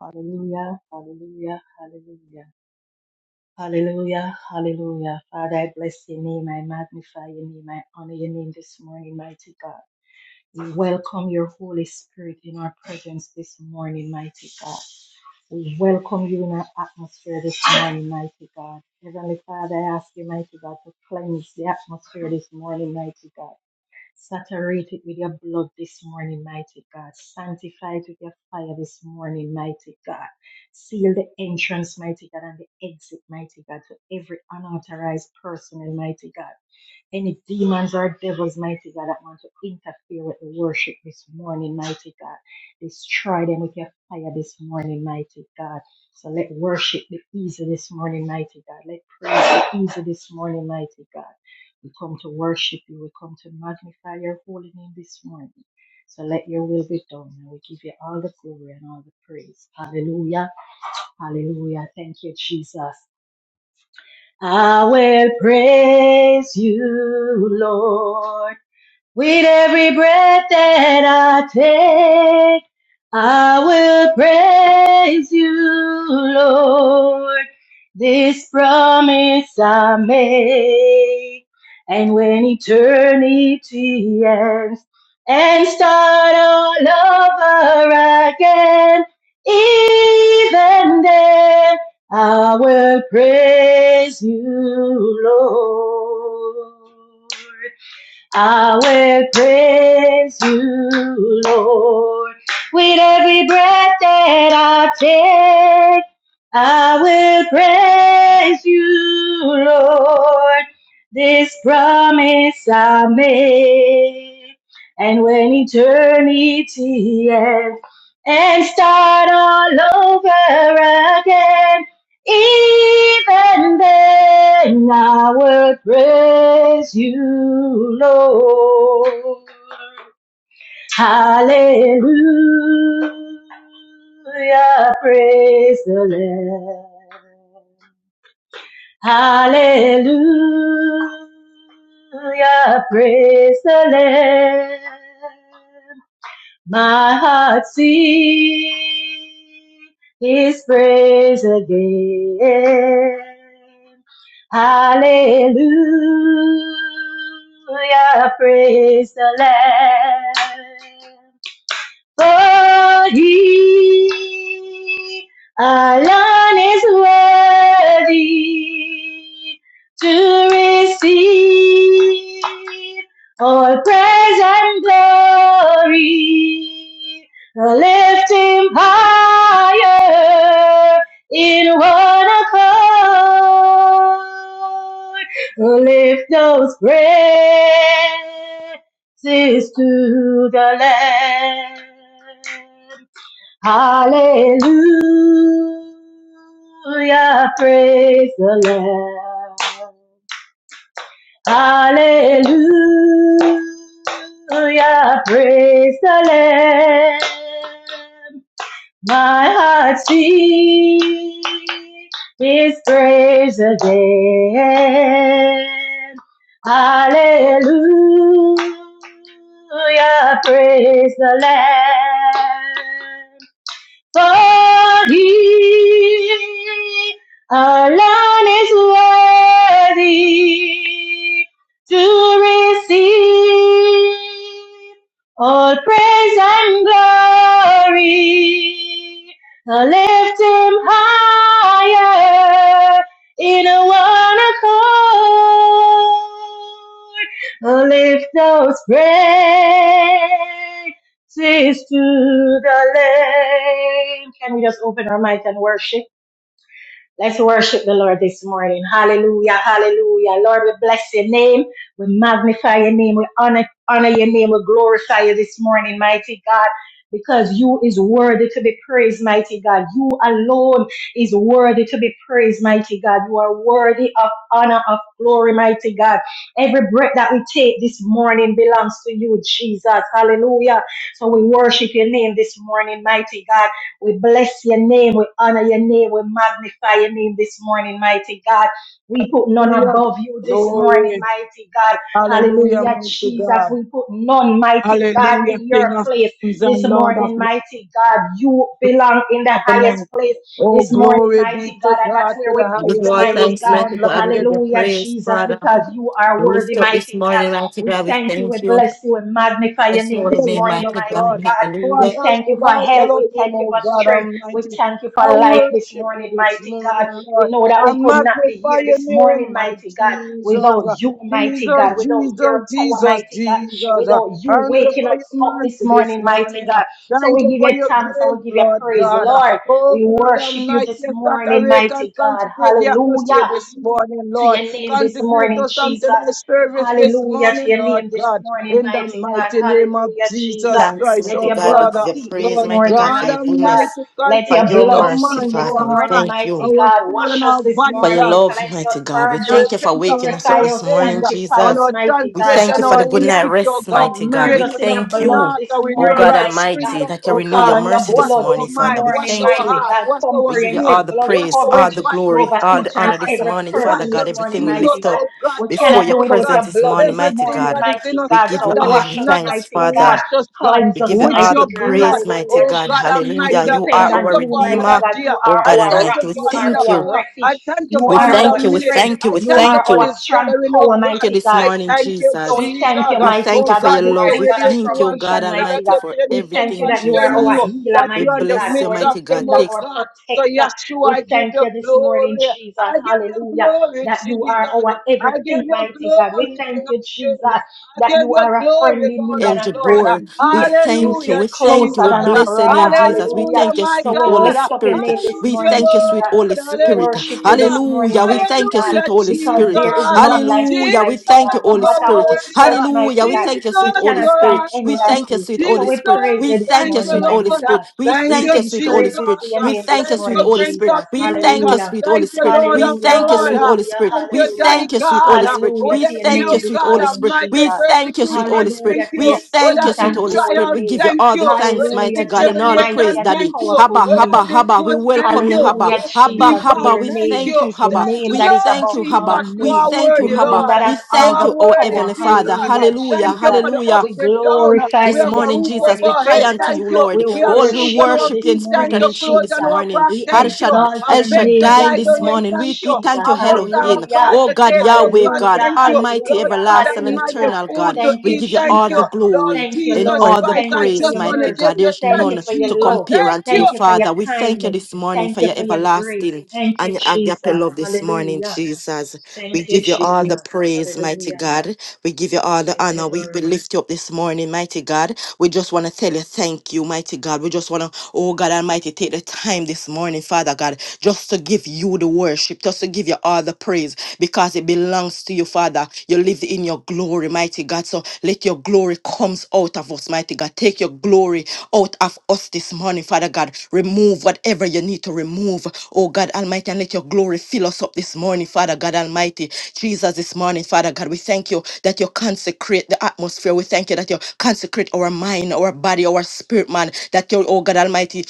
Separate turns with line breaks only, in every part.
Hallelujah, hallelujah, hallelujah. Hallelujah, hallelujah. Father, I bless your name. I magnify your name. I honor your name this morning, mighty God. We welcome your Holy Spirit in our presence this morning, mighty God. We welcome you in our atmosphere this morning, mighty God. Heavenly Father, I ask you, mighty God, to cleanse the atmosphere this morning, mighty God. Saturate it with your blood this morning, mighty God. Sanctify it with your fire this morning, mighty God. Seal the entrance, mighty God, and the exit, mighty God, to every unauthorized person, mighty God. Any demons or devils, mighty God, that want to interfere with the worship this morning, mighty God. Destroy them with your fire this morning, mighty God. So let worship be easy this morning, mighty God. Let praise be easy this morning, mighty God. We come to worship you. We come to magnify your holy name this morning. So let your will be done. And we give you all the glory and all the praise. Hallelujah. Hallelujah. Thank you, Jesus. I will praise you, Lord. With every breath that I take, I will praise you, Lord. This promise I make. And when eternity ends and start all over again, even then, I will praise you, Lord. I will praise you, Lord, with every breath that I take. I will praise you, Lord, this promise I make. And when eternity ends and start all over again, even then I will praise you, Lord. Hallelujah, praise the Lamb. Hallelujah, praise the Lamb. My heart sing His praise again. Hallelujah, praise the Lamb for he alone is worthy to receive all praise and glory. Lift him higher in one accord. Lift those prayers praises to the Lamb. Hallelujah, praise the Lamb. Hallelujah, praise the Lamb. My heart sings His praise again. Hallelujah, praise the Lamb worthy. Our Lord is worthy to receive all praise and glory. I lift him higher in a one accord. I lift those praise. Says to the Lamb. Can we just open our mic and worship? Let's worship the Lord this morning. Hallelujah, hallelujah. Lord, we bless your name. We magnify your name. We honor, honor your name. We glorify you this morning, mighty God. Because you is worthy to be praised, mighty God. You alone is worthy to be praised, mighty God. You are worthy of honor, of glory, mighty God. Every breath that we take this morning belongs to you, Jesus. Hallelujah. So we worship your name this morning, mighty God. We bless your name. We honor your name. We magnify your name this morning, mighty God. We put none
Hallelujah.
above you this morning,
Glory.
mighty God.
Hallelujah,
Hallelujah,
mighty
Jesus.
God.
We put none, mighty God,
Hallelujah,
in your
King of
place
Kings
this
and Lord of
morning, mighty God. You belong in the highest
Lords.
place
Oh,
this morning,
glory be
mighty
to
God. And that's
God
where
to
we
the
We
put
Give you
highest.
you,
all
There is
mighty
thanks,
God.
none
mighty God.
like
We
you,
give you
Hallelujah,
praise,
Jesus,
Father.
because you are
We lift
worthy,
up this
mighty God.
morning, mighty
We
God. We
thank you. We
thank you.
bless you. We magnify your
Bless
name
your
the
holy
this
name,
Lord
morning,
of
mighty God.
God.
mighty God.
Who are
We
Hallelujah.
El
thank you for
Shaddai,
help. We
Elohim,
thank you
O
for
God
strength. We
Almighty.
thank you for
I
life this
worship you
morning,
this
mighty God.
morning, Lord.
We know that
I
we could not be
magnify
here
your
this
name,
morning,
my
mighty God,
Jesus.
without you, mighty
Jesus,
God, without
Jesus,
your power,
Jesus,
mighty God,
Jesus.
without you
Thank you
waking
for your
us up
mercy
this
this
morning, mighty
morning.
God. So
Thank
we
you
give
for
you
your
thanks and
grace,
we give you
Lord
praise,
God.
Lord.
Oh
We
God
worship you
Almighty,
this morning,
saturate and
mighty God.
consecrate the
Hallelujah
atmosphere this morning,
to
Lord.
your name this
Consecrate
morning,
us unto
Jesus.
thy service this
Hallelujah
morning,
to your
Lord
name this
God
morning,
in the
mighty God.
mighty name of
Hallelujah, Jesus.
Jesus
Thanks,
Christ,
Let
mighty
oh
your
God. We
blood
give
Father.
you
speak this
praise,
Lord
mighty
morning,
God, for
God
your
mighty God.
goodness,
Almighty,
Let
for
your
your
consecrate
blood
our
mercy,
speak
mind,
this
Father. We
our
morning,
heart,
thank you
mighty
our
God.
soul, and
Wash us
our
this
body,
for your
God.
morning,
love,
cleanse us,
mighty God. We
purge us,
thank you for
Repent of
waking us
all
purify
up
our
this
us,
sins
morning,
uh,
sanctify
and
us,
our
Jesus.
mighty
We
God.
thank
transgression,
you for the
our
good night
Hallelujah.
iniquity, O
rest,
God.
mighty God.
Create
Submerge
We
us
us
in
a
your
thank
clean
blood
you,
heart
this
and
oh
renew a
morning,
God
right
mighty
spirit
God.
Almighty,
of
that you
We
O
renew
call
God.
your
on your
mercy
Wash
this
blood
our
morning,
this
mind,
Father. We
wash
morning,
thank
our
you.
mighty
heart,
God.
wash our
We give you
soul,
all
Comprehensive
the
blood
wash
praise,
our
coverage
all the
body,
glory,
wash
over
all
our
each
the
and
honor this
thoughts,
every
morning,
wash
Father
person
God.
this
us,
morning,
Everything we
clean
mighty
lift
us,
God.
O
up
God,
We
oh,
before
cannot do
your
oh
without
God.
presence
your
this
blood
morning,
this
mighty
Everything
morning,
God.
that is in
mighty
us,
We
God.
give
God,
So
you
that is
all
wash
the
us,
not of
thanks,
you,
mighty
wash
God.
Father.
us, God,
Cleanse
We
us,
give you
with
all
your
mighty
the
God.
blood.
praise, mighty
Hallelujah,
Oh
God.
God
Jesus.
Almighty,
We
Hallelujah.
I
You
depend
are
thank
on
our
you
you,
for
mighty
another
Redeemer,
God.
day.
You
oh
are
I
God
our
thank
rock.
you
Almighty. We
for
You are
another
thank you.
our
hour. I
refuge.
thank you
You
We
for
are
another
our
thank you. We
minute.
strength.
thank you.
I
We
You
thank you
are
thank
for
our
you.
this
strong
gathering, oh
tower,
Thank you
God.
mighty
this
God.
I
morning,
thank you,
So we
Jesus.
Jesus.
thank you,
We
mighty
thank
Oh
you
God,
for
that
God,
your
you
if
are
you
love.
the
We
were
God of
there to
thank you,
us,
God
you
provision,
gather
mighty
Almighty,
God.
to see
for
We
anything
thank you
everything,
that you are
concerning
our
Jesus.
you,
healer,
that
We
you're in
mighty
the
God,
bless you,
midst
our
of
mighty
them,
God.
defender,
oh
Take.
our
God. So,
protector.
Yeshua, I
We
give
thank
you
you this morning,
glory.
Jesus,
I give you
hallelujah,
glory,
that you are
Jesus.
our
I give
everything,
you
mighty God. We
glory,
thank
King of
you, Jesus,
Kings. I
that
give
you
you
are a
glory,
friendly
Lord
need
of
El
and a
Lord.
friend
Jabor. We
indeed. You
thank you.
sit
Hallelujah,
We thank you.
closer
We
than
Jesus.
a
bless your
brother,
name, Jesus. We
hallelujah.
Hallelujah,
thank you,
my
So
sweet
we
Holy
God.
lift up your
Spirit.
name this
We
Hallelujah,
morning,
thank you,
Jesus.
sweet Holy
Lord.
We
Spirit.
worship you
Hallelujah.
this morning,
Hallelujah. We
mighty
thank you,
God
sweet
Hallelujah,
Holy
because
Spirit.
there is
Jesus.
none like you,
Hallelujah. We
mighty
thank
Jesus,
you,
God. No
Holy
you're
matter how we
Spirit.
worthy.
search,
Hallelujah.
mighty
We
God,
thank you,
we
sweet
Jesus,
Holy
cannot
you're
find
Spirit.
any
We
awesome.
like
thank you,
you.
sweet
Jesus,
So
Holy
we
Spirit.
praise
We
you this
thank
thank
you,
you,
morning,
sweet Holy
mighty
Lord.
God.
Spirit. We
Thank
We
thank
you,
you,
sing
sweet Holy
Jesus.
praises
Spirit.
to your
We
name
thank
this
you,
Thank
sweet
you,
morning,
Holy
Prince
Jesus.
Spirit.
of
We
Peace.
thank you, thank you,
Hallelujah.
sweet Holy
Thank you,
Spirit.
Lord
We
of
Hallelujah.
thank you,
Lord.
sweet Holy
Hallelujah.
Spirit.
Thank
We
you,
Hallelujah.
Daddy
thank you, sweet
God.
Holy Spirit.
Hallelujah
Would
We
to
that
your
be
thank
of
name
you, sweet
this
God
Holy
morning,
Spirit.
Almighty
We
Jesus.
thank you, sweet Holy
persecution? Thank
Hallelujah
Spirit.
to
We
you.
your
Would
thank
sweet
you,
that
sweet
and
be
Holy
holy
Spirit.
trial?
We give
name.
you
Thank
all
you.
the thanks,
Would that be
Hallelujah
mighty
to
God, and
your
all the
mighty
praise,
tribulation?
and
Daddy.
Thank you.
powerful
Habba,
Would
name.
that
Habba,
be
Habba. We
good? Thank
welcome you,
you.
Habba.
Hallelujah,
Would that be
Habba,
Jesus, to
bad?
Habba.
your
We
Thank
name,
thank
you.
you,
the
Habba.
Thank you,
name
We
that is
Lord
thank
above
you,
all
Habba.
Jesus. You
We
name,
are
thank
the
you,
worthy,
name
Habba.
Lord.
that
We
has
You
all
thank
the
are
you, our
worthy,
power.
Heavenly
Jesus.
Father.
Hallelujah,
Hallelujah.
Thank you
Jesus.
for the up,
Hallelujah.
We
the down.
glorify
We
This
you
have a
this
morning,
roof over
Jesus, we
morning,
our
cry
head.
unto
Jesus.
Thank
you,
you.
We
Lord.
We have
All we
shoes
worship
on our
you
worship you
this
in
feet.
spirit
Thank
and
morning,
you.
in truth
Clothes
Jesus.
this
on our
morning.
back.
We
El
Thank you.
Shadd-
exalt
A
El
your
bed to
name this
Shaddai
lie
this
down in.
morning,
morning.
Thank
We,
you.
we thank
Jesus.
A
you,
bus or
Elohim.
a
Hallelujah,
car
Oh
to
God,
take. Oh
Yahweh
God,
God,
hallelujah,
thank you.
Almighty,
Lord
hallelujah,
God
everlasting and
Almighty,
hallelujah.
eternal
food
God.
to
Thank
We
you,
eat.
give you
Thank
all
you.
the
Jesus.
Lord
glory
Thank you,
and
Jesus
Lord.
all the
Christ,
Thank
I
you for
praise,
just
your
want to
mighty
give
God.
mercy.
you
There's
Thank you
none
thanks,
for
Jesus.
to
your love.
compare
Thank
unto
you.
your
Thank you for your
Father. We thank you
kindness.
this morning for
Thank you
your
for your
everlasting
grace.
everlasting
Thank
and
you,
your agape
Jesus.
love this morning,
Hallelujah.
Jesus. We
Thank you,
give you all the
Jesus.
praise, mighty
Hallelujah.
God. We give you all the
Thank you,
honor. We, we
Lord.
lift you up this morning, mighty God. We just want to tell you thank you, mighty God. We just want to, oh God Almighty, take the time this morning, Father God, just to give you the worship, just to give you all the praise because it belongs to you, Father. You live in your glory glory, mighty God. So let your glory comes out of us, mighty God. Take your glory out of us this morning, Father God. Remove whatever you need to remove, oh God Almighty, and let your glory fill us up this morning, Father God Almighty. Jesus, this morning, Father God, we thank you that you consecrate the atmosphere. We thank you that you consecrate our mind, our body, our spirit, man. That you, oh God Almighty,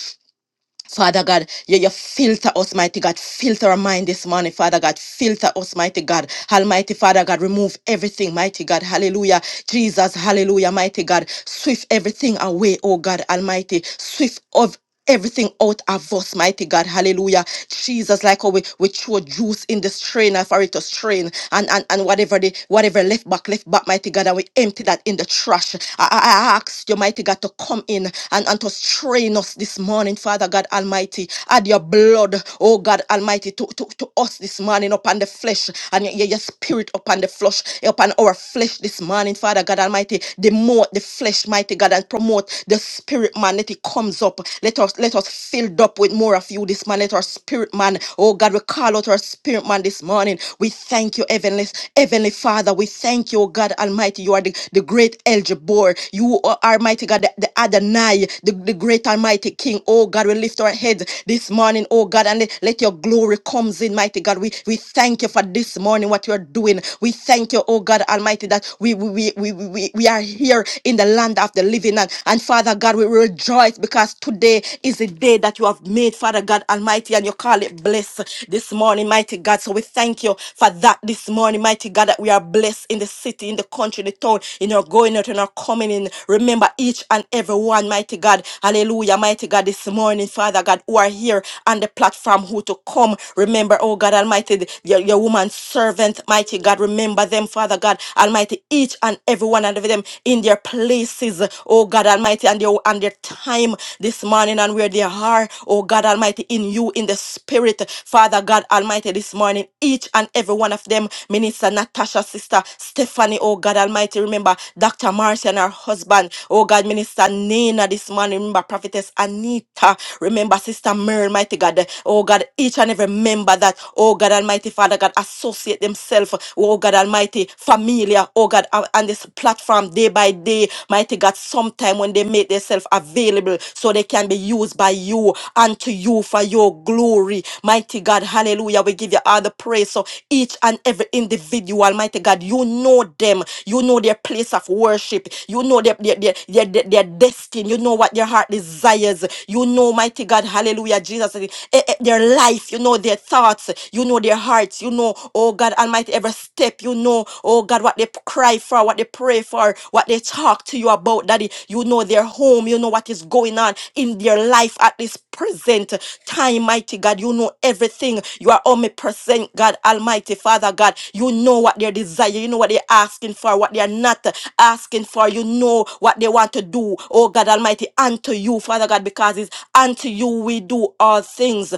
Father God, you, you filter us, mighty God. Filter our mind this morning, Father God. Filter us, mighty God. Almighty Father God, remove everything, mighty God. Hallelujah. Jesus, hallelujah, mighty God. Swift everything away, oh God, Almighty. Swift of everything out of us, mighty God. Hallelujah. Jesus, like how we, we throw juice in the strainer for it to strain and, and, and whatever the whatever left back, left back, mighty God, and we empty that in the trash. I, I, I ask ask you, mighty God, to come in and, and to strain us this morning, Father God Almighty. Add your blood, oh God Almighty, to, to, to us this morning upon the flesh and your, your your spirit upon the flesh, upon our flesh this morning, Father God Almighty. Demote the flesh, mighty God, and promote the spirit, man. Let it comes up. Let us let us filled up with more of you this morning. Let our spirit, man. Oh God, we call out our spirit, man, this morning. We thank you, Heavenly, Heavenly Father. Father, we thank you, oh God Almighty. You are the, the great El Jabbar. You are Almighty God, the, the Adonai, the, the great Almighty King. Oh God, we lift our heads this morning, oh God, and let, let your glory comes in, mighty God. We we thank you for this morning, what you are doing. We thank you, oh God Almighty, that we we, we, we, we we are here in the land of the living. And, and Father God, we rejoice because today is the day that you have made, Father God Almighty, and you call it blessed this morning, mighty God. So we thank you for that this morning, mighty God, that we are blessed in the city, in the country, the town, in our going out and our coming in. Remember each and every one, mighty God. Hallelujah, mighty God, this morning, Father God, who are here on the platform, who to come. Remember, oh God Almighty, the- your, your woman servant, mighty God. Remember them, Father God Almighty, each and every one of them in their places, oh God Almighty, and their, and their time this this morning and where they are, oh God Almighty, in you, in the spirit, Father God Almighty, this morning, each and every one of them, Minister Natasha, Sister Stephanie, oh God Almighty, remember Dr. Marcia and her husband, oh God, Minister Nina this morning, remember Prophetess Anita, remember Sister Mary, mighty God, oh God, each and every member that, oh God Almighty, Father God, associate themselves, oh God Almighty, familiar, oh God, on on this platform, by day, mighty God, sometime when they make themselves available so they can be used by you and to you for your glory. Mighty God, hallelujah. We give you all the praise. So each and every individual, mighty God, you know them. You know their place of worship. You know their, their, their, their, their, their destiny. You know what their heart desires. You know, mighty God, hallelujah, Jesus, eh, eh, their life. You know their thoughts. You know their hearts. You know, oh God Almighty. Almighty, every step, you know, oh God, what they p- cry for, what they pray for, what they talk to you about, Daddy. You know their home, you know what is going on in their life at this present time, mighty God. You know everything. You are omnipresent, God, Almighty Father, God. You know what their desire, you know what they're asking for, what they are not asking for. You know what they want to do, oh God Almighty, unto you, Father God, because it's unto you we do all things.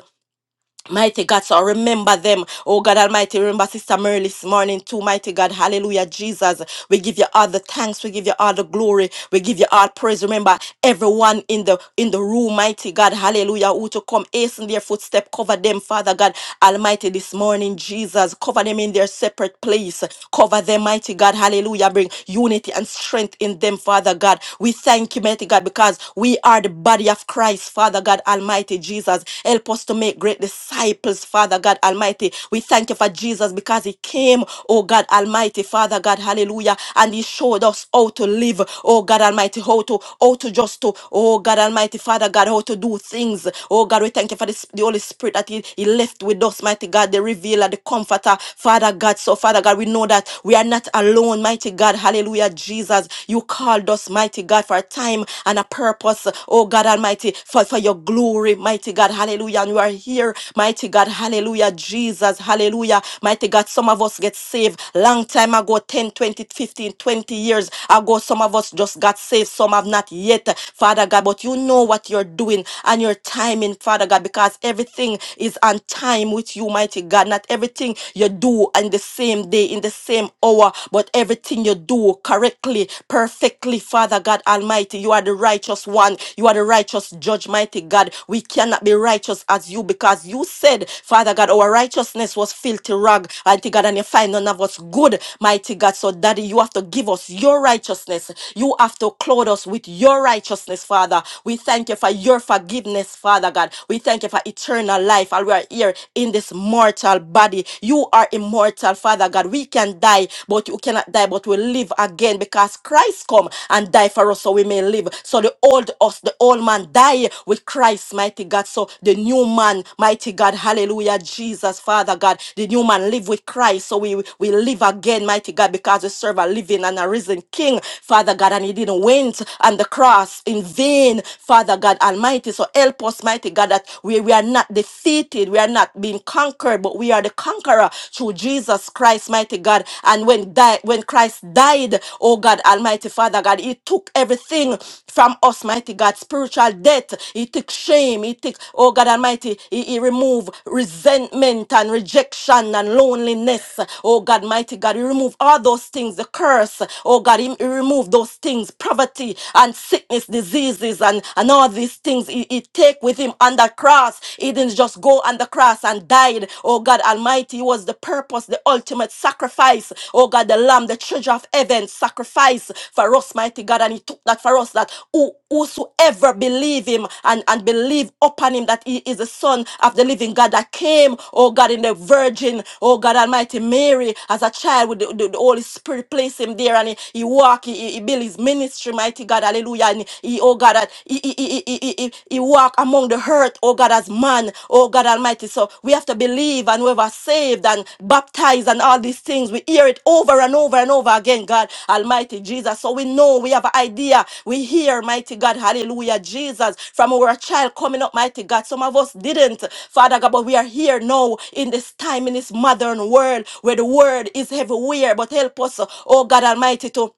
Mighty God, so remember them. Oh God Almighty, remember Sister Mary this morning too. Mighty God, hallelujah, Jesus. We give you all the thanks. We give you all the glory. We give you all praise. Remember everyone in the in the room, mighty God, hallelujah, who to come hasten their footstep. Cover them, Father God Almighty, this morning, Jesus. Cover them in their separate place. Cover them, mighty God, hallelujah. Bring unity and strength in them, Father God. We thank you, mighty God, because we are the body of Christ, Father. Father God Almighty Jesus. Help us to make great disciples, Father God Almighty. We thank you for Jesus because he came, oh God Almighty, Father God, hallelujah, and he showed us how to live, oh God Almighty, how to, how to just to, oh God Almighty, Father God, how to do things. Oh God, we thank you for this, the Holy Spirit that he, he left with us, mighty God, the revealer, the comforter, Father God. So, Father God, we know that we are not alone, mighty God, hallelujah, Jesus. You called us, mighty God, for a time and a purpose, oh God Almighty, for, for your glory, mighty God, hallelujah. And we are here, mighty God, hallelujah, Jesus, hallelujah, mighty God. Some of us get saved long time ago 10, 20, 15, 20 years ago. Some of us just got saved, some have not yet, Father God. But you know what you're doing and your timing, Father God, because everything is on time with you, mighty God. Not everything you do in the same day, in the same hour, but everything you do do correctly, perfectly, Father God Almighty. You are the righteous one. You are the righteous judge, mighty God. We cannot be righteous as you because you said, Father God, our righteousness was filthy rag, mighty God, and you find none of us good, mighty God. So, Daddy, you have to give us your righteousness. You have to clothe us with your righteousness, Father. We thank you for your forgiveness, Father God. We thank you for eternal life. And we are here in this mortal body. You are immortal, eternal, Father God. We can die, but you cannot die, but we live again because Christ come and die for us so we may live. So the old us, the old man die with Christ, mighty God. So the new man, mighty God, hallelujah, Jesus, Father God. The new man live with Christ. So we, we live again, mighty God, because we serve a living and a risen King, Father God, and he didn't went on the cross in vain, Father God Almighty. So help us, mighty God, that we, we are not defeated, we are not been conquered, but we are the conqueror through Jesus Christ, mighty God. And when died, when Christ died, oh God, Almighty Father God, He took everything from us, mighty God, spiritual death. He took shame. He took, oh God Almighty, He, he removed resentment and rejection and loneliness. Oh God, mighty God, He removed all those things, the curse. Oh God, He, he removed those things, poverty and sickness, diseases, and, and all these things. He, he take with with him on that cross. He didn't just go on the cross and died. Oh God Almighty, it was the purpose, the ultimate sacrifice. Oh God, the Lamb, the treasure of heaven, sacrifice for us, mighty God. And he took that for us that who, whosoever believe him and, and believe upon him that he is the son of the living God that came, oh God, in the virgin, oh God Almighty, Mary, as a child with the, the- the Holy Spirit, place him there and he, he walk, he, he build his ministry, mighty God, hallelujah. and time, he, oh God, that he, he, he, he, he, he he walk among the earth, oh God, as man, oh God Almighty. So we have to believe and whoever saved and baptized and all these things, we hear it over and over and over again, God Almighty Jesus. So we know we have an idea. We hear, mighty God, hallelujah, Jesus, from our child coming up, mighty God. Some of us didn't, Father God, but we are here now in this time, in this modern world where the word is everywhere. But help us, oh God Almighty, to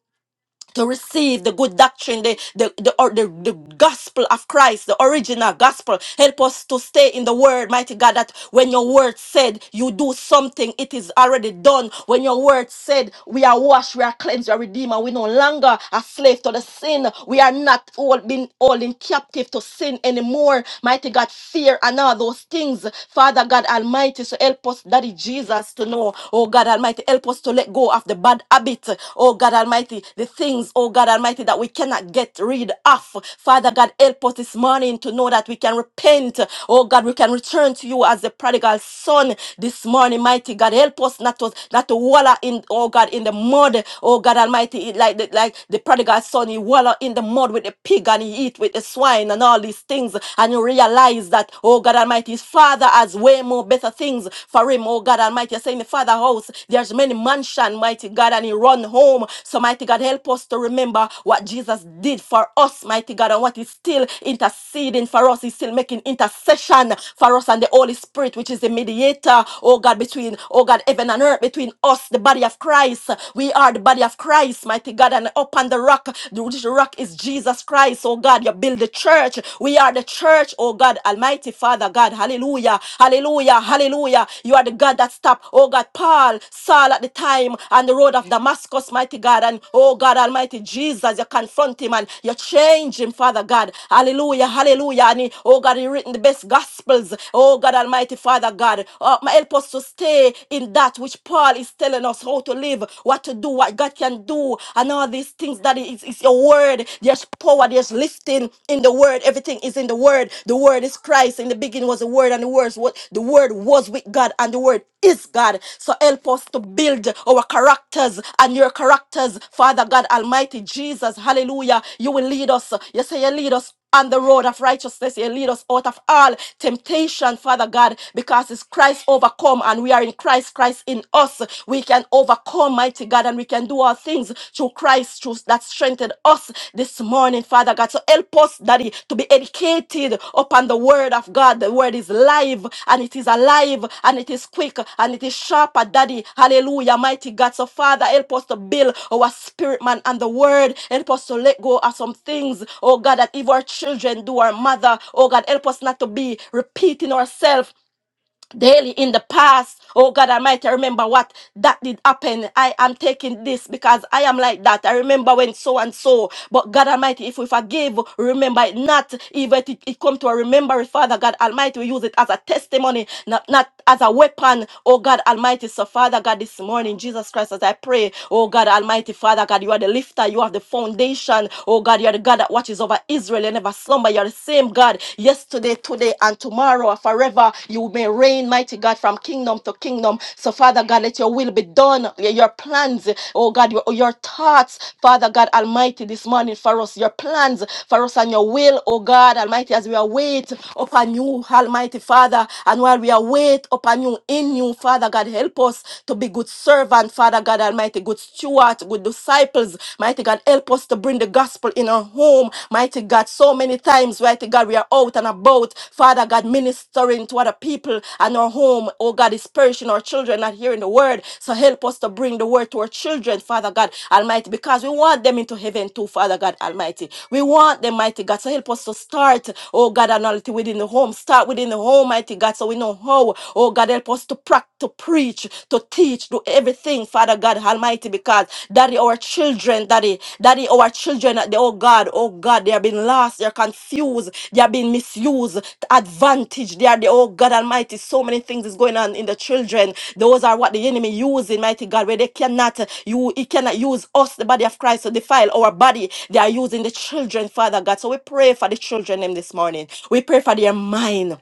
to receive the good doctrine, the, the, the, or the, the gospel of Christ, the original gospel. Help us to stay in the word, mighty God, that when your word said you do something, it is already done. When your word said we are washed, we are cleansed, we are redeemed, and we no longer are slave to the sin. We are not all being all in captive to sin anymore. Mighty God, fear and all those things. Father God Almighty, so help us, Daddy Jesus, to know, oh God Almighty. Almighty, help us to let go of the bad habit, oh God Almighty, the things, oh God Almighty, that we cannot get rid of. Father God, help us this morning to know that we can repent, oh God, we can return to you as the prodigal son this morning, mighty God. Help us not to not to wallow in, oh God, in the mud, oh God Almighty, it like the, like the prodigal son, he wallow in the mud with the pig and he eat with the swine and all these things, and you realize that, oh God Almighty, his father has has way more better things for him, oh God Almighty. you say in the Father house, there's many mansion, mighty God, and he run home. So mighty God, help us to remember what Jesus did for us, mighty God, and what is still interceding for us. He's still making intercession for us and the Holy Spirit, which is the mediator, oh God, between, oh God, heaven and earth, between us, the body of Christ. We are the body of Christ, mighty God, and upon the rock, the which rock is Jesus Christ, oh God. You build the church church. We are the church, oh God, Almighty Father God. Hallelujah. Hallelujah. Hallelujah. You are the God that stopped, oh God, Paul, Saul at the time on the road of Damascus, mighty God. And oh God, Almighty Jesus, you confront him and you change him, Father God. Hallelujah. Hallelujah. And he, oh God, he written the best gospels. Oh God, Almighty Father God. Uh, help us to stay in that which Paul is telling us how to live, what to do, what God can do, and all these things things that is, is your word. There's power, there's lifting in the word. Everything is in the word. The word is Christ. In the beginning was the word, and the words what the word was with God, and the word is God. So help us to build our characters and your characters, Father God Almighty, Jesus. Hallelujah. You will lead us. You say you lead us on the road of righteousness. You lead us out of all temptation, Father God, because it's Christ overcome and we are in Christ, Christ in us. We can overcome, mighty God, and we can do all things through Christ, through that strengthened us this morning, Father God. So help us, Daddy, to be educated upon the the word of God. The word is live and it is alive and it is quick and it is sharper, Daddy. Hallelujah, mighty God. So, Father, help us to build our spirit, man, and the word. Help us to let go of some things, oh God, that if our children do our mother, oh God, help us not to be repeating ourselves daily in the past. Oh God Almighty, I remember what that did happen. I am taking this because I am like that. I remember when so and so. But God Almighty, if we forgive, remember it not. Even if it, it come to a remembrance, Father God Almighty, we use it as a testimony, not, not as a weapon. Oh God Almighty, so Father God, this morning, Jesus Christ, as I pray, oh God Almighty, Father God, you are the lifter, you are the foundation. Oh God, you are the God that watches over Israel. You never slumber. You're are the same God yesterday, today, and tomorrow, and forever. You may reign, mighty God, from kingdom to kingdom. So, Father God, let your will be done. Your plans, oh God, your, your thoughts, Father God Almighty, this morning for us, your plans for us and your will, oh God Almighty, as we await upon you, Almighty Father, and while we await upon you, in you, Father God, help us to be good servant, Father God Almighty, good steward, good disciples, Mighty God, help us to bring the gospel in our home. Mighty God, so many times, mighty God, we are out and about. Father God, ministering to other people and our home. Oh God, is perishing our children not hearing the word. So help us to bring the word to our children, Father God Almighty, because we want them into heaven too, Father God Almighty. We want them, mighty God. So help us to start, oh God Almighty, within the home. Start within the home, mighty God, so we know how. Oh God, help us to practice, to preach, to teach, do everything, Father God Almighty, because Daddy, our children, Daddy, Daddy, our children, they, oh God, oh God, they have been lost, they are confused, they have been misused, advantage, they are the, oh God Almighty, so many things is going on in the children. Those are what the enemy using, mighty God, where they cannot, uh, you, he cannot use us, the body of Christ, to defile our body. They are using the children, Father God. So we pray for the children them this morning. We pray for their mind.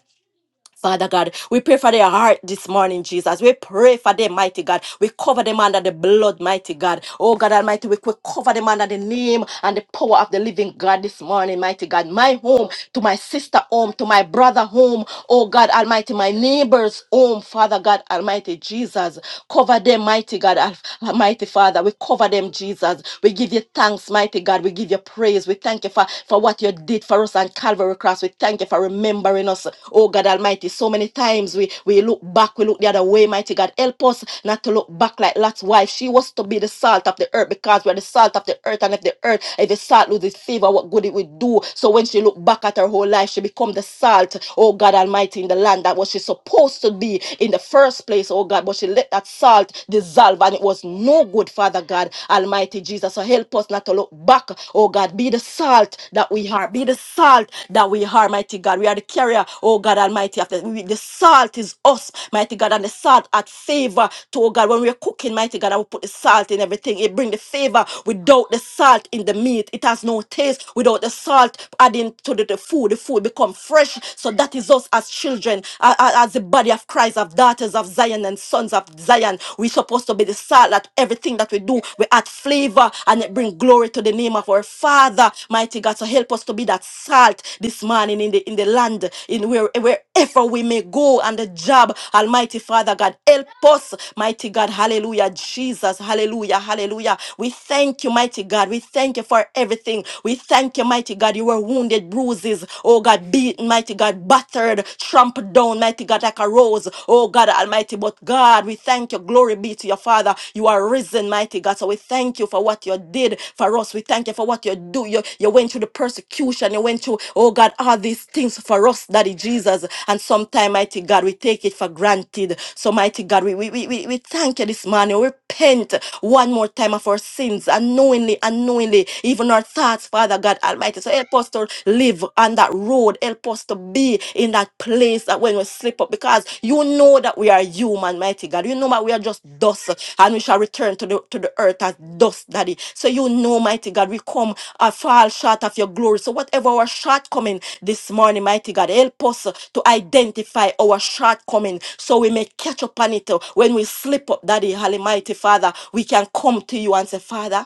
Father God, we pray for their heart this morning, Jesus. We pray for them, mighty God. We cover them under the blood, mighty God. Oh God Almighty, we we cover them under the name and the power of the living God this morning, mighty God. My home, to my sister home, to my brother home, oh God Almighty, my neighbor's home, Father God Almighty, Jesus. Cover them, mighty God, Al- Almighty Father. We cover them, Jesus. We give you thanks, mighty God. We give you praise. We thank you for, for what you did have did for us on Calvary Cross. We thank you for remembering us. Oh God Almighty, so many times we, we look back, we look the other way, mighty God. Help us not to look back like Lot's wife. She was to be the salt of the earth because we're the salt of the earth. And if the earth, if the salt loses favor, what good it would do. So when she looked back at her whole life, she become the salt, oh God Almighty, in the land that was she supposed to be in the first place, oh God. But she let that salt dissolve and it was no good, Father God Almighty Jesus. Jesus. So help us not to look back. Oh God, be the salt that we are. Be the salt that we are, mighty God. We are the carrier, oh God Almighty. After we, the salt is us, mighty God, and the salt at favor to oh God. When we're cooking, mighty God, I will put the salt in everything. It bring the favor without the salt in the meat. It has no taste without the salt adding to the, the food. The food become fresh. So that is us as children, a- a- as the body of Christ, of daughters of Zion and sons of Zion lion. We're supposed to be the salt that everything that we do, we add flavor and it bring glory to the name of our Father, mighty God. So help us to be that salt this morning in the in the land, in where wherever we may go and the job, Almighty Father God, help us, mighty God. Hallelujah, Jesus. Hallelujah, hallelujah. We thank you, mighty God. We thank you for everything. We thank you, mighty God. You were wounded, bruises. Oh God, beaten, mighty God, battered, trampled trampled down, mighty God, like a rose. Oh God Almighty, but God, we thank you. Glory be to your Father. You are risen, mighty God. So we thank you for what you did for us. We thank you for what you do. You, you went through the persecution. You went through, oh God, all these things for us, Daddy Jesus. And sometime, mighty God, we take it for granted. So, mighty God, we, we, we, we we thank you this morning. We repent one more time of our sins, unknowingly, unknowingly, even our thoughts, Father God Almighty. So help us to live on that road. Help us to be in that place that when we slip up, because you know that we are human, mighty God. You know that we are just dust and we shall return to the to the earth as dust, Daddy. So you know, mighty God, we come a fall short of your glory. So whatever our shortcoming this morning, mighty God, help us to identify our shortcoming so we may catch up on it when we slip up, Daddy, holy, mighty Father. We can come to you and say, Father.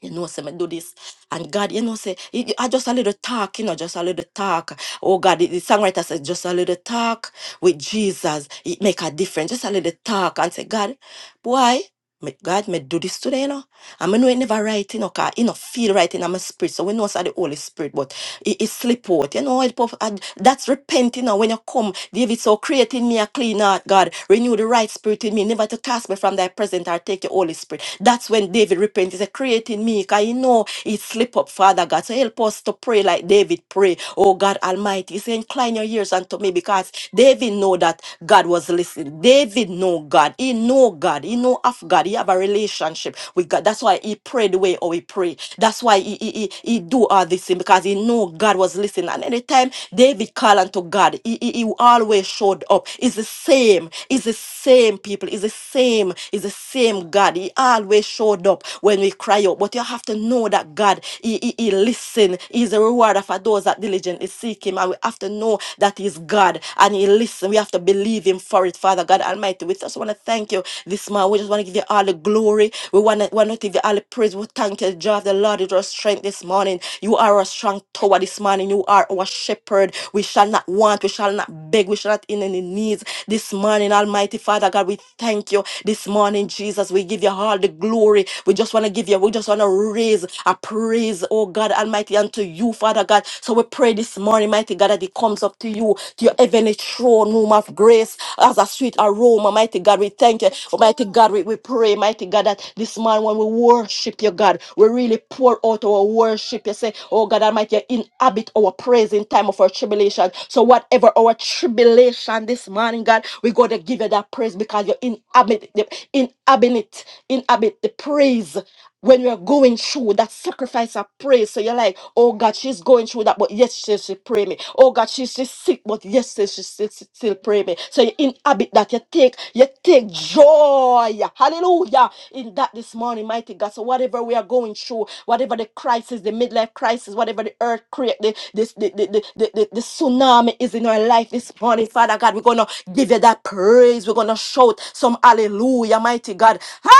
You know, say me do this, and God, you know, say it- I just a little talk, you know, just a little talk. Oh God, the the songwriter says just a little talk with Jesus, it make a difference. Just a little talk and say, God, why? Me, God, may do this today, you know. And me know it never right, you know, cause it not feel right in my spirit. So we know it's the Holy Spirit, but it, it slip out. You know, it, puff- and that's repenting now. When you come, David, so create in me a clean heart, God. Renew the right spirit in me, never to cast me from thy presence or take your Holy Spirit. That's when David repents. He said, create in me, because you know it slip up, Father God. So help us to pray like David pray. Oh God Almighty, he said, incline your ears unto me, because David know that God was listen, David know God. He know God. He know of God. He have a relationship with God. That's why he prayed the way or he pray. That's why he, he, he, he do all this thing because he know God was listening. And anytime David called unto God, he, he, he always showed up. It's the same. It's the same people. It's the same. It's the same God. He always showed up when we cry out. But you have to know that God, he, he, he listen. He's a rewarder for those that diligently seek him. And we have to know know that He's God and He listens. We have to believe Him for it, Father God Almighty. We just want to thank you this morning. We just want to give you all the glory. We want to, want to give you all the praise. We thank you, Joy the Lord, is our strength this morning. You are our strong tower this morning. You are our shepherd. We shall not want, we shall not beg, we shall not in any needs this morning, Almighty Father God. We thank you this morning, Jesus. We give you all the glory. We just want to give you, we just want to raise a praise, oh God Almighty mighty, unto you, Father God. So we pray this morning, mighty God, that it comes up to you, to your heavenly throne room of grace as a sweet aroma, mighty God. We thank you, Oh, mighty God. We, we pray, mighty God, that this morning when we worship you, God, we really pour out our worship. You say, Oh God Almighty, you inhabit our praise in time of our tribulation. So whatever our tribulation this morning, God, we got to give you that praise because you inhabit the inhabit inhabit the praise when we're going through that sacrifice of praise. So you're like, oh God, she's going through that, but yes, she still pray me. Oh God, she's still sick, but yes, she she still, she still pray me. So you inhabit that, you take, you take joy, hallelujah, in that this morning, mighty God. So whatever we are going through, whatever the crisis, the midlife crisis, whatever the earthquake, the, this, the, the, the, the, the, the tsunami is in our life this morning, Father God, we're going to give you that praise. We're going to shout some hallelujah, mighty God. Hallelujah!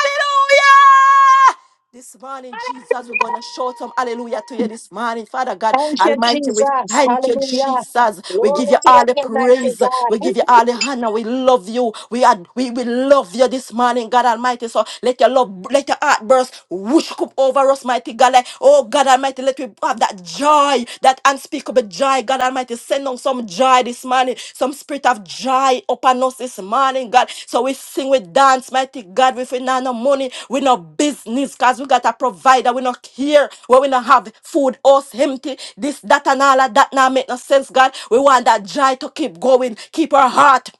This morning, Jesus, we're going to shout some hallelujah to you this morning. Father God
Thank you,
Almighty, we
Jesus.
thank you,
Hallelujah.
Jesus. We give
Glory
you
to your
all the
name, mighty
praise. We
God.
give you all the honor. We love you. We are, we, we love you this morning, God Almighty. So let your love, let your heart burst, whoosh up over us, mighty God. Like, oh God Almighty, let we have that joy, that unspeakable joy. God Almighty, send on some joy this morning, some spirit of joy upon us this morning, God. So we sing, we dance, mighty God. If we not no money, we no business, cause we got a provider. We not here where we not have food, us empty. This, that, and all of that now make no sense, God. We want that joy to keep going, keep our heart.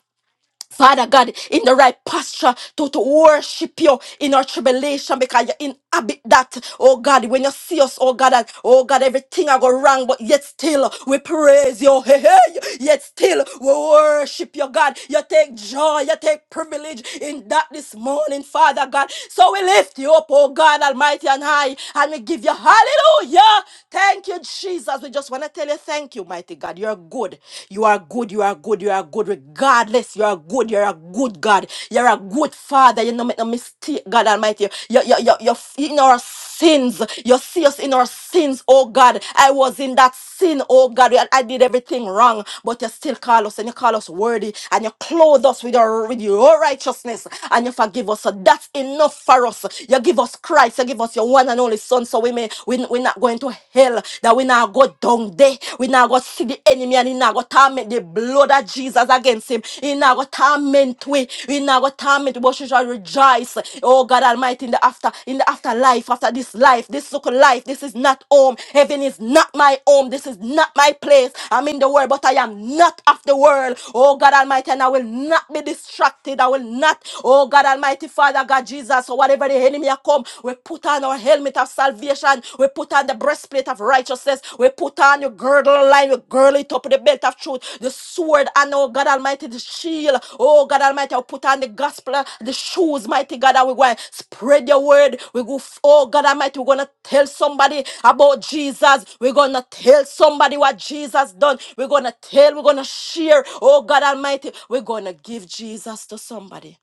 Father God, in the right posture to, to worship you in our tribulation because you inhabit that. Oh God, when you see us, oh God, and oh God, everything I go wrong, but yet still we praise you. Hey, hey, yet still we worship you, God. You take joy, you take privilege in that this morning, Father God. So we lift you up, oh God Almighty and high, and we give you hallelujah. Thank you, Jesus. We just want to tell you thank you, mighty God. You're good good. You are good. You are good. You are good. Regardless, you are good. You are a good God. You are a good Father. You no make no mistake, God Almighty. You you you you you in our sins. You see us in our sins, oh God. I was in that sin, oh God. I, I did everything wrong, but you still call us and you call us worthy and you clothe us with your with your righteousness and you forgive us. So that's enough for us. You give us Christ. You give us your one and only Son, so we may we, we're not going to hell, that we now go down there. We now go see the enemy and he now go torment the blood of Jesus against him. He now go torment we. We now go torment, we, but she shall rejoice. Oh God Almighty, in the after, in the afterlife, after this life, this look life, this is not home. Heaven is not my home. This is not my place. I'm in the world, but I am not of the world. Oh God Almighty, and I will not be distracted. I will not, oh God Almighty, Father God Jesus, or whatever the enemy has come home. We put on our helmet of salvation. We put on the breastplate of righteousness. We put on the girdle line. We girdle it up with the belt of truth. The sword and oh God Almighty, the shield. Oh God Almighty, we put on the gospel, uh, the shoes, mighty God, and we're going to spread your word. We go, f- oh God Almighty, we're gonna tell somebody about Jesus. We're gonna tell somebody what Jesus done. We're gonna tell, we're gonna share. Oh God Almighty, we're gonna give Jesus to somebody.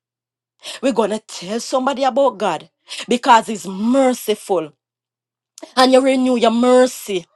We're going to tell somebody about God because He's merciful and you renew your mercy.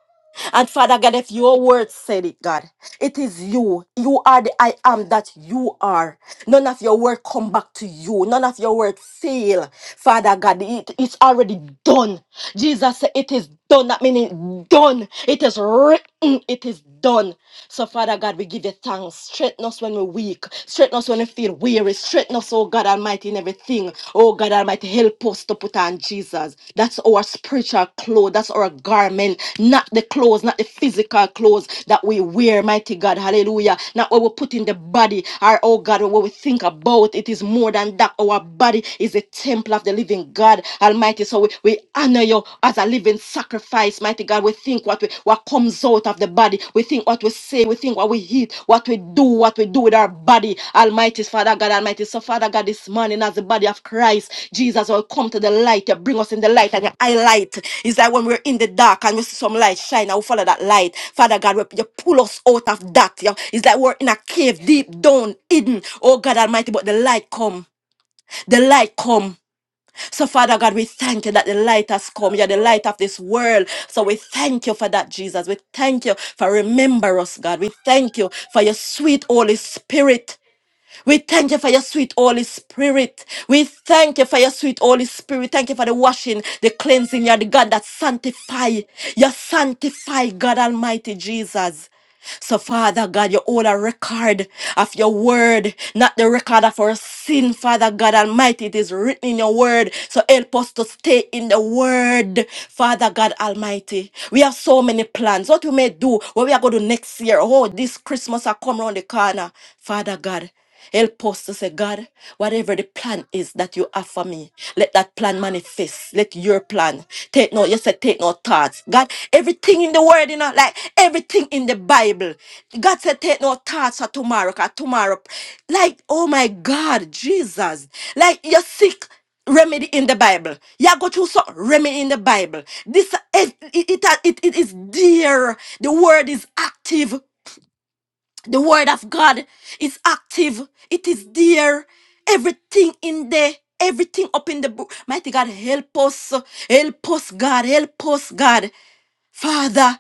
And Father God, if your word said it, God, it is you. You are the I am that you are. None of your word come back to you. None of your word fail. Father God, it, it's already done. Jesus said it is done. That means it's done. It is written. It is done. So Father God, we give you thanks. Straighten us when we're weak. Straighten us when we feel weary. Straighten us, oh God. Almighty, in everything. Oh God Almighty, help us to put on Jesus. That's our spiritual clothes. That's our garment. Not the clothes, not the physical clothes that we wear, mighty God. Hallelujah. Not what we put in the body or, oh God, what we think about. It is more than that. Our body is a temple of the living God Almighty. So we, we honor you as a living sacrifice, mighty God. We think what we, what comes out of the body. We think what we say, we think what we eat, what we do, what we do with our body. Almighty Father God, Almighty. So, Father God, this morning, as the body of Christ, Jesus will come to the light. You bring us in the light and you highlight. It's like when we're in the dark and we see some light shine and we follow that light. Father God, we- you pull us out of that. You- It's like we're in a cave deep down, hidden. Oh God Almighty, but the light come. The light come. So, Father God, we thank you that the light has come. You're the light of this world. So, we thank you for that, Jesus. We thank you for remember us, God. We thank you for your sweet Holy Spirit. We thank you for your sweet Holy Spirit. We thank you for your sweet Holy Spirit. Thank you for the washing, the cleansing. You're the God that sanctify. You sanctify God Almighty Jesus. So, Father God, you hold a record of your word, not the record of our sin, Father God Almighty. It is written in your word. So, help us to stay in the word, Father God Almighty. We have so many plans. What we may do, what we are going to do next year. Oh, this Christmas are come around the corner, Father God. Help us to say, God, whatever the plan is that you have for me, let that plan manifest. Let your plan take no, you said take no thoughts. God, everything in the word, you know, like everything in the Bible. God said take no thoughts for tomorrow, cause tomorrow. Like, oh my God, Jesus. Like you're sick. Remedy in the Bible. You go through some remedy in the Bible. This it, it, it, it it is dear. The word is active. The word of God is active. It is there. Everything in there. Everything up in the book. Mighty God, help us. Help us, God. Help us, God. Father.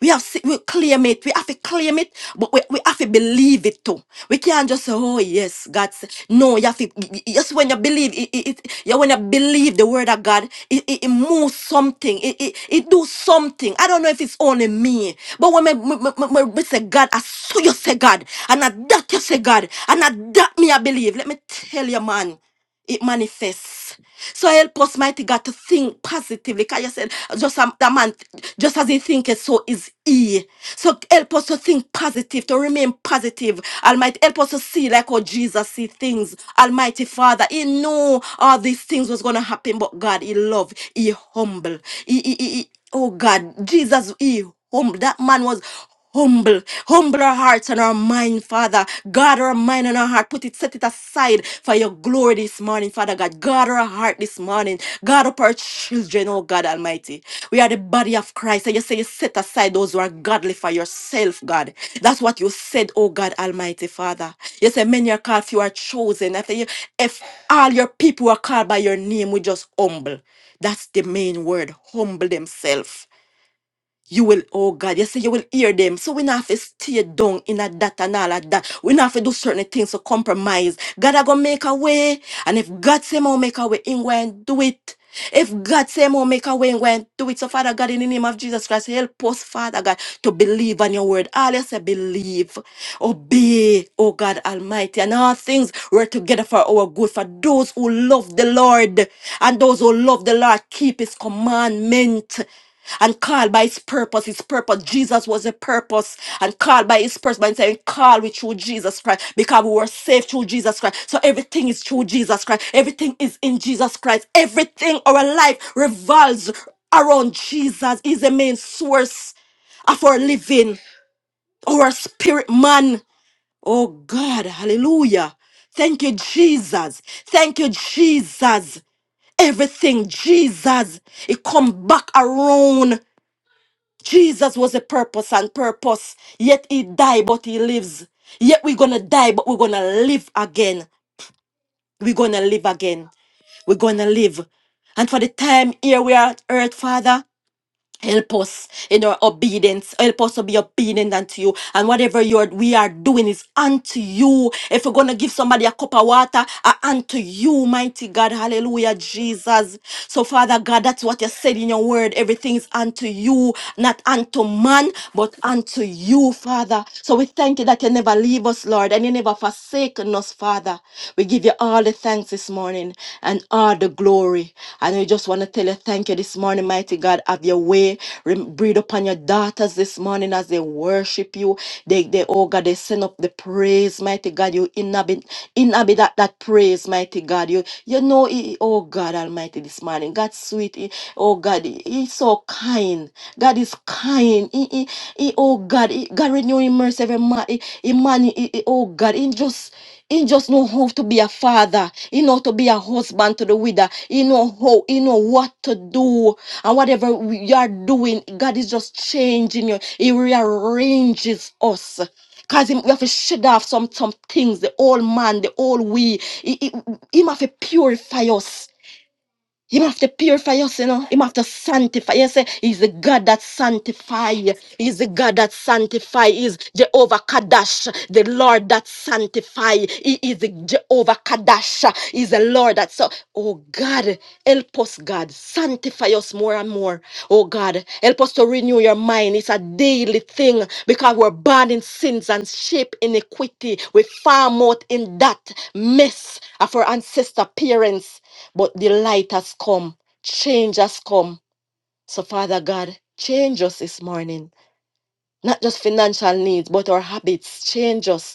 We have se- we claim it. We have to claim it, but we, we have to believe it too. We can't just say, "Oh yes, God." said-" No, you have to. Just when you believe it, it, it you when you believe the word of God, it, it, it moves something. It, it it do something. I don't know if it's only me, but when me, me, me, me, me say God, I saw you say God, and I that you say God, and I that me I believe. Let me tell you, man it manifests. So help us, mighty God, to think positively. Because you said, just as the man, just as he thinketh, so is he. So help us to think positive, to remain positive. Almighty, help us to see like how Jesus see things. Almighty Father, He knew all these things was gonna happen, but God, He love, He humble, He, he, he, he- oh God, Jesus, He humble. That man was. Humble, humble our hearts and our mind, Father. God, our mind and our heart. Put it, set it aside for your glory this morning, Father God. God, our heart this morning. God, up our children, oh God Almighty. We are the body of Christ. And you say you set aside those who are godly for yourself, God. That's what you said, oh God Almighty, Father. You say many are called, few are chosen. After you, if all your people are called by your name, we just humble. That's the main word, humble themselves. You will, oh God, you say you will hear them. So we not have to stay down in a that and all of that. We not have to do certain things to compromise. God are gonna make a way. And if God say more make a way, in go and do it. If God say more make a way, in go and do it. So Father God, in the name of Jesus Christ, help us, Father God, to believe on your word. All you say believe, obey, oh God Almighty. And all things work together for our good, for those who love the Lord. And those who love the Lord keep his commandment and called by his purpose. His purpose, Jesus was a purpose, and called by his purpose. By saying, "Call we through Jesus Christ, because we were saved through Jesus Christ." So everything is through Jesus Christ. Everything is in Jesus Christ. Everything our life revolves around Jesus. He's the main source of our living, our spirit man. Oh God, Hallelujah! Thank you, Jesus. Thank you, Jesus. Everything, Jesus, it come back around Jesus was a purpose and purpose. Yet he died, but he lives. Yet we're gonna die, but we're gonna live again. We're gonna live again. We're gonna live. And for the time here we are on earth, Father, Help us in our obedience. Help us to be obedient unto you. And whatever you are, we are doing is unto you. If we're going to give somebody a cup of water, uh, unto you, mighty God. Hallelujah, Jesus. So, Father God, that's what you said in your word. Everything is unto you, not unto man, but unto you, Father. So, we thank you that you never leave us, Lord, and you never never forsaken us, Father. We give you all the thanks this morning and all the glory. And we just want to tell you thank you this morning, mighty God. Have your way. Rem- breathe upon your daughters this morning as they worship you. They, they, oh God, they send up the praise, mighty God. You inhabit, inhabit that, that praise, mighty God. You, you know, it, oh God Almighty, this morning. God, sweet it. He- Oh God, He- He's so kind. God is kind. He, he, he, oh God, he, God renew Him mercy every man. He, he man, he, he- oh God, He just he just know how to be a father. He know to be a husband to the widow. He know how. He know what to do. And whatever we- you are doing, God is just changing you. He rearranges us. Cause him, we have to shed off some some things, the old man, the old we. He, he, him have to purify us. Him have to purify us, you know. Him have to sanctify. You say he's the God that sanctify. He's the God that sanctify. He's Jehovah Kadash, the Lord that sanctify. He is the Jehovah Kadash. He's the Lord that so. Oh God, help us, God, sanctify us more and more. Oh God, help us to renew your mind. It's a daily thing because we're born in sins and shape iniquity. We farm out in that mess of our ancestor parents but the light has come, change has come. So, Father God, change us this morning. Not just financial needs, but our habits. Change us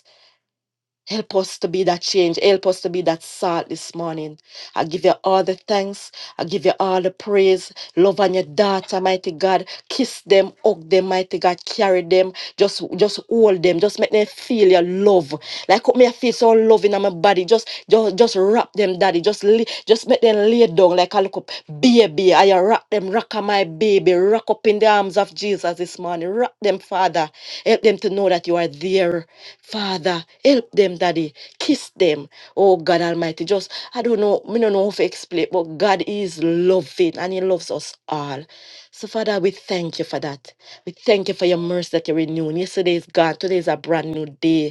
Help us to be that change. Help us to be that salt this morning. I give you all the thanks. I give you all the praise. Love on your daughter, mighty God. Kiss them, hug them, mighty God. Carry them. Just, just hold them. Just make them feel your love. Like how me I feel so loving on my body. Just, just, just wrap them, daddy. Just, lay- just make them lay down like a little baby. I wrap them Rock them, rock a my baby. Rock up in the arms of Jesus this morning. Rock them, Father. Help them to know that you are there. Father, help them, Daddy. Kiss them. Oh God Almighty. Just I don't know, we don't know how to explain, but God is loving and He loves us all. So, Father, we thank you for that. We thank you for your mercy that you're renewing. Yesterday is gone. Today is a brand new day.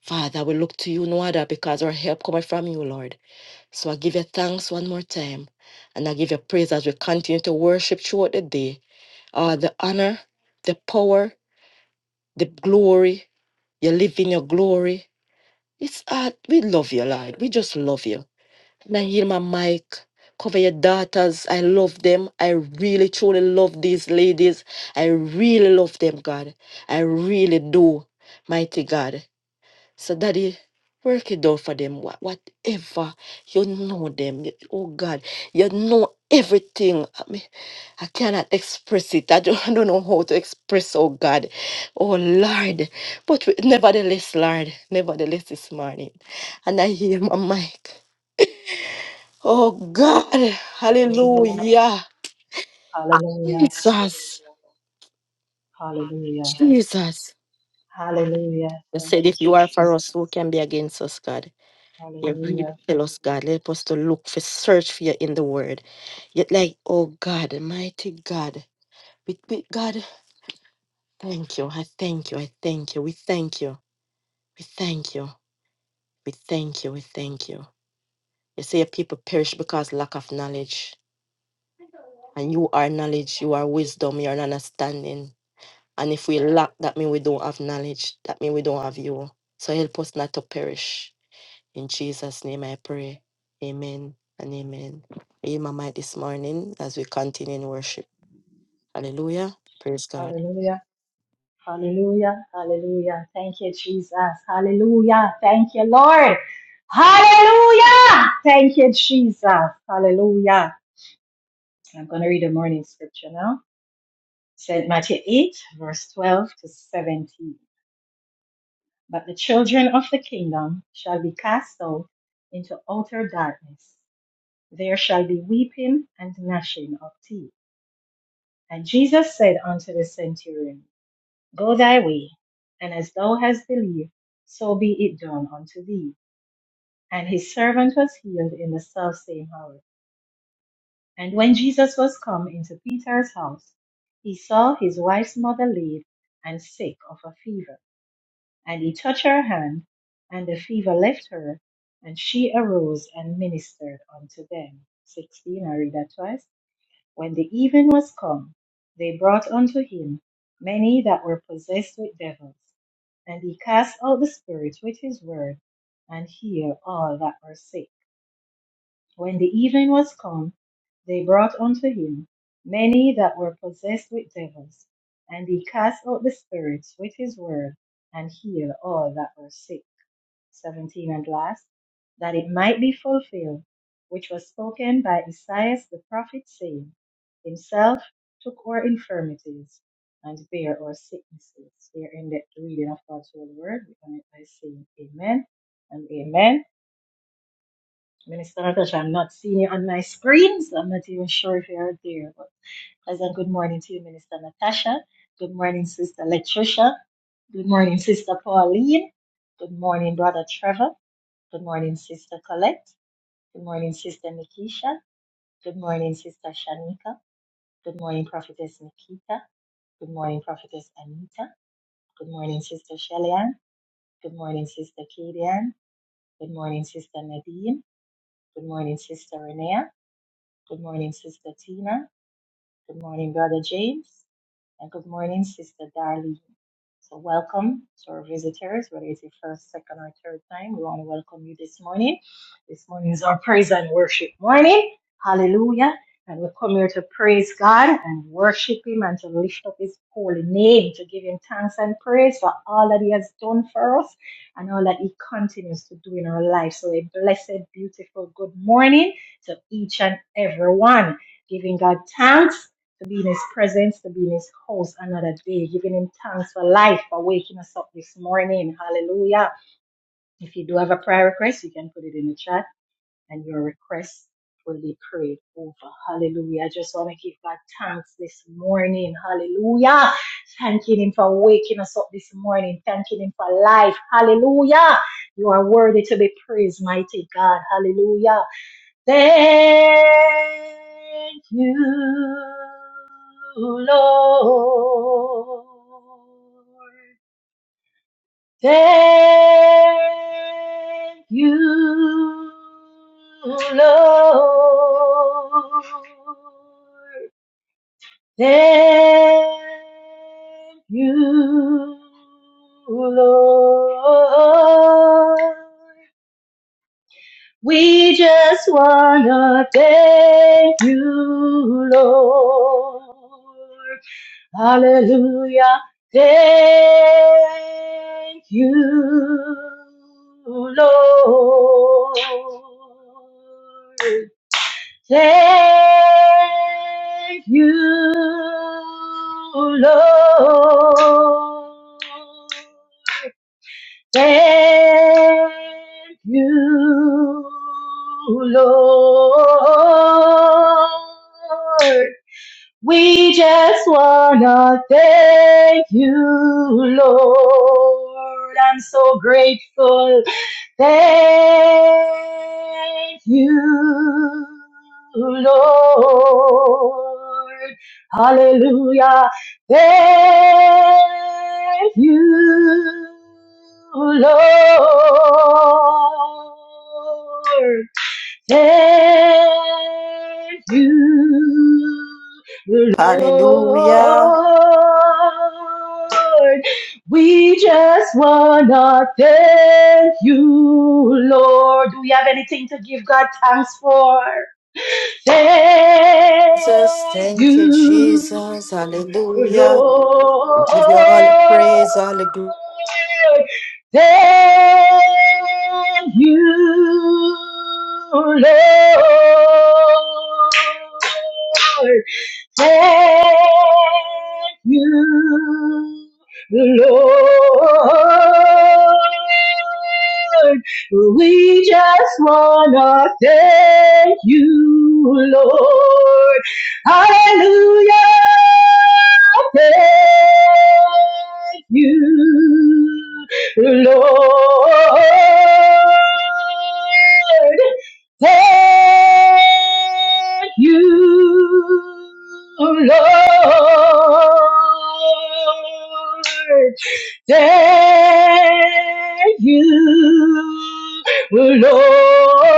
Father, we look to you, no other, because our help cometh from you, Lord. So I give you thanks one more time. And I give you praise as we continue to worship throughout the day. Uh, the honor, the power, the glory. You live in your glory. It's uh, we love you, Lord. We just love you. And I hear my mic. Cover your daughters. I love them. I really truly love these ladies. I really love them, God. I really do. Mighty God. So, Daddy, work it out for them. wha- Whatever you know them, you- oh God, you know everything. I mean, I cannot express it. I don't, I don't know how to express, oh God, oh Lord. But we- nevertheless, Lord, nevertheless, this morning, and I hear my mic. Oh God,
Hallelujah.
hallelujah,
Hallelujah.
Jesus,
Hallelujah. Hallelujah.
Jesus.
Hallelujah.
You
Thank
said,
you,
if you are for
Jesus.
us, who can be against us, God? You really
Hallelujah.
tell us, God. Help us to look for, search for you in the word. Yet, like, oh God, mighty God. We, we, God, thank you. I thank you. I thank you. We thank you. We thank you. We thank you. We thank you. You say your people perish because lack of knowledge. And you are knowledge. You are wisdom. You are understanding. And if we lack, that means we don't have knowledge. That means we don't have you. So help us not to perish. In Jesus' name I pray. Amen and amen. Are you my mic this morning as we continue in worship? Hallelujah. Praise God.
Hallelujah. Hallelujah. Hallelujah. Thank you, Jesus. Hallelujah. Thank you, Lord. Hallelujah. Thank you, Jesus. Hallelujah. I'm going to read the morning scripture now. St. Matthew 8, verse 12 to 17. But the children of the kingdom shall be cast out into outer darkness. There shall be weeping and gnashing of teeth. And Jesus said unto the centurion, Go thy way, and as thou hast believed, so be it done unto thee. And his servant was healed in the selfsame hour. And when Jesus was come into Peter's house, he saw his wife's mother laid and sick of a fever. And he touched her hand, and the fever left her, and she arose and ministered unto them. 16, I read that twice. When the even was come, they brought unto him many that were possessed with devils, and he cast out the spirits with his word, and healed all that were sick. When the even was come, they brought unto him many that were possessed with devils, and he cast out the spirits with his word, and healed all that were sick 17 and last, that it might be fulfilled, which was spoken by Esaias the prophet, saying, Himself took our infirmities and bare our sicknesses. Here ended the reading of God's holy word. We on it by saying Amen and Amen. Minister Natasha, I'm not seeing you on my screen, so I'm not even sure if you're there. But pleasant good morning to you, Minister Natasha. Good morning, Sister Latricia. Good morning, Sister Pauline. Good morning, Brother Trevor. Good morning, Sister Colette. Good morning, Sister Nikisha. Good morning, Sister Shanika. Good morning, Prophetess Nikita. Good morning, Prophetess Anita. Good morning, Sister Shellyan. Good morning, Sister Kadian. Good morning, Sister Nadine. Good morning, Sister Renea. Good morning, Sister Tina. Good morning, Brother James. And good morning, Sister Darlene. So, welcome to our visitors, whether it's your first, second, or third time. We want to welcome you this morning. This morning is our praise and worship morning. Hallelujah. And we come here to praise God and worship Him and to lift up His holy name, to give Him thanks and praise for all that He has done for us and all that He continues to do in our life. So, a blessed, beautiful good morning to each and every one, giving God thanks to be in His presence, to be in His house another day, giving Him thanks for life, for waking us up this morning. Hallelujah. If you do have a prayer request, you can put it in the chat and your request will be prayed over. Hallelujah. I just want to give God thanks this morning. Hallelujah. Thanking Him for waking us up this morning, thanking Him for life. Hallelujah. You are worthy to be praised, mighty God. Hallelujah. Thank you, Lord. Thank you, Lord. Thank you, Lord. We just wanna thank you, Lord. Hallelujah. Thank you, Lord. Thank you, Lord. Thank you, Lord. We just wanna thank you, Lord. I'm so grateful. Thank you, Lord. Hallelujah. Thank you, Lord. Thank you, Lord.
Hallelujah.
We just wanna thank you, Lord. Do we have anything to give God thanks for?
Jesus,
Thank
thank you,
you,
Jesus. Hallelujah. We
Lord.
give you all the praise, all the glory.
Thank you, Lord. Thank you, Lord. We just wanna thank you, Lord. Hallelujah. Thank you, Lord. Thank you, Lord. Thank you, Lord.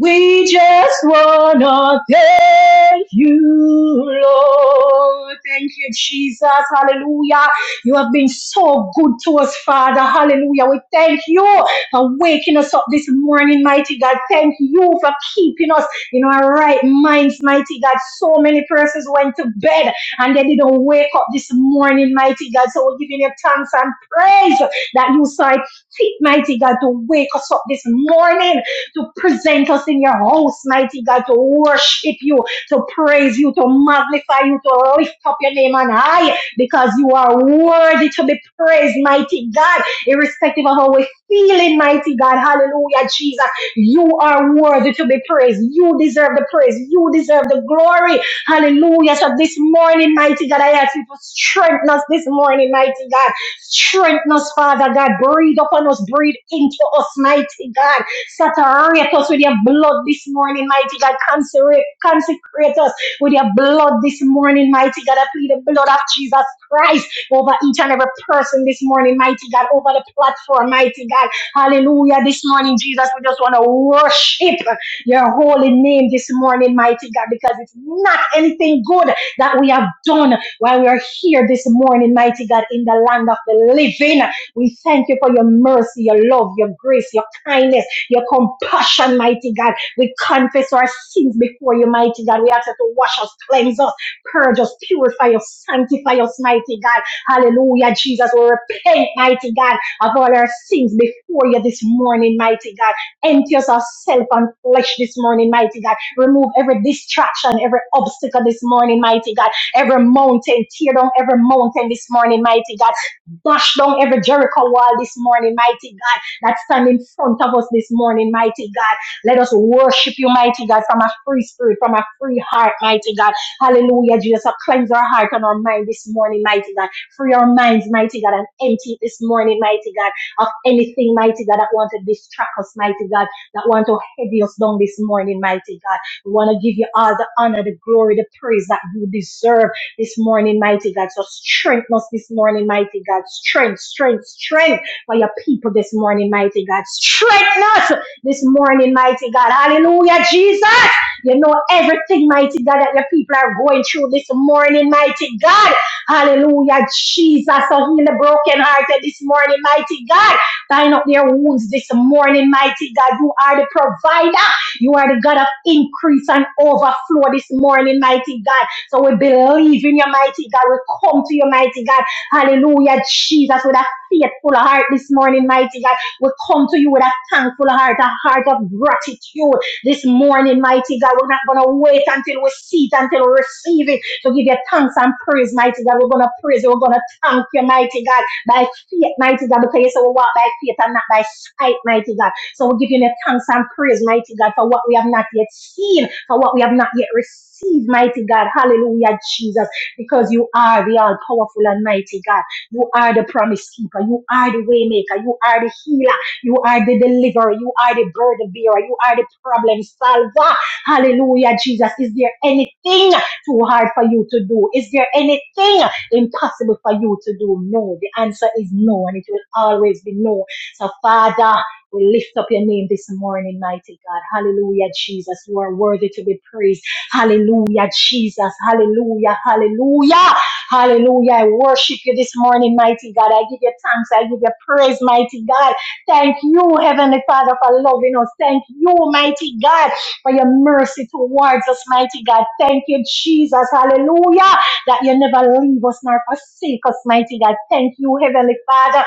We just wanna thank you, Lord. Thank you, Jesus. Hallelujah. You have been so good to us, Father. Hallelujah. We thank you for waking us up this morning, mighty God. Thank you for keeping us in our right minds, mighty God. So many persons went to bed and they didn't wake up this morning, mighty God. So we're giving you thanks and praise that you saw it fit, mighty God, to wake us up this morning, to present us in your house, mighty God, to worship you, to praise you, to magnify you, to lift up your name on high, because you are worthy to be praised, mighty God, irrespective of how we feeling, mighty God. Hallelujah, Jesus. You are worthy to be praised. You deserve the praise. You deserve the glory. Hallelujah. So this morning, mighty God, I ask you to strengthen us this morning, mighty God. Strengthen us, Father God. Breathe upon us. Breathe into us, mighty God. Saturate us with your blood this morning, mighty God. Consecrate, consecrate us with your blood this morning, mighty God. I plead the blood of Jesus Christ over each and every person this morning, mighty God, over the platform, mighty God. Hallelujah. This morning, Jesus, we just want to worship your holy name this morning, mighty God, because it's not anything good that we have done while we are here this morning, mighty God, in the land of the living. We thank you for your mercy, your love, your grace, your kindness, your compassion, mighty God. We confess our sins before you, mighty God. We ask you to wash us, cleanse us, purge us, purify us, sanctify us, mighty God. Hallelujah, Jesus. We repent, mighty God, of all our sins before you this morning, mighty God. Empty us of self and flesh this morning, mighty God. Remove every distraction, every obstacle this morning, mighty God. Every mountain, tear down every mountain this morning, mighty God. Dash down every Jericho wall this morning, mighty God. That stand in front of us this morning, mighty God. Let us worship you, mighty God, from a free spirit, from a free heart, mighty God. Hallelujah, Jesus. So cleanse our heart and our mind this morning, mighty God Free our minds, mighty God, and empty this morning, mighty God, of anything, mighty God, that want to distract us, mighty God, that want to heavy us down this morning, mighty God. We want to give you all the honor, the glory, the praise that you deserve this morning, mighty God. So strengthen us this morning, mighty God. Strength, strength, strength for your people this morning, mighty God. Strengthen us this morning, mighty God. Hallelujah, Jesus. You know everything, mighty God, that your people are going through this morning, mighty God. Hallelujah, Jesus. So heal the brokenhearted this morning, mighty God. Bind up their wounds this morning, mighty God. You are the provider. You are the God of increase and overflow this morning, mighty God. So we believe in your mighty God. We come to your mighty God. Hallelujah, Jesus, with a faithful heart this morning, mighty God. We come to you with a thankful heart, a heart of gratitude this morning, mighty God. We're not going to wait until we see it, until we receive it to give you thanks and praise, mighty God. We're going to praise you. We're going to thank you, mighty God, by faith, mighty God, because you say we walk by faith and not by sight, mighty God. So we're giving you thanks and praise, mighty God, for what we have not yet seen, for what we have not yet received, mighty God. Hallelujah, Jesus, because you are the all powerful and mighty God. You are the promise keeper. You are the way maker. You are the healer. You are the deliverer. You are the burden bearer. You are the problem solver. Hallelujah, Jesus. Is there anything? too hard for you to do? Is there anything impossible for you to do? No. The answer is no, and it will always be no. So, Father, we lift up your name this morning, mighty God. Hallelujah, Jesus. You are worthy to be praised. Hallelujah, Jesus. Hallelujah, hallelujah, hallelujah. I worship you this morning, mighty God. I give you thanks. I give you praise, mighty God. Thank you, Heavenly Father, for loving us. Thank you, mighty God for your mercy towards us, mighty God. Thank you, Jesus. Hallelujah. That you never leave us nor forsake us, mighty God. Thank you, Heavenly Father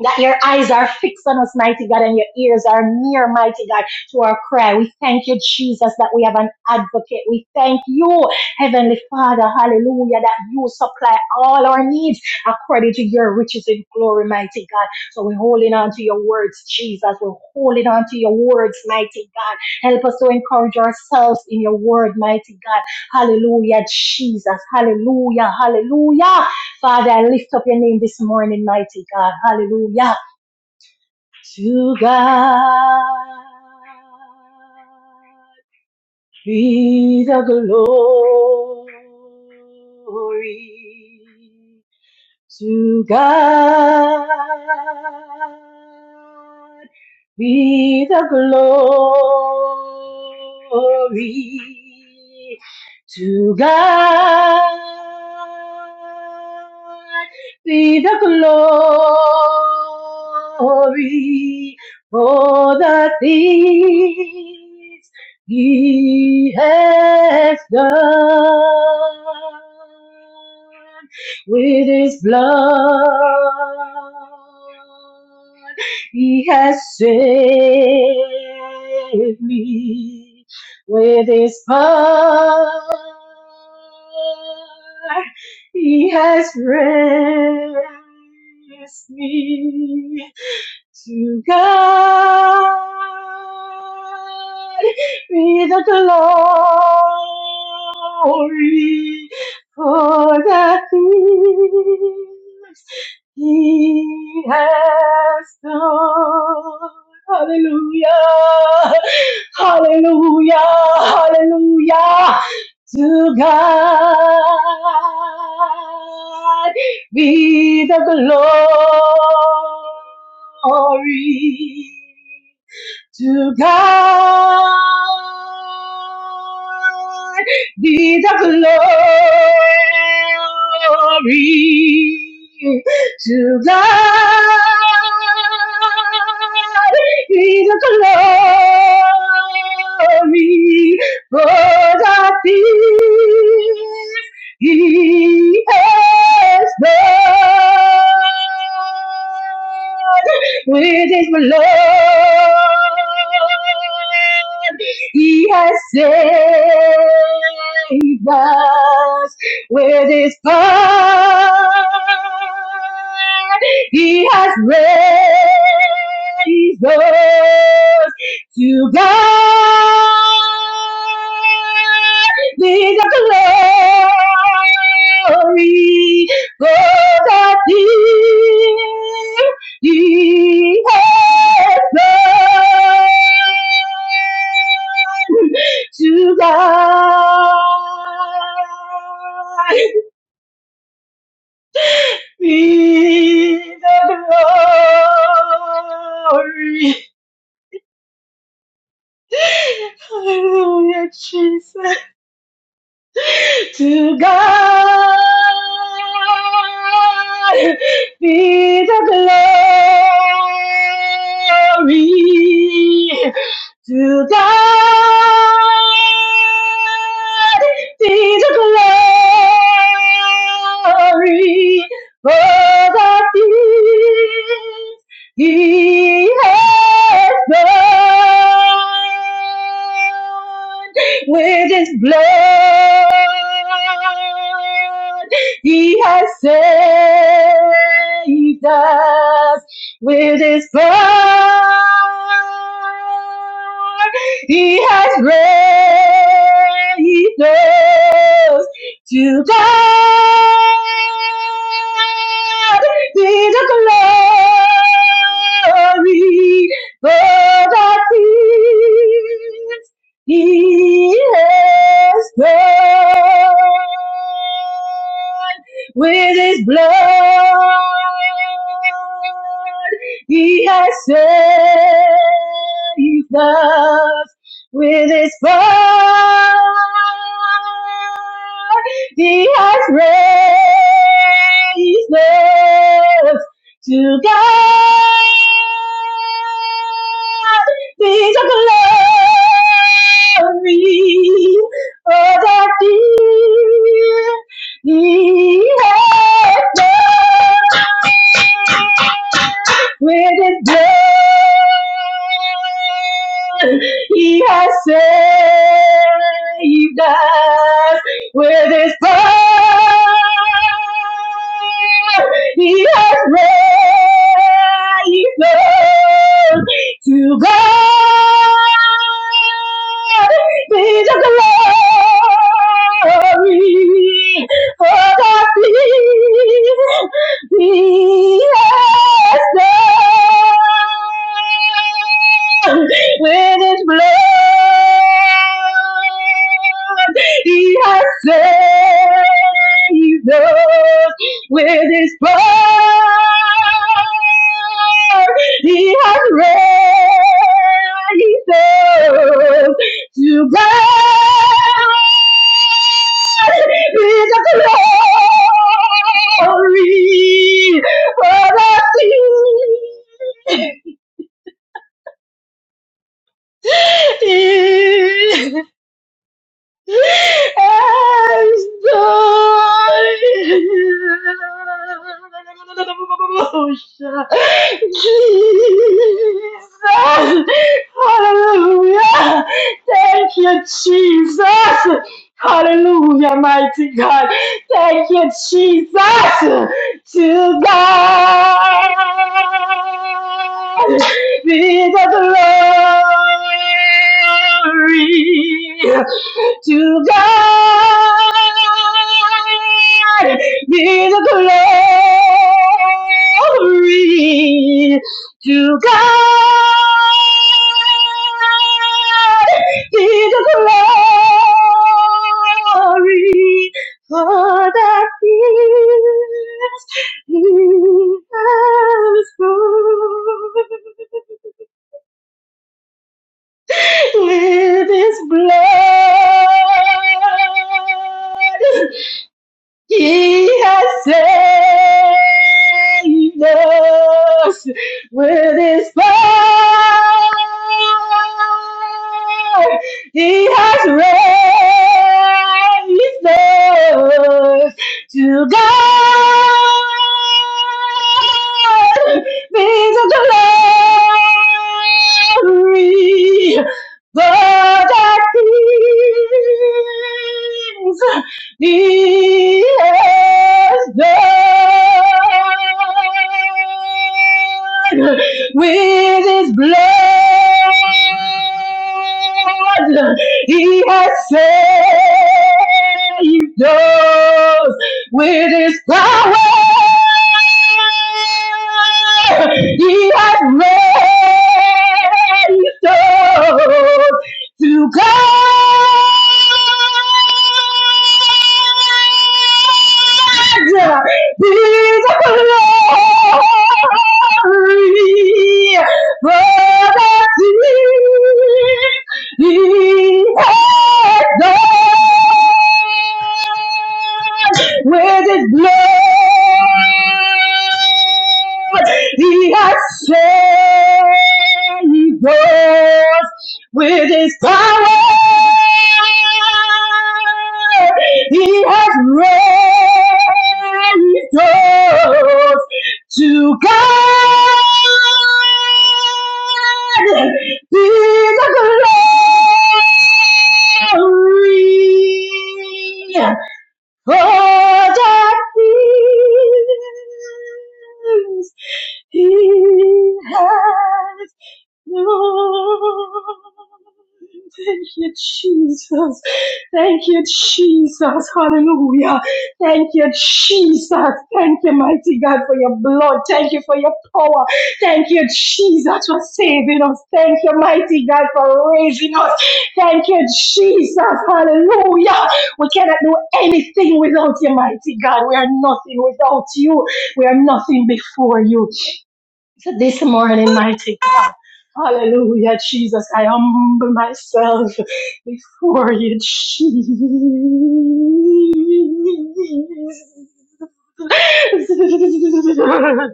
that your eyes are fixed on us, mighty God, and your ears are near, mighty God, to our prayer. We thank you, Jesus, that we have an advocate. We thank you, Heavenly Father, hallelujah, that you supply all our needs according to your riches in glory, mighty God. So we're holding on to your words, Jesus. We're holding on to your words, mighty God. Help us to encourage ourselves in your word, mighty God. Hallelujah, Jesus. Hallelujah, hallelujah. Father, I lift up your name this morning, mighty God. Hallelujah. To God be the glory. To God be the glory. To God be the glory for the things He has done with his blood. He has saved me with his power. He has raised me to God be the glory for the things he has done. Hallelujah, hallelujah, hallelujah. To God be the glory to God Thee the glory to God. Be the glory for the things He has done with His blood. He has saved us with his blood. He has raised us to God. Be the glory for the King. He has done to God be the glory. Hallelujah, Jesus. to God be the glory. To God be the glory for the things He has done with his blood. He has saved us with his blood. He has raised us to God be the glory for the he has God with his blood. He has saved us with his blood. He has raised to God be the glory for that He, he has done. With His blood, He has saved us. With His blood, He has raised us to God. Be the glory for the he Yes, Lord, with his blood, he has saved us with his blood. He has raised us to God with the glory for the sea. Jesus, hallelujah. Thank you, Jesus. Hallelujah, mighty God. Thank you, Jesus. To God be the glory. To God be the glory. To God be the glory for that is He has done with his blood. He has saved us with his power. He has raised us to God. Be the glory, the that is. He has done with his blood. He has saved us with his power. He has raised us to God be the glory for the things He has done with His blood. He has saved us with his power. He has raised us to God. Be the glory. Oh, that he has known. Thank you, Jesus. Thank you, Jesus. Hallelujah. Thank you, Jesus. Thank you, mighty God, for your blood. Thank you for your power. Thank you, Jesus, for saving us. Thank you, mighty God, for raising us. Thank you, Jesus. Hallelujah. We cannot do anything without you, mighty God. We are nothing without you. We are nothing before you. So this morning, mighty God, hallelujah, Jesus, I humble myself before you, Jesus.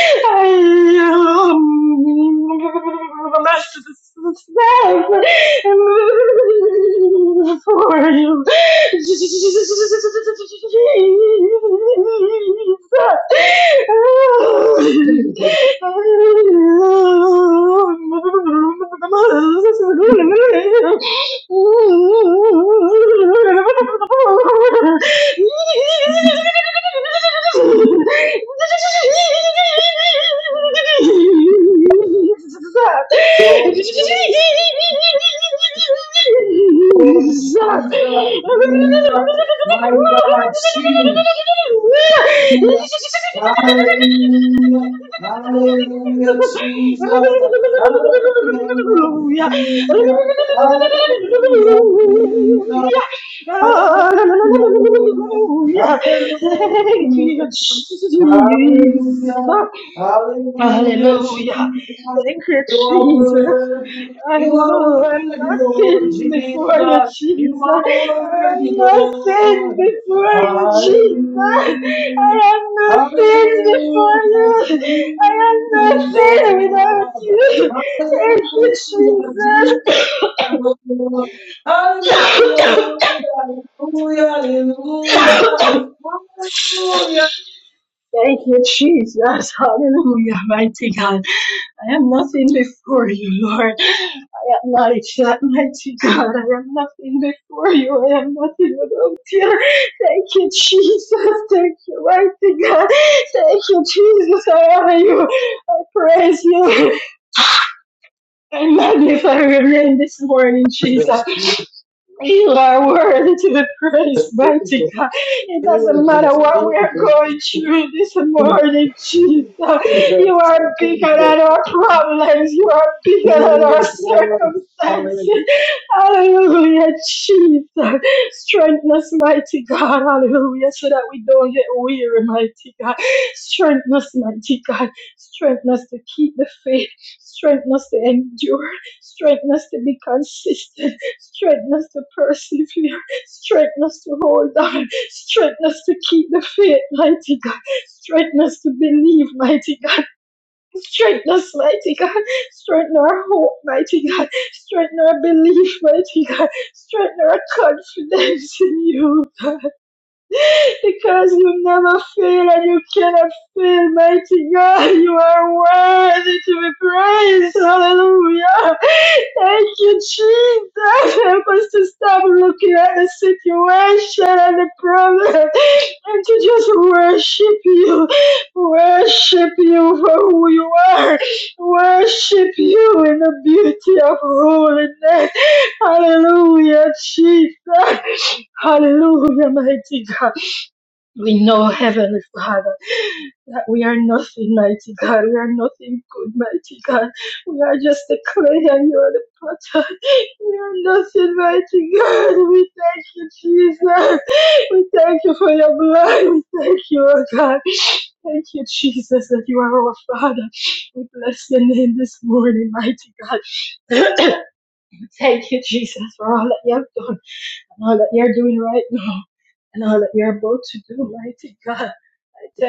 I um, I'm not sure this is bad for you. Jesus.
Lord glory, glory. Oh, Jesus, Jesus, my God, Jesus. Hallelujah. Hallelujah. Hallelujah, Jesus. Hallelujah,
Hallelujah.
Hallelujah. Hallelujah, Jesus. Hallelujah.
Hallelujah. Thank you, Jesus.
Hallelujah. Hallelujah, Hallelujah.
Hallelujah.
Jesus.
Thank you,
You are
Jesus.
worthy.
I
You are
know I'm
worthy,
not
Lord
sin before you,
Jesus. You
Jesus.
are worthy,
I'm not sin
Lord.
before you, Jesus.
Hallelujah.
I am not sin before
Hallelujah,
you. I am not
Jesus.
sin without you. Thank
Hallelujah,
you, Jesus.
Hallelujah, hallelujah, hallelujah, hallelujah.
Thank you, Jesus. Hallelujah, mighty God. I am nothing before you, Lord. I acknowledge that, mighty God. I am nothing before you. I am nothing without you. Thank you, Jesus. Thank you, mighty God. Thank you, Jesus. I honor you. I praise you. I magnify your name this morning, Jesus.
Jesus, Jesus,
You are worthy to be praised, mighty
Jesus,
God. It doesn't matter
Jesus,
what we are going
Jesus,
through this morning, Jesus. You
Jesus,
are bigger
Jesus.
than our problems. You are bigger than our
Jesus, hallelujah,
circumstances. Hallelujah, Jesus. Strengthen us, mighty God. Hallelujah, so that we don't get weary, mighty God. Strengthen us, mighty God. Strengthen us to keep the faith. Strengthen us to endure. Strengthen us to be consistent straightness to persevere, straightness to hold on, straightness to keep the faith, mighty God, straightness to believe, mighty God, straightness, mighty God, straighten our hope, mighty God, straighten our belief, mighty God, straighten our confidence in you. because you never fail and you cannot fail, mighty God. You are worthy to be praised. Hallelujah. Thank you, Jesus. Help us to stop looking at the situation and the problem and to just worship you. Worship you for who you are. Worship you in the beauty of holiness. Hallelujah, Jesus. Hallelujah, mighty God. We know, Heavenly Father, that we are nothing, mighty God. We are nothing good, mighty God. We are just the clay and you are the potter. We are nothing, mighty God. We thank you, Jesus. We thank you for your blood. We thank you, oh God. Thank you, Jesus, that you are our Father. We bless your name this morning, mighty God. thank you, Jesus, for all that you have done and all that you're doing right now and all that you're about to do, mighty God.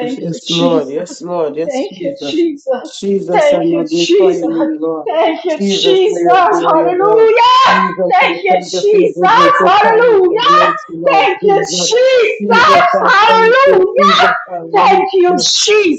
Yes,
you,
yes, Lord.
Jesus.
Yes, Lord. Yes,
Thank you,
Jesus.
Jesus.
Jesus, I
Thank you,
magnify
Jesus.
you, Lord.
Thank you,
Jesus, I
Jesus.
adore you, Lord.
Hallelujah.
Jesus, I
Thank you,
thank you for your
Jesus.
goodness, your kindness, your
Hallelujah.
mercy, Lord.
Thank you,
Jesus,
Jesus.
Jesus, I thank
Hallelujah.
you. Jesus, I worship
Thank you,
you.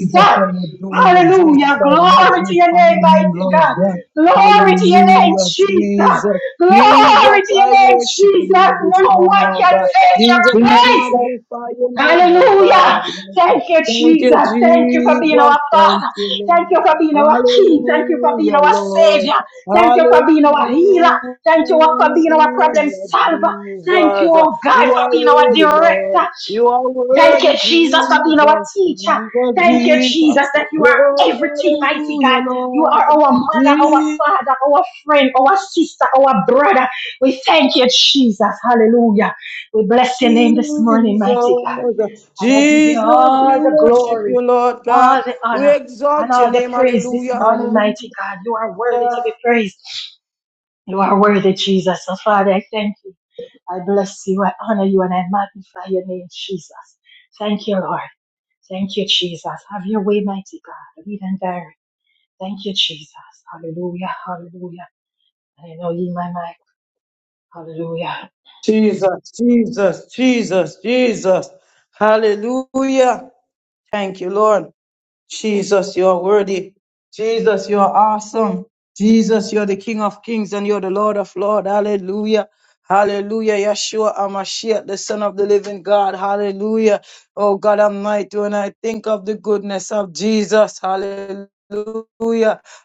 Jesus, I adore you. Jesus,
Hallelujah.
I
Glory to your
magnify
name,
your name,
mighty
Lord
God.
God.
Glory to your name,
Hallelujah,
Jesus.
Jesus. Jesus,
Glory to
I
your name,
worship
Jesus.
you this
No
morning,
one
Lord
can
God.
take
Jesus,
your
I
place.
magnify your name, oh God.
Hallelujah.
Almighty.
Thank you,
Thank you,
Jesus. Thank you for being
Jesus.
our
Thank
Father.
you,
Thank you
Lord.
for being our King. Thank you for being
Hallelujah,
our
Lord.
Savior. Thank you for being our healer.
Hallelujah,
Thank you for being our problem solver. Thank you,
Jesus.
oh God,
You
for
are
being our
worthy, Lord.
director.
You are
Thank you,
worthy,
Jesus, for being our
Jesus.
teacher.
Jesus,
Thank you,
Jesus.
Jesus, that you
Glory,
are everything, mighty
hallelujah,
God. You are
Lord.
our mother, our
Jesus.
father, our friend, our sister, our brother. We thank you, Jesus. Hallelujah. We bless your name this morning, mighty God. And I give you
Jesus, we
all the
worship
glory,
you, Lord
all
God.
the
We
honor, and
exalt your
all the
name,
praise this
hallelujah.
morning,
Hallelujah.
mighty God. You are worthy to be praised. You are worthy, Jesus. So, Father, I thank you. I bless you. I honor you, and I magnify your name, Jesus. Thank you, Lord. Thank you, Jesus. Have your way, mighty God. Lead and direct. Thank you, Jesus. Hallelujah. Hallelujah. I know you, my mic. Hallelujah.
Jesus, Jesus, Jesus, Jesus. Hallelujah. Thank you, Lord. Jesus, you are worthy. Jesus, you are awesome. Jesus, you're the King of Kings and you're the Lord of Lords. Hallelujah. Hallelujah. Yeshua Amashiach, the Son of the Living God. Hallelujah. Oh God Almighty, when I think of the goodness of Jesus, hallelujah.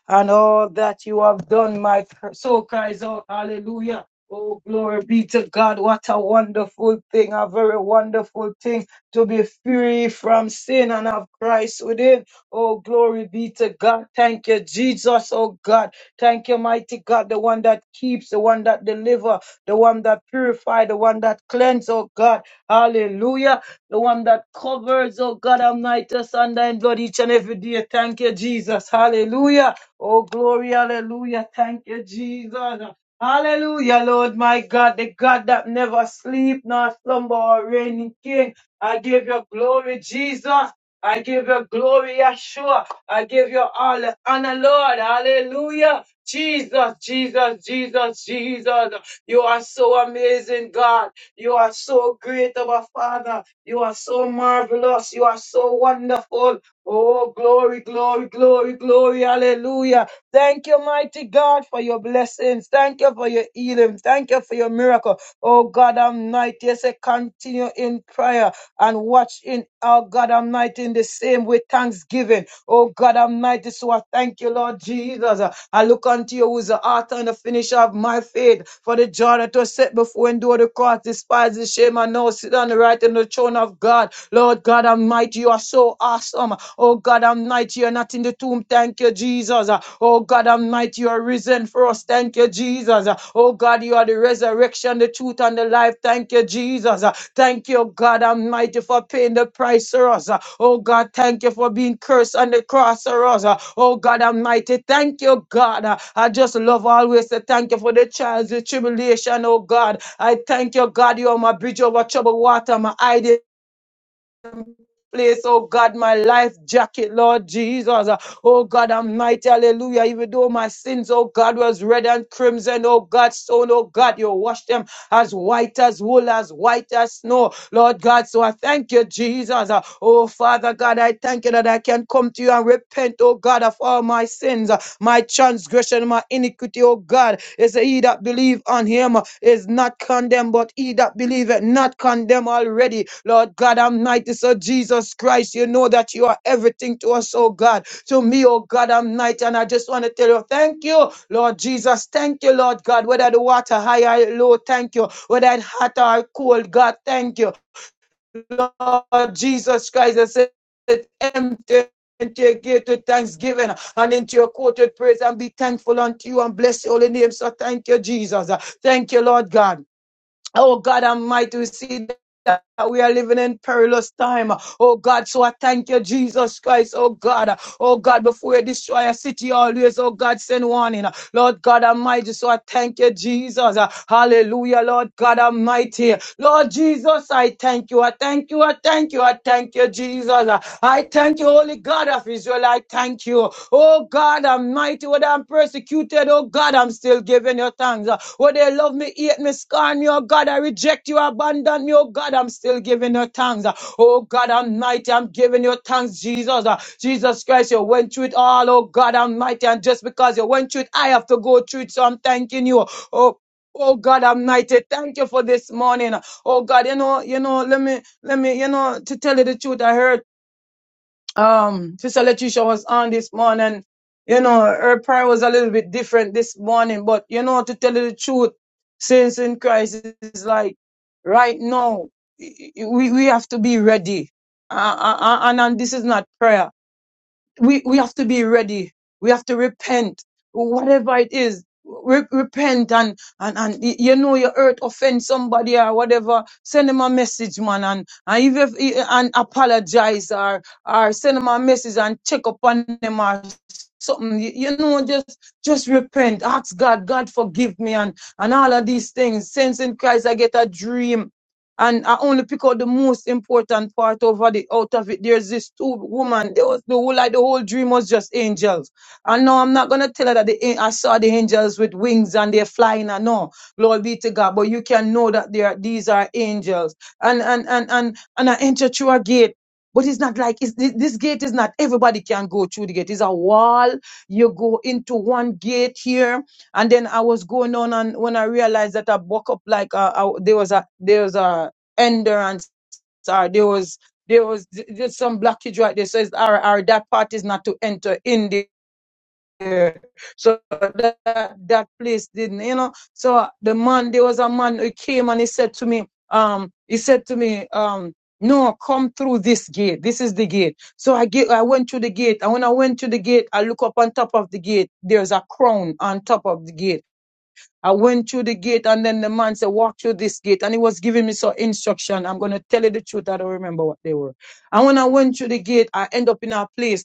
And all that you have done, my soul cries out, hallelujah. Oh, glory be to God. What a wonderful thing, a very wonderful thing to be free from sin and have Christ within. Oh, glory be to God. Thank you, Jesus. Oh, God. Thank you, mighty God, the one that keeps, the one that delivers, the one that purifies, the one that cleanses. Oh, God. Hallelujah. The one that covers, oh, God, Almighty, us under and blood each and every day. Thank you, Jesus. Hallelujah. Oh, glory. Hallelujah. Thank you, Jesus. Hallelujah, Lord, my God, the God that never sleep, nor slumber or reigning king. I give you glory, Jesus. I give you glory, Yeshua. I give you all the honor, Lord. Hallelujah. Jesus, Jesus, Jesus, Jesus. You are so amazing, God. You are so great of a Father. You are so marvelous. You are so wonderful. Oh, glory, glory, glory, glory. Hallelujah. Thank you, mighty God, for your blessings. Thank you for your healing. Thank you for your miracle. Oh God Almighty, yes, I continue in prayer and watch in, oh God Almighty, in the same way, thanksgiving. Oh God Almighty, so I thank you, Lord Jesus. I look unto you who's the author and the finisher of my faith. For the joy that was set before and endure the cross, despise the shame, and now sit on the right in the throne of God. Lord God Almighty, you are so awesome. Oh God Almighty, you're not in the tomb. Thank you, Jesus. Oh God Almighty, you are risen for us. Thank you, Jesus. Jesus. Oh God, you are the resurrection, the truth, and the life. Thank you, Jesus. Thank you, God Almighty, for paying the price for us. Oh God, thank you for being cursed on the cross for us. Oh God Almighty, thank you, God. I just love always to thank you for the trials, the tribulation, oh God. I thank you, God, you are my bridge over troubled water, my hiding place, oh God, my life jacket, Lord Jesus. Oh God, I'm mighty, hallelujah. Even though my sins, oh God, was red and crimson, oh God, so oh God, you washed them as white as wool, as white as snow, Lord God. So I thank you, Jesus. Uh, Oh Father God, I thank you that I can come to you and repent, oh God, of all my sins my transgression, my iniquity, O God. It said, He that believe on him is not condemned, but he that believeth not condemned already. Lord God Almighty, so Jesus Christ, you know that you are everything to us, oh God. To me, oh God Almighty, and I just want to tell you, thank you, Lord Jesus. Thank you, Lord God. Whether the water high or low, thank you. Whether it hot or cold, God, thank you. Lord Jesus Christ I said, empty into your gate with thanksgiving and into your court with praise and be thankful unto you and bless your holy name. So thank you, Jesus. Thank you, Lord God. Oh God Almighty, we see that we are living in perilous time. Oh God, so I thank you, Jesus Christ. Oh God, oh God, before you destroy a city, always, oh God, send warning. Lord God Almighty, so I thank you, Jesus. Hallelujah, Lord God Almighty. Lord Jesus, I thank you. I thank you. I thank you. I thank you, Jesus. I thank you, Holy God of Israel. I thank you. Oh God Almighty, whether I'm persecuted, oh God, I'm still giving not giving you thanks. Uh, Where they love me, hate me, scorn me, oh God, I reject you, abandon me, oh God, I'm still giving you thanks. Uh, Oh God Almighty, I'm giving you thanks, Jesus. Uh, Jesus Christ, you went through it all, oh God Almighty, and just because you went through it, I have to go through it, so I'm thanking you. Oh, Oh God Almighty, thank you for this morning. Uh, Oh God, you know, you know, let me, let me, you know, to tell you the truth, I heard um Sister Letitia was on this morning. You know, her prayer was a little bit different this morning, but you know, to tell you the truth, saints in Christ is like right now, we, we have to be ready. Uh, uh, uh, and, and this is not prayer we, we have to be ready. We have to repent, whatever it is. Re- repent and, and and y- you know you hurt, offend somebody or whatever. Send them a message, man, and and even if, and apologize or or send them a message and check upon them or something. You, you know, just just repent. Ask God, God forgive me and and all of these things. Since in Christ I get a dream and I only pick out the most important part over the out of it. There's this two woman. There was the whole like the whole dream was just angels. And no, I'm not gonna tell her that the an- I saw the angels with wings and they're flying. I know, Lord be to God. But you can know that they are these are angels. And and and and and I enter through a gate. But it's not like it's, thi- this gate is not everybody can go through the gate. It's a wall. You go into one gate here and then I was going on, and when I realized that I woke up like uh, I, there was a there was a endurance, or there was there was j- just some blockage right there. So it's our our that part is not to enter in there. So that that that place didn't, you know. So the man, there was a man who came and he said to me, um, he said to me, um, no, come through this gate. This is the gate. So I get, I went to the gate, and when I went to the gate, I look up on top of the gate. There's a crown on top of the gate. I went through the gate and then the man said, walk through this gate. And he was giving me some instruction. I'm going to tell you the truth. I don't remember what they were. And when I went through the gate, I end up in a place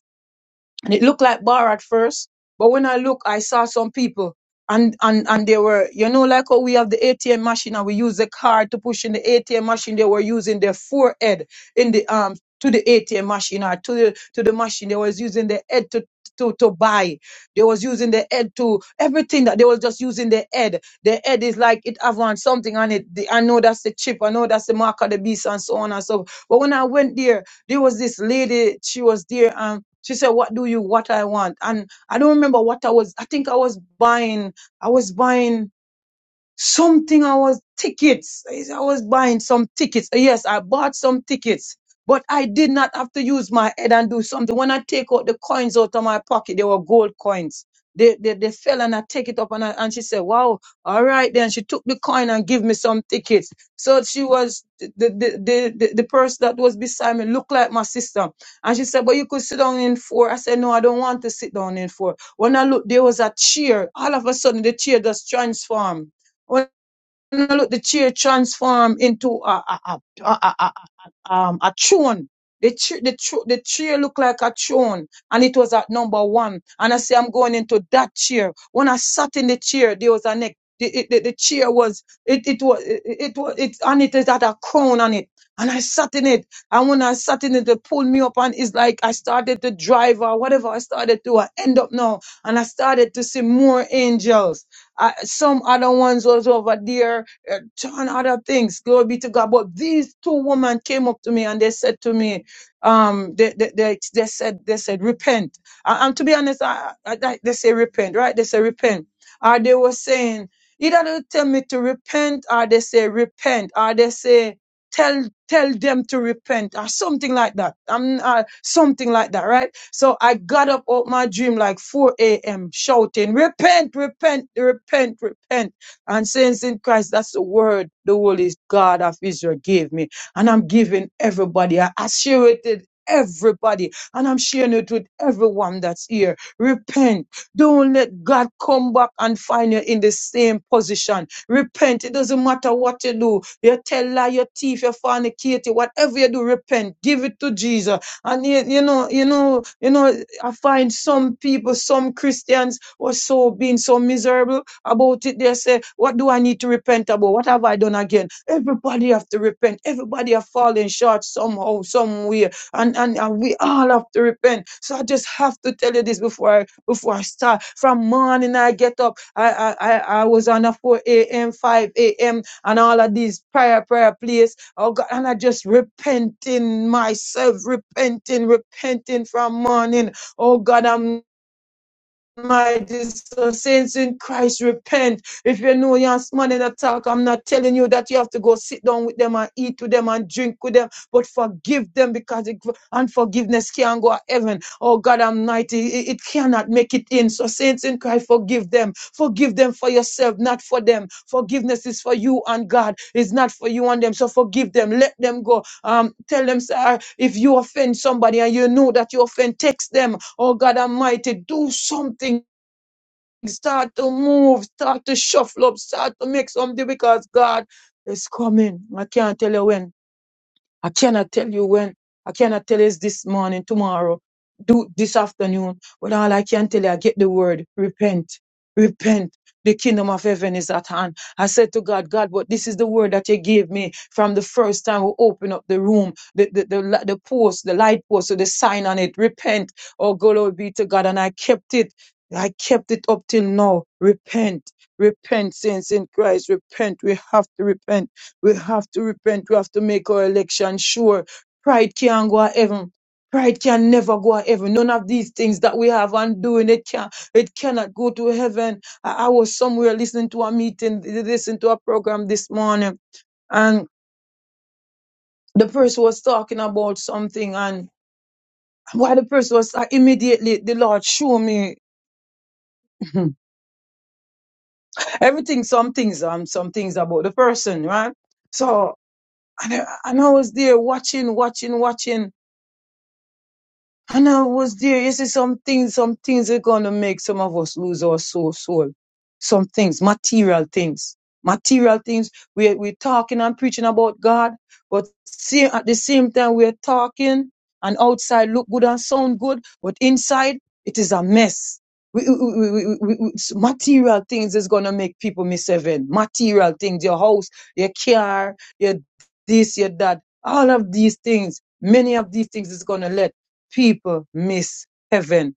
and it looked like bar at first but when i look i saw some people and and and they were you know like how we have the atm machine and we use the card to push in the atm machine they were using their forehead in the um to the atm machine or to the to the machine they was using their head to to, to buy they was using their head to everything that they was just using their head their head is like it have on something on it The- i know that's the chip i know that's the mark of the beast and so on and so forth. but when i went there there was this lady, she was there, and she said, What do you what I want? And I don't remember what I was I think I was buying, I was buying something I was tickets. I I was buying some tickets. Yes, I bought some tickets, but I did not have to use my head and do something. When I take out the coins out of my pocket, they were gold coins. They, they, they fell and I take it up and I, and she said, wow, all right then. She took the coin and give me some tickets. So she was, the, the, the, the, the person that was beside me looked like my sister. And she said, but you could sit down in four." I said, no, I don't want to sit down in four." When I looked, there was a chair. All of a sudden the chair just transformed well, look the chair transform into a a a, a, a, a, um, a throne. The chair, the, thr- the chair looked like a throne, and it was at number one. And I say, I'm going into that chair. When I sat in the chair, there was a neck. The, it- the, the chair was it it was it, it was it and it had a crown on it. And I sat in it. And when I sat in it, they pulled me up, and it's like I started to drive or whatever I started to. I end up now, and I started to see more angels. I, some other ones was over there uh, ton other things. Glory be to God. But these two women came up to me and they said to me, um, they, they, they, they said, they said, repent. And, and to be honest, I, I, I- they say repent, right? They say repent. Or they were saying, either they tell me to repent or they say repent or they say, tell tell them to repent or something like that. I'm uh, something like that, right? So I got up out my dream like 4 a.m. shouting, repent, repent, repent, repent and saints in Christ. That's the word the Holy God of Israel gave me. And I'm giving everybody. I, I share it with everybody. And I'm sharing it with everyone that's here. Repent. Don't let God come back and find you in the same position. Repent. It doesn't matter what you do. You tell lie, your thief, you fornicate, you- whatever you do, repent. Give it to Jesus. And you, you know, you know, you know, I find some people, some Christians were so being so miserable about it. They say, What do I need to repent about? What have I done again? Everybody have to repent. Everybody have fallen short somehow, somewhere. And, and, and we all have to repent. So I just have to tell you this before I before I start. From morning I get up. I I, I, I was on a 4 a.m., 5 a.m. and all of these prayer, prayer place. Oh God, and I just repenting myself, repenting, repenting from morning. Oh God, I'm my dear so saints in Christ, repent. If you know you're man in attack, I'm not telling you that you have to go sit down with them and eat with them and drink with them, but forgive them because it, unforgiveness can't go to heaven. Oh God Almighty, it, it cannot make it in. So saints in Christ, forgive them. Forgive them for yourself, not for them. Forgiveness is for you and God. It's not for you and them. So forgive them. Let them go. Um, tell them, sir, if you offend somebody and you know that you offend, text them Oh God Almighty, do something. Start to move, start to shuffle up, start to make something because God is coming. I can't tell you when. I cannot tell you when. I cannot tell you it's this morning, tomorrow, do this afternoon. But all I can tell you, I get the word. Repent. Repent. The kingdom of heaven is at hand. I said to God, God, but this is the word that you gave me from the first time we opened up the room, the, the, the, li- the post, the light post, with the sign on it. Repent. Oh, glory be to God. And I kept it. I kept it up till now. Repent. Repent, saints in Christ. Repent. We have to repent we have to repent. We have to make our election sure. Pride can't go to heaven. Pride can never go to heaven. None of these things that we have undoing, it can it cannot go to heaven. I, I was somewhere listening to a meeting, listening to a program this morning and the person was talking about something and while the person was like, immediately the Lord showed me everything, some things, um, some things about the person, right? So and I, and I was there watching, watching, watching, And I was there. You see, some things, some things are gonna make some of us lose our soul, soul. Some things, material things, material things. We're we're talking and preaching about God, but see, at the same time we're talking and outside look good and sound good, but inside it is a mess. We, we, we, we, we, we- material things is gonna make people miss heaven. Material things, your house, your car, your this, your that, all of these things. Many of these things is gonna let people miss heaven.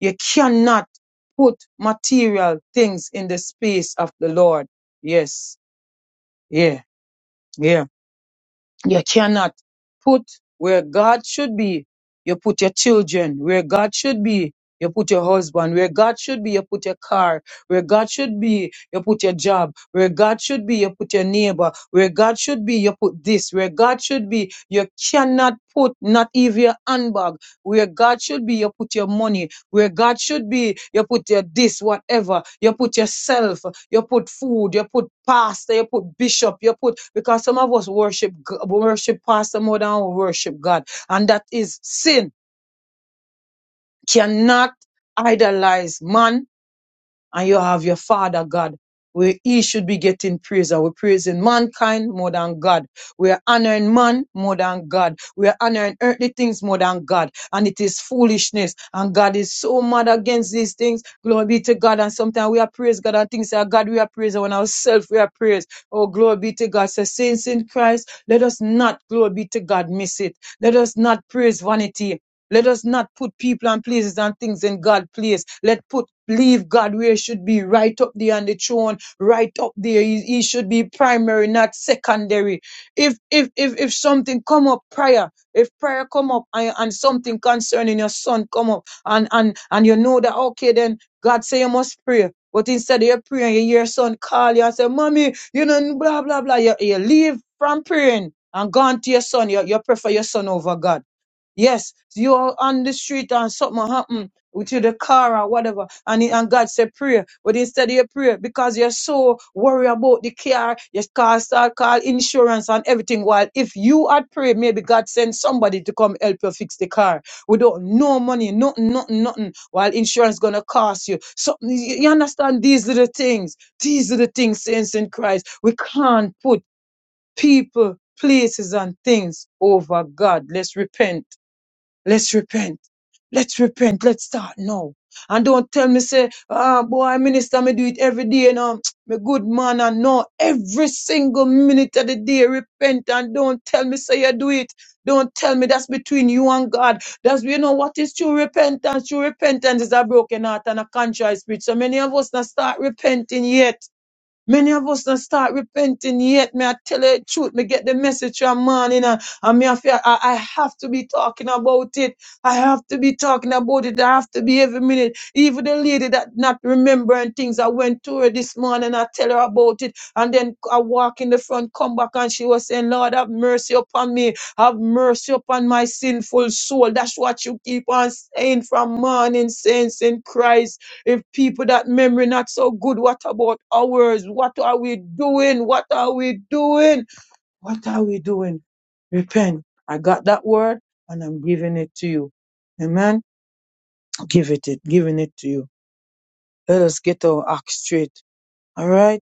You cannot put material things in the space of the Lord. Yes. Yeah. Yeah. You cannot put where God should be. You put your children where God should be. You put your husband where God should be. You put your car where God should be. You put your job where God should be. You put your neighbor where God should be. You put this where God should be. You cannot put not even your handbag where God should be. You put your money where God should be, you put your this, whatever, you put yourself, you put food, you put pastor, you put bishop, you put because some of us worship G- worship pastor more than we worship God, and that is sin. Cannot idolize man, and you have your Father God, where He should be getting praise. And we're praising mankind more than God. We're honoring man more than God. We're honoring earthly things more than God. And it is foolishness. And God is so mad against these things. Glory be to God. And sometimes we are praise God and things that God we are praising when ourselves we are praised. Oh, glory be to God. So saints in Christ, let us not, glory be to God, miss it. Let us not praise vanity. Let us not put people and places and things in God's place. Let put leave God where he should be, right up there on the throne, right up there. He, he should be primary, not secondary. If if if if something come up prayer, if prayer come up and, and something concerning your son come up and and and you know that okay then God say you must pray. But instead of you praying, you hear your son call you and say, Mommy, you know, blah blah blah. You, you leave from praying and gone to your son. You, you prefer your son over God. Yes, you are on the street and something happened with you, the car or whatever, and, it- and God said prayer, but instead of your prayer, because you're so worried about the car, your car start call insurance and everything, while if you had prayed, maybe God sent somebody to come help you fix the car without no money, nothing, nothing, nothing, while insurance gonna cost you. Something, you you understand these little things, these are the things, saints in Christ, we can't put people, places and things over God. Let's repent Let's repent. Let's repent. Let's start now. And don't tell me say, ah, boy, minister, me do it every day. You know, me good man, and no, every single minute of the day, repent and don't tell me say you do it. Don't tell me that's between you and God. That's you know what is true repentance. True repentance is a broken heart and a contrite spirit. So many of us not start repenting yet. Many of us don't start repenting yet. May I tell you the truth? Me get the message from morning and, and me I, feel, I, I have to be talking about it. I have to be talking about it. I have to be every minute. Even the lady that not remembering things, I went to her this morning I tell her about it. And then I walk in the front, come back and she was saying, Lord, have mercy upon me. Have mercy upon my sinful soul. That's what you keep on saying from morning, saints in Christ. If people that memory not so good, what about ours? What are we doing? What are we doing? What are we doing? Repent. I got that word and I'm giving it to you. Amen. Give it, it giving it to you. Let us get our act straight. All right.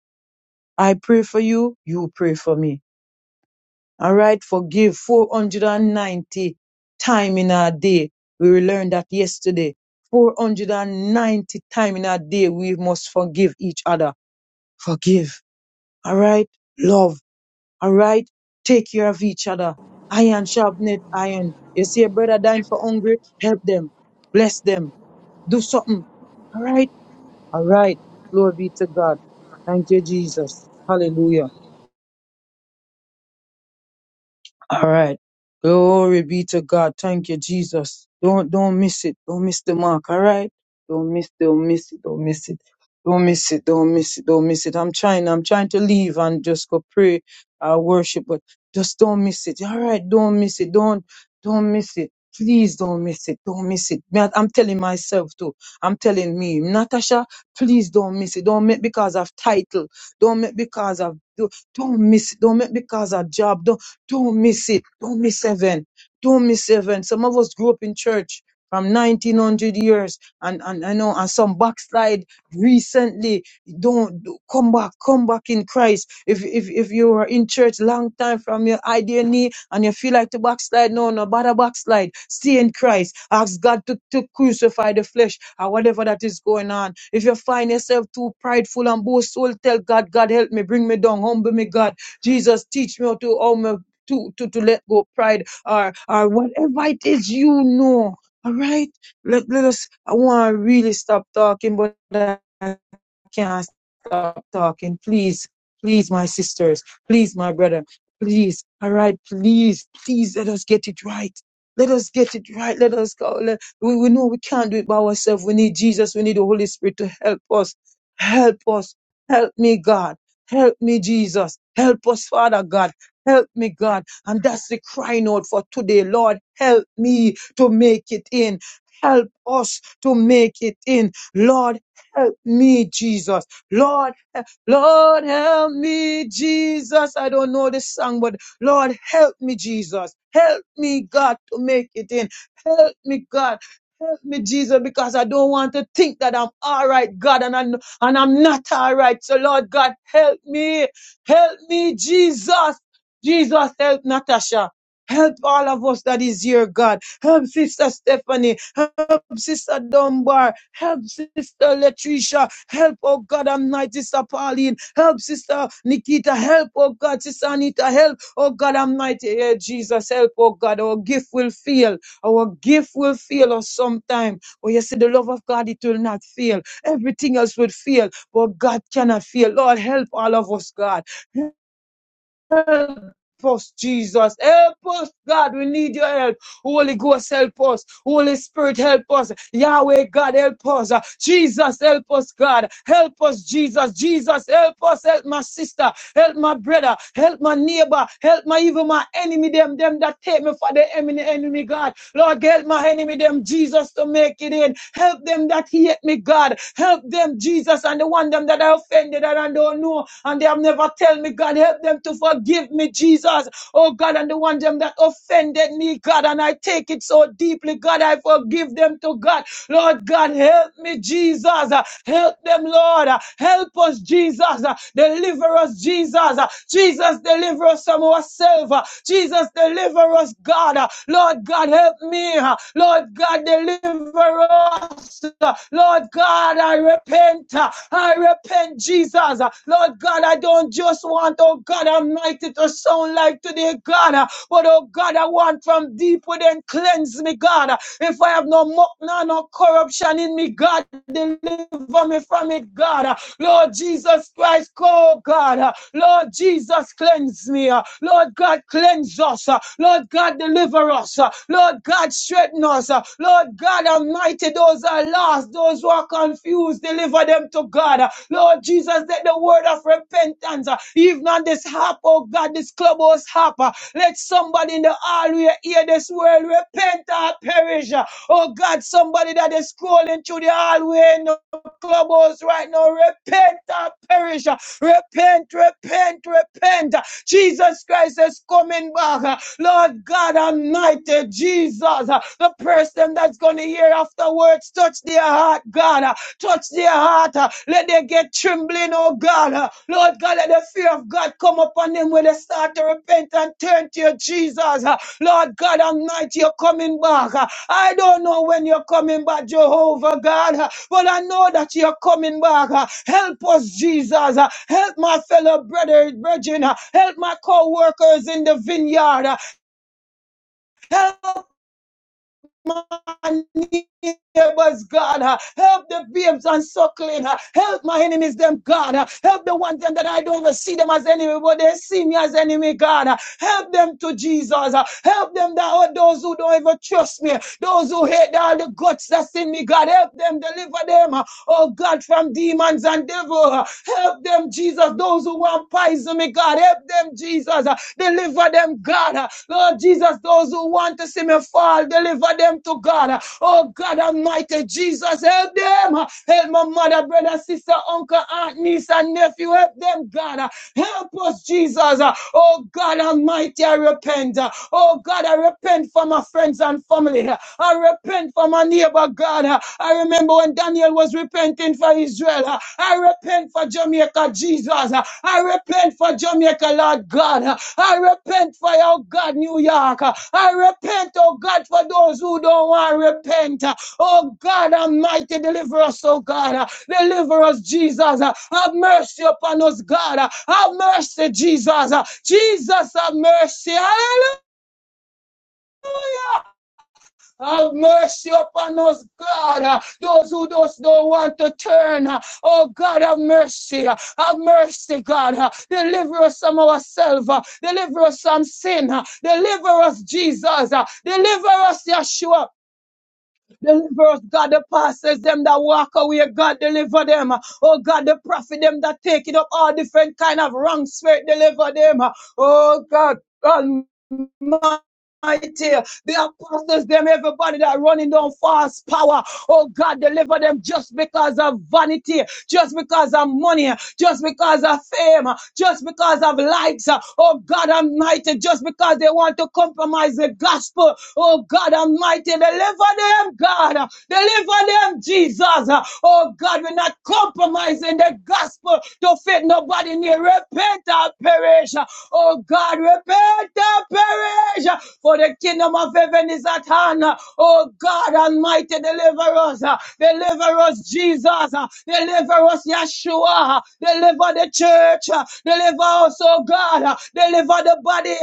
I pray for you. You pray for me. All right. Forgive 490 time in our day. We learned that yesterday. 490 time in our day. We must forgive each other. Forgive. Alright? Love. Alright? Take care of each other. Iron sharpened iron. You see a brother dying for hungry, help them. Bless them. Do something. Alright? Alright. Glory be to God. Thank you, Jesus. Hallelujah. All right. Glory be to God. Thank you, Jesus. Don't don't miss it. Don't miss the mark. All right. Don't miss. Don't miss it. Don't miss it. Don't miss it. Don't miss it. Don't miss it. I'm trying. I'm trying to leave and just go pray, uh, worship, but just don't miss it. All right. Don't miss it. Don't don't miss it. Please don't miss it. Don't miss it. Man, I'm telling myself too. I'm telling me, Natasha, please don't miss it. Don't make because of title. Don't make because of don't miss it. Don't make because of job. Don't miss it. Don't miss heaven. Don't miss heaven. Some of us grew up in church from 1900 years and, and I know, and some backslide recently. Don't do- come back, come back in Christ. If, if, if you were in church long time from your idea knee and you feel like to backslide, no, no, bother backslide. Stay in Christ. Ask God to, to crucify the flesh or whatever that is going on. If you find yourself too prideful and boastful, tell God, God help me, bring me down, humble me, God. Jesus, teach me how to humble to, to, to let go of pride or, or whatever it is you know. All right. Let, let us, I want to really stop talking but. that can't stop talking. Please, please, my sisters, please, my brother, please. All right, please, please let us get it right. Let us get it right. Let us go. Let, we, we know we can't do it by ourselves. We need Jesus. We need the Holy Spirit to help us. Help us. Help me, God. Help me, Jesus. Help us, Father God. Help me, God. And that's the crying out for today. Lord, help me to make it in. Help us to make it in. Lord, help me, Jesus. Lord, he- Lord, help me, Jesus. I don't know this song, but Lord, help me, Jesus. Help me, God, to make it in. Help me, God. Help me, Jesus, because I don't want to think that I'm all right, God, and, I, kn- and I'm not all right. So, Lord God, help me. Help me, Jesus. Jesus, help Natasha. Help all of us that is here, God. Help Sister Stephanie. Help Sister Dunbar. Help Sister Latricia. Help, oh God, Almighty, Sister Pauline. Help Sister Nikita. Help, oh God, Sister Anita. Help, oh God, Almighty, yeah, Jesus. Help, oh God. Our gift will fail. Our gift will fail us sometime. But you see, the love of God, it will not fail. Everything else will fail, but God cannot fail. Lord, help all of us, God us, Jesus. Help us, God. We need your help. Holy Ghost, help us. Holy Spirit, help us. Yahweh, God, help us. Jesus, help us, God. Help us, Jesus. Jesus, help us. Help my sister. Help my brother. Help my neighbor. Help my even my enemy. Them, them that take me for the enemy, enemy, God. Lord, help my enemy, them Jesus, to make it in. Help them that hate me, God. Help them, Jesus, and the one them that I offended and I don't know, and they have never tell me, God. Help them to forgive me, Jesus. Oh, God, and the one them that offended me, God, and I take it so deeply, God. I forgive them to God. Lord God, help me, Jesus. Uh, Help them, Lord. Uh, Help us, Jesus. Uh, Deliver us, Jesus. Uh, Jesus, deliver us from ourselves. Uh, Jesus, deliver us, God. Uh, Lord Lord God, help me. Lord God, deliver us. Lord God, I repent. I repent, Jesus. Lord God, I don't just want, oh God Almighty, to sound like today, God. But oh God, I want from deep within cleanse me, God. If I have no muck, no, no corruption in me, God, deliver me from it, God. Lord Jesus Christ, oh God. Lord Jesus, cleanse me. Lord God, cleanse us. Lord God, deliver deliver us. Uh, Lord God, strengthen us. Uh, Lord God Almighty, those are lost, those who are confused, deliver them to God. Uh, Lord Jesus, let the word of repentance, uh, even on this harp, oh God, this clubhouse harp, uh, let somebody in the hallway hear this word, repent or perish. Uh, Oh God, somebody that is scrolling through the hallway in the clubhouse right now, repent or perish. Uh, Repent, repent, repent. Jesus Christ is coming back. Lord God Almighty, Jesus, uh, the person that's going to hear afterwards, touch their heart, God, uh, touch their heart, uh, let them get trembling, oh God, uh, Lord God, let the fear of God come upon them when they start to repent and turn to you, Jesus, uh, Lord God Almighty, you're coming back. uh, I don't know when you're coming back, Jehovah God, uh, but I know that you're coming back. uh, Help us, Jesus, uh, help my fellow brother, brethren, uh, help my co workers in the vineyard. uh, Help my neighbors, God. Uh, Help the babes and suckling. Uh, Help my enemies, them, God. Uh, Help the ones them that I don't even see them as enemy, but they see me as enemy, God. Uh, Help them to Jesus. Uh, Help them that oh, those who don't even trust me, those who hate all the guts that's in me, God. Help them, deliver them oh God, from demons and devil. Help them, Jesus, those who want poison, me God, help them, Jesus. Deliver them, God. Lord Jesus, those who want to see me fall, deliver them to God. Oh God Almighty, Jesus, help them. Help my mother, brother, sister, uncle, aunt, niece, and nephew. Help them, God. Help us, Jesus. Oh God Almighty, I repent. Oh God, I repent for my friends and family. I repent repent for my neighbor, God. Uh, I remember when Daniel was repenting for Israel. Uh, I repent for Jamaica, Jesus. Uh, I repent for Jamaica, Lord God. Uh, I repent for, oh God, New York. Uh, I repent, oh God, for those who don't want to repent. Uh, Oh God, Almighty, deliver us, oh God. Uh, Deliver us, Jesus. Uh, Have mercy upon us, God. Uh, Have mercy, Jesus. Uh, Jesus, have mercy. Hallelujah. Have mercy upon us, God. Uh, Those who just don't want to turn. uh, Oh, God, have mercy. uh, Have mercy, God. Uh, Deliver us from ourselves. uh, Deliver us from sin. uh, Deliver us, Jesus. uh, Deliver us, Yeshua. Deliver us, God, the pastors, them that walk away. God, deliver them. uh, Oh, God, the prophet, them that take it up all different kind of wrong spirit. Deliver them. uh, Oh, God. God mighty. The apostles, them, everybody that running down false power. Oh God, deliver them just because of vanity, just because of money, just because of fame, just because of likes. Oh God Almighty, just because they want to compromise the gospel. Oh God Almighty, deliver them, God. Deliver them, Jesus. Oh God, we're not compromising the gospel gospel to fit nobody near. Repent and perish. Oh God, repent and perish. For the kingdom of heaven is at hand. Oh God Almighty, deliver us. Deliver us, Jesus. Deliver us, Yeshua. Deliver the church. Deliver us, oh God. Deliver the body.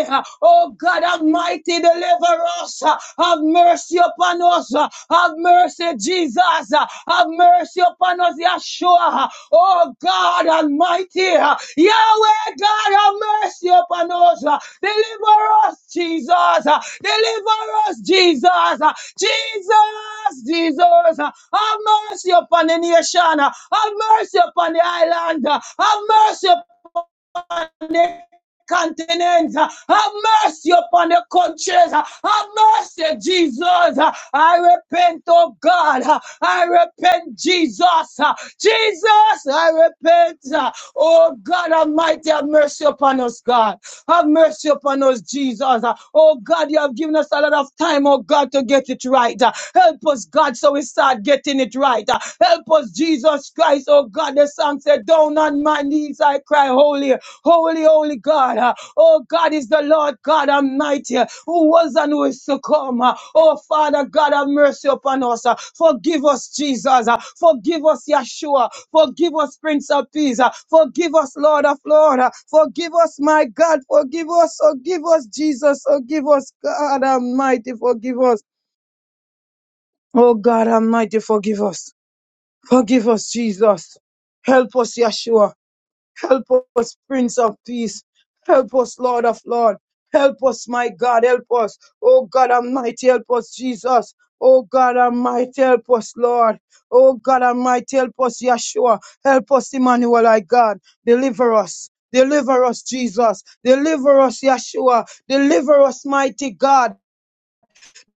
Oh God Almighty, deliver us. Have mercy mercy upon us. uh, Have mercy, Jesus. uh, Have mercy upon us, Yeshua. Oh God Almighty. uh, Yahweh God, have mercy upon us. uh, Deliver us, Jesus. uh, Deliver us, Jesus. uh, Jesus, Jesus. uh, Have mercy upon the nation. uh, Have mercy upon the island. uh, Have mercy upon the continents. Have mercy upon the countries. Have mercy, Jesus. I repent, oh God. I repent, Jesus. Jesus, I repent. Oh God Almighty, have mercy upon us, God. Have mercy upon us, Jesus. Oh God, you have given us a lot of time, oh God, to get it right. Help us, God, so we start getting it right. Help us, Jesus, Christ, oh God, the song said, Down on my knees I cry, Holy, holy, holy God. Uh, Oh God is the Lord God Almighty, uh, who was and who is to come. Uh, Oh Father God, have mercy upon us. Uh, Forgive us, Jesus. Uh, Forgive us, Yeshua. Forgive us, Prince of Peace. Uh, Forgive us, Lord of Lord. Uh, Forgive us, my God. Forgive us. Forgive us, Jesus. Forgive us, God Almighty. Forgive us. Oh God Almighty, forgive us. Forgive us, Jesus. Help us, Yeshua. Help us, Prince of Peace. Help us, Lord of Lord. Help us, my God. Help us. Oh God Almighty, help us, Jesus. Oh God Almighty, help us, Lord. Oh God Almighty, help us, Yeshua. Help us, Emmanuel, our God. Deliver us. Deliver us, Jesus. Deliver us, Yeshua. Deliver us, mighty God.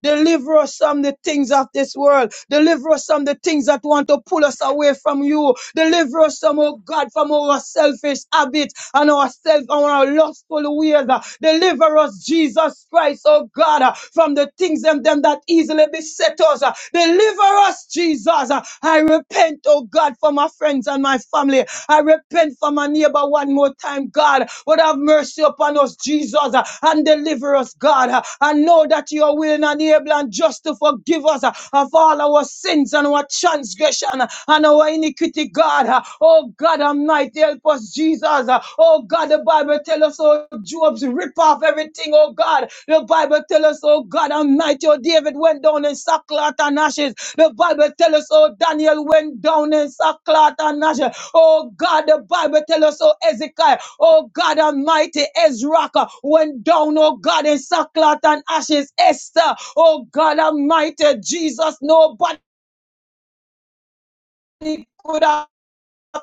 Deliver us from the things of this world. Deliver us from the things that want to pull us away from you. Deliver us from, oh God, from our selfish habits and ourselves and our lustful ways. Deliver us, Jesus Christ, oh God, uh, from the things and them that easily beset us. uh. Deliver us, Jesus. Uh, I repent, oh God, for my friends and my family. I repent for my neighbor, One more time, God, would have mercy upon us, Jesus, uh, and deliver us, God. uh, And know that you are willing and able and just to forgive us uh, of all our sins and our transgression uh, and our iniquity, God. uh. Oh, God Almighty, help us, Jesus. uh. Oh, God, the Bible tells us, oh, Job's rip off everything, oh, God. The Bible tells us, oh, God Almighty, oh, David went down in sackcloth and ashes. The Bible tells us, oh, Daniel went down in sackcloth and ashes. Oh God, the Bible tells us, oh Ezekiel, oh God Almighty, Ezra uh, went down, oh God, in sackcloth and ashes. Esther, oh God Almighty, Jesus, nobody could have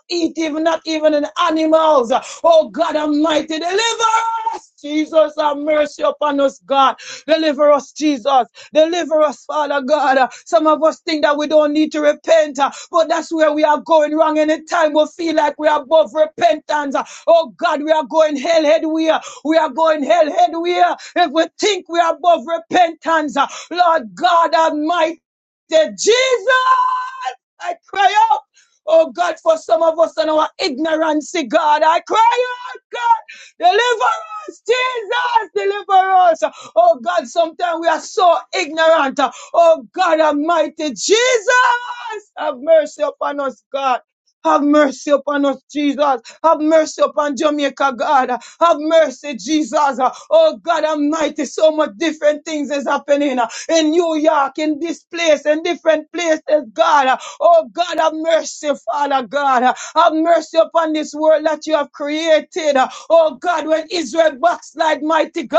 eat, even not even in animals. Oh God Almighty, deliver us, Jesus, have mercy upon us, God. Deliver us, Jesus. Deliver us, Father God. Some of us think that we don't need to repent, uh, but that's where we are going wrong. Anytime we feel like we are above repentance, uh, oh God, we are going hell head. We are, we are going hell head. We if we think we are above repentance, uh, Lord God Almighty, Jesus, I cry out. Oh God, for some of us and our ignorance, God, I cry out, God, deliver us, Jesus, deliver us. Oh God, sometimes we are so ignorant. Oh God Almighty, Jesus, have mercy upon us, God. Have mercy upon us, Jesus. Have mercy upon Jamaica, God. Have mercy, Jesus. Oh, God Almighty, so much different things is happening in New York, in this place, in different places, God. Oh, God, have mercy, Father God. Have mercy upon this world that you have created. Oh, God, when Israel backslide, mighty God.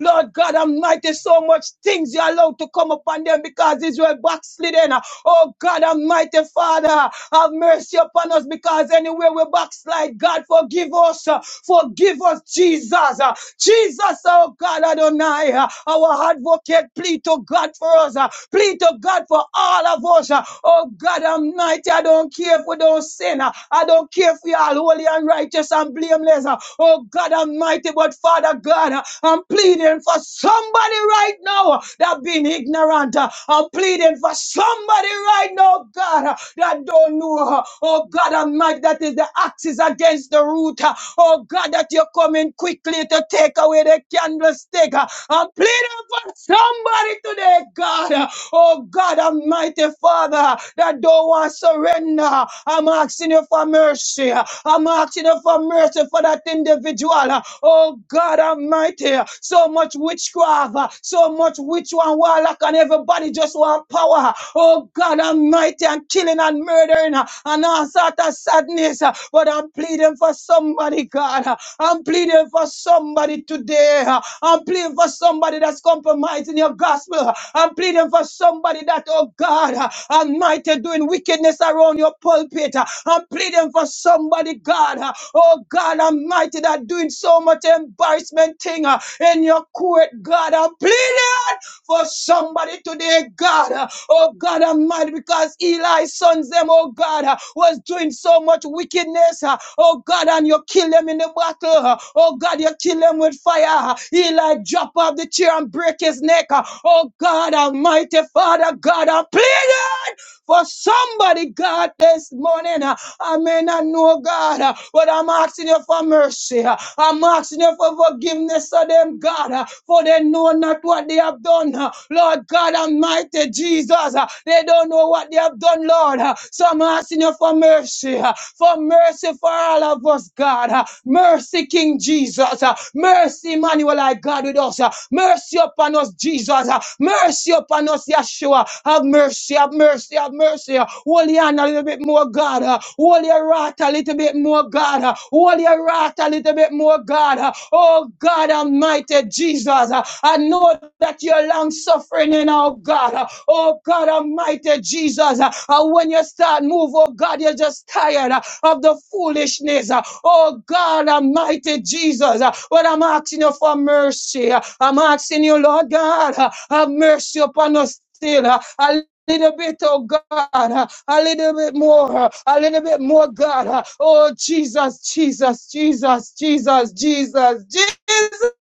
Lord God Almighty, so much things you allowed to come upon them because Israel backslidden. Oh, God Almighty, Father, have mercy upon us because anywhere we backslide, God, forgive us. uh, Forgive us, Jesus. uh, Jesus, oh God, Adonai, uh, our advocate, plead to God for us. uh, Plead to God for all of us. uh, Oh God, Almighty, I don't care if we don't sin. uh, I don't care if we are holy and righteous and blameless. uh, Oh God, Almighty, but Father God, uh, I'm pleading for somebody right now uh, that been ignorant. uh, I'm pleading for somebody somebody right now, God, uh, that don't know, uh, oh God Almighty, that is the axis against the root. uh, Oh God, that you're coming quickly to take away the candlestick. uh, I'm pleading for somebody today, God. uh, Oh God Almighty Father, that don't want surrender. I'm asking you for mercy. I'm asking you for mercy for that individual. Oh God Almighty, so much witchcraft, so much witch and warlock and everybody body just want power. Oh God Almighty, and killing and murdering uh, and all sort of sadness. uh, But I'm pleading for somebody, God. uh, I'm pleading for somebody today. uh, I'm pleading for somebody that's compromising your gospel. uh, I'm pleading for somebody that, oh God, uh, Almighty, doing wickedness around your pulpit. uh, I'm pleading for somebody, God. uh, Oh God Almighty, that doing so much embarrassment thing uh, in your court, God. I'm pleading for somebody today, God. uh, Oh God I'm mad because Eli's sons, them, oh God, uh, was doing so much wickedness. uh, Oh God, and you kill them in the battle. uh, Oh God, you kill them with fire. uh, Eli drop off the chair and break his neck. uh, Oh God Almighty, Father God, I plead. For somebody, God, this morning, uh, I may not know God, uh, but I'm asking you for mercy. uh, I'm asking you for forgiveness of them, God, uh, for they know not what they have done. uh, Lord God Almighty Jesus, uh, they don't know what they have done, Lord. uh, So I'm asking you for mercy, uh, for mercy for all of us, God. uh, Mercy, King Jesus. uh, Mercy, Emmanuel, I God with us. uh, Mercy upon us, Jesus. uh, Mercy upon us, Yeshua. Have mercy, have have mercy, have mercy. Hold your hand a little bit more, God. Hold your right a little bit more, God. Hold your right a little bit more, God. Oh, God Almighty Jesus. I know that you're long suffering, and oh, God. Oh, God Almighty Jesus. And when you start move, oh, God, you're just tired of the foolishness. Oh, God Almighty Jesus. But I'm asking you for mercy. I'm asking you, Lord God, have mercy upon us. Still, Uh, little bit, oh God, uh, a little bit more, uh, a little bit more, God. uh, Oh Jesus, Jesus, Jesus, Jesus, Jesus, Jesus.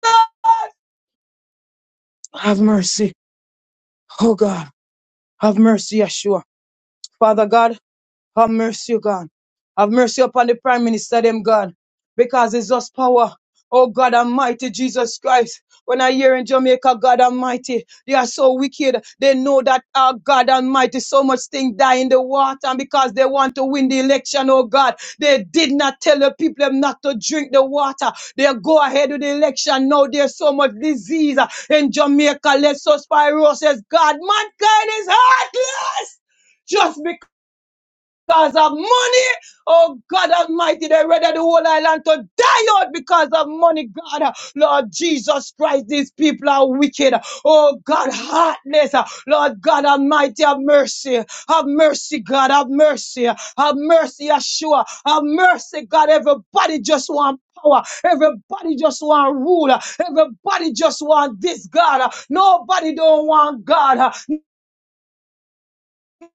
Have mercy, oh God. Have mercy, Yeshua. Father God, Have mercy, O God. Have mercy upon the Prime Minister, them God, because it's us power. Oh God Almighty, Jesus Christ. When I hear in Jamaica, God Almighty, they are so wicked. They know that our God Almighty, so much thing die in the water, and because they want to win the election, oh God, they did not tell the people them not to drink the water. They go ahead with the election. Now there's so much disease uh, in Jamaica. Let's us by God, mankind is heartless just because because of money. Oh God Almighty, they ready the whole island to die out because of money, God. Lord Jesus Christ, these people are wicked. Oh God, heartless. Lord God Almighty, have mercy. Have mercy, God. Have mercy. Have mercy, Yeshua. Have mercy, God. Everybody just want power. Everybody just want rule. Everybody just want this God. Nobody don't want God.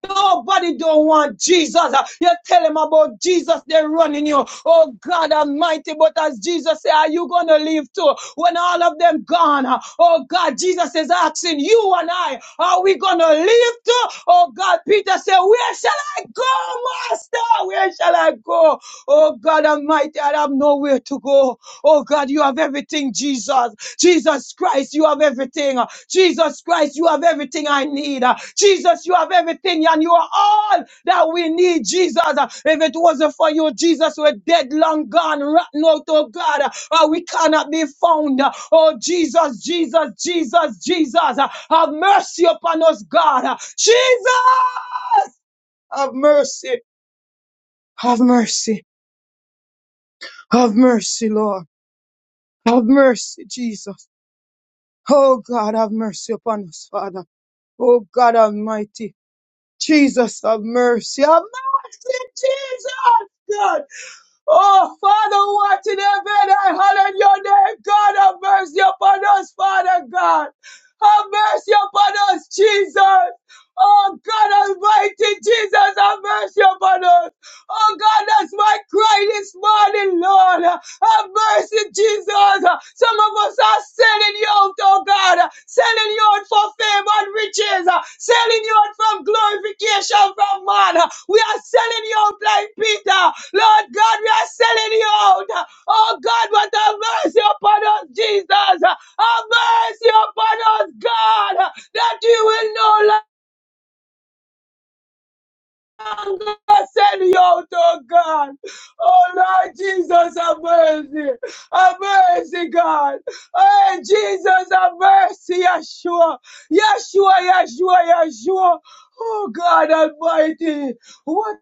Nobody don't want Jesus. Uh, You tell them about Jesus, they're running you. Oh God Almighty, but as Jesus said, are you gonna leave too? When all of them gone, uh, oh God, Jesus is asking you and I, are we gonna leave too? Oh God, Peter said, where shall I go, Master? Where shall I go? Oh God Almighty, I have nowhere to go. Oh God, you have everything, Jesus. Jesus Christ, you have everything. Jesus Christ, you have everything I need. Jesus, you have everything and you are all that we need, Jesus. If it wasn't for you, Jesus, we're dead, long gone, rotten out, oh God. Uh, we cannot be found. Oh, Jesus, Jesus, Jesus, Jesus, uh, have mercy upon us, God. Uh, Jesus, have mercy, have mercy, have mercy, Lord. Have mercy, Jesus. Oh God, have mercy upon us, Father. Oh God Almighty. Jesus, have mercy. Have mercy, Jesus, God. Oh Father, what in heaven, I hallow your name. God, have mercy upon us, Father God. Have mercy upon us, Jesus. Oh God Almighty, Jesus, have mercy upon us. Oh God, that's my cry this morning, Lord. Have mercy, Jesus. Some of us are selling you out, oh God. Selling you out for fame and riches. Selling you out from glorification from man. We are selling you out like Peter. Lord God, we are selling you out. Oh God, But have mercy upon us, Jesus. Have mercy upon us, God, that you will no longer. Send you out, oh God. Oh Lord Jesus, have mercy. Have mercy, God. Hey, Jesus, have mercy, Yeshua. Yeshua, Yeshua, Yeshua. Oh God Almighty. What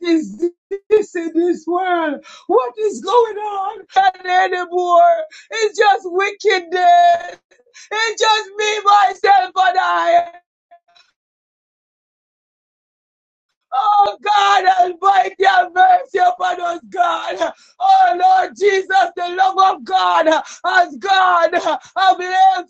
is this in this world? What is going on Not anymore? It's just wickedness. It's just me, myself, and I. Oh God Almighty, have mercy upon us, God. Oh Lord Jesus, the love of God as God have left.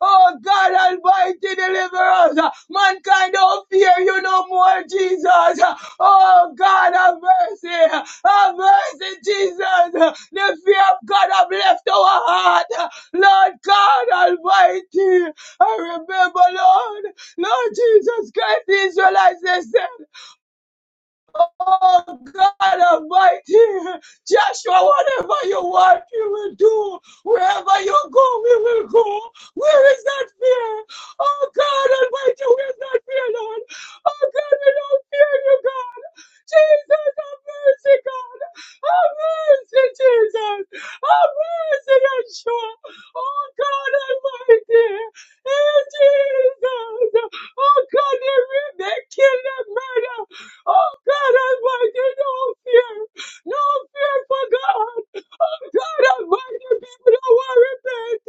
Oh God Almighty, deliver us. Mankind don't fear you no more, Jesus. Oh God, have mercy. Have mercy, Jesus. The fear of God have left our heart. Lord God Almighty, I remember, Lord, Lord Jesus Christ, the Israelites, they said. Oh God Almighty, Joshua, whatever you want, you will do. Wherever you go, we will go. Where is that fear? Oh God Almighty, where is that fear, Lord? Oh God, we don't fear you, God. Jesus, have mercy, God. Have mercy, Jesus. Have mercy, Yeshua. Oh God Almighty. Hey, Jesus. Oh God, they, they kill them, murder. Oh God Almighty, no fear. No fear for God. Oh, God Almighty, people don't want to repent.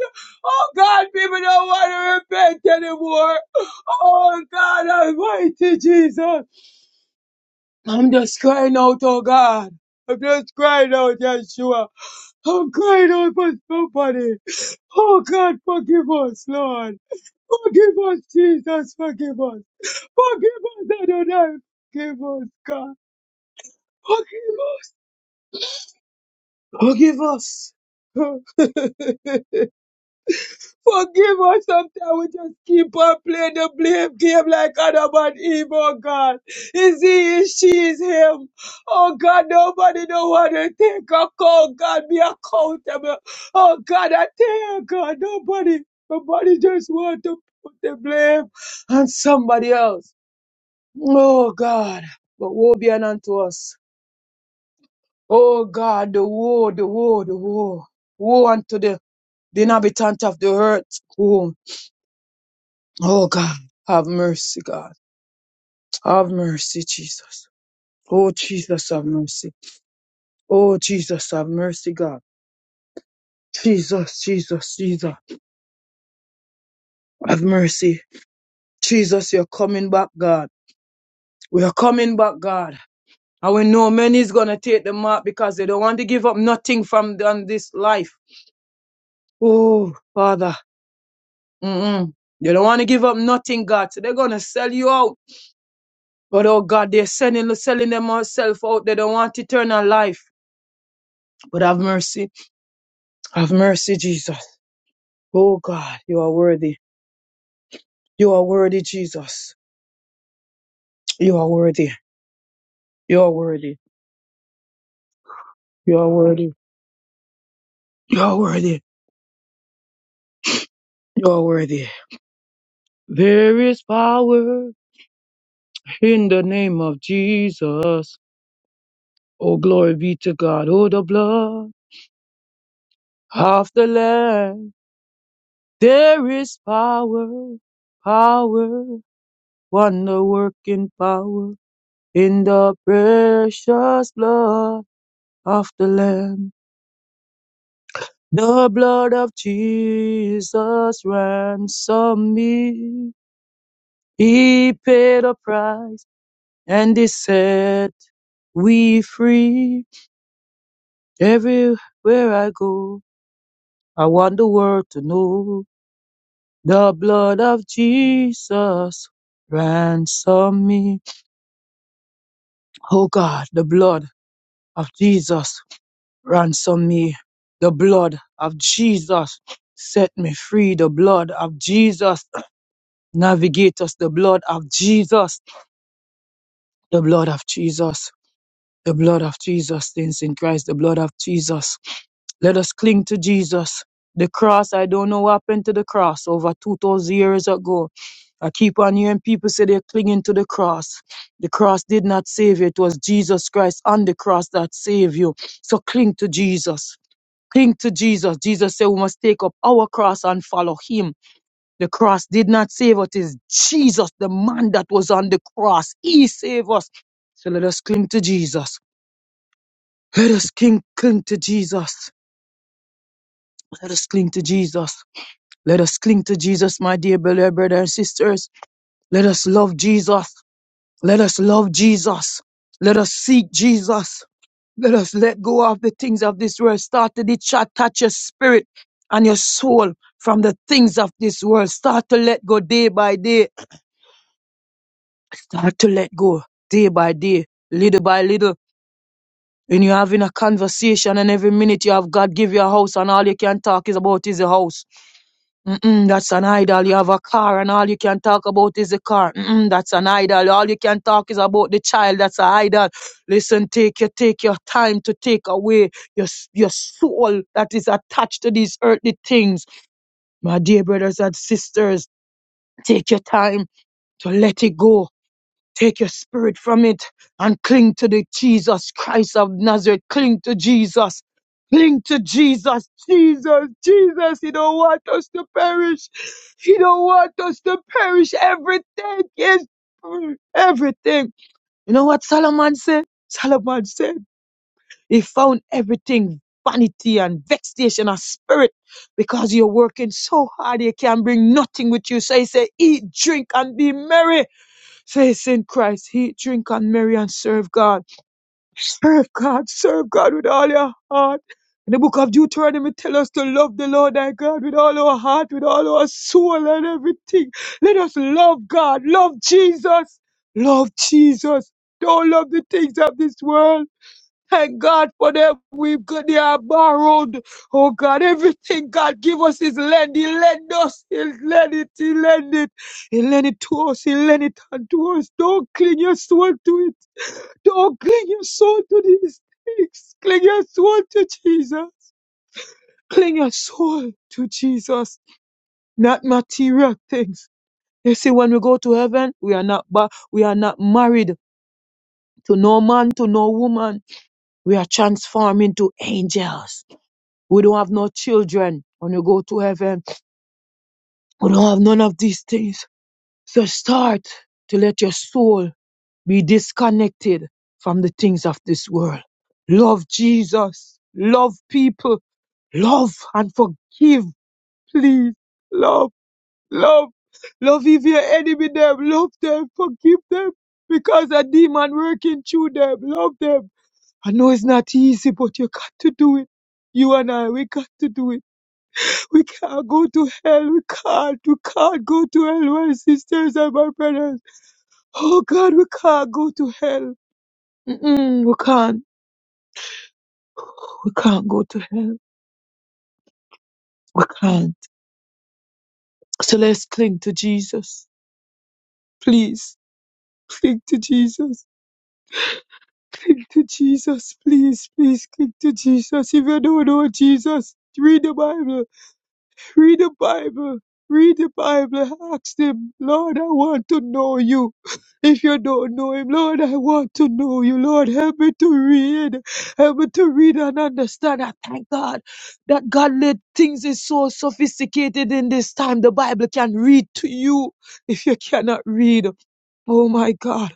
Oh, God, people don't want to repent anymore. Oh, God Almighty, Jesus. I'm just crying out, oh, God. I'm just crying out, Yeshua. I'm crying out for somebody. Oh, God, forgive us, Lord. Forgive us, Jesus, forgive us. Forgive us, Adonai. Forgive us, God. Forgive us. Forgive us. Forgive us. Sometimes we just keep on playing the blame game like Adam and Eve, oh God. Is he, is she, is him. Oh God, nobody know what to take a call. God, be accountable. Oh God, I tell you, God, nobody, nobody just want to put the blame on somebody else. Oh God, but woe be unto us. Oh God, the war, the war, the war. War unto the, the inhabitant of the earth. Oh, oh God, have mercy, God. Have mercy, Jesus. Oh Jesus, have mercy. Oh Jesus, have mercy, God. Jesus, Jesus, Jesus, have mercy. Jesus, you're coming back, God. We are coming back, God. And we know many is gonna take the mark because they don't want to give up nothing from on this life. Oh, Father. Mm-mm. They don't want to give up nothing, God. So they're gonna sell you out. But oh God, they're selling selling themselves out. They don't want eternal life. But have mercy. Have mercy, Jesus. Oh God, you are worthy. You are worthy, Jesus. You are worthy. You are worthy. You are worthy. You are worthy. You are worthy. There is power in the name of Jesus. Oh glory be to God. Oh the blood of the Lamb. There is power, power, wonder working power in the precious blood of the Lamb. The blood of Jesus ransomed me. He paid a price and he set we free. Everywhere I go, I want the world to know the blood of Jesus ransomed me. Oh God, the blood of Jesus ransom me. The blood of Jesus set me free. The blood of Jesus navigate us. The blood of Jesus. The blood of Jesus. The blood of Jesus, things in Christ, the blood of Jesus. Let us cling to Jesus. The cross, I don't know what happened to the cross over 2,000 years ago. I keep on hearing people say they're clinging to the cross. The cross did not save you. It was Jesus Christ on the cross that saved you. So cling to Jesus. Cling to Jesus. Jesus said we must take up our cross and follow him. The cross did not save us. It is Jesus, the man that was on the cross. He saved us. So let us cling to Jesus. Let us cling, cling to Jesus. Let us cling to Jesus. Let us cling to Jesus, my dear beloved brothers and sisters. Let us love Jesus. Let us love Jesus. Let us seek Jesus. Let us let go of the things of this world. Start to detach your spirit and your soul from the things of this world. Start to let go day by day. Start to let go day by day, little by little. When you're having a conversation and every minute you have God give you a house and all you can talk is about is a house. Mm-mm, that's an idol. You have a car, and all you can talk about is the car. Mm-mm, that's an idol. All you can talk is about the child. That's an idol. Listen, take your take your time to take away your s- your soul that is attached to these earthly things. My dear brothers and sisters, take your time to let it go Take your spirit from it and cling to the Jesus Christ of Nazareth. Cling to Jesus. Cling to Jesus. Jesus, Jesus, He don't want us to perish. He don't want us to perish. Everything is everything. You know what Solomon said? Solomon said he found everything vanity and vexation of spirit because you're working so hard you can bring nothing with you. So he said, eat, drink, and be merry faith in Christ, eat, drink, and marry, and serve God. Serve God, serve God with all your heart. In the book of Deuteronomy tells us to love the Lord thy God with all our heart, with all our soul, and everything. Let us love God, love Jesus, love Jesus. Don't love the things of this world. And God, for them, we God, they are borrowed. Oh God, everything God give us is lend. He lend us. He lend it. He lend it. He lend it to us. He lend it unto us. Don't cling your soul to it. Don't cling your soul to these things. Cling your soul to Jesus. Cling your soul to Jesus, not material things. You see, when we go to heaven, we are not ba- we are not married to no man, to no woman. We are transformed into angels We don't have no children when you go to heaven. We don't have none of these things. So start to let your soul be disconnected from the things of this world. Love Jesus. Love people. Love and forgive, please. Love, love, love if your enemy them. Love them. Forgive them because a demon working through them. Love them. I know it's not easy, but you got to do it. You and I, we got to do it. We can't go to hell. We can't. We can't go to hell, my sisters and my brothers. Oh God, we can't go to hell. Mm-mm, we can't. We can't go to hell. We can't. So let's cling to Jesus. Please. Cling to Jesus. Cling to Jesus. Please, please cling to Jesus. If you don't know Jesus, read the Bible. Read the Bible. Read the Bible. Ask him, Lord, I want to know you. If you don't know him, Lord, I want to know you. Lord, help me to read. Help me to read and understand. I thank God that God let things is so sophisticated in this time. The Bible can read to you if you cannot read. Oh my God.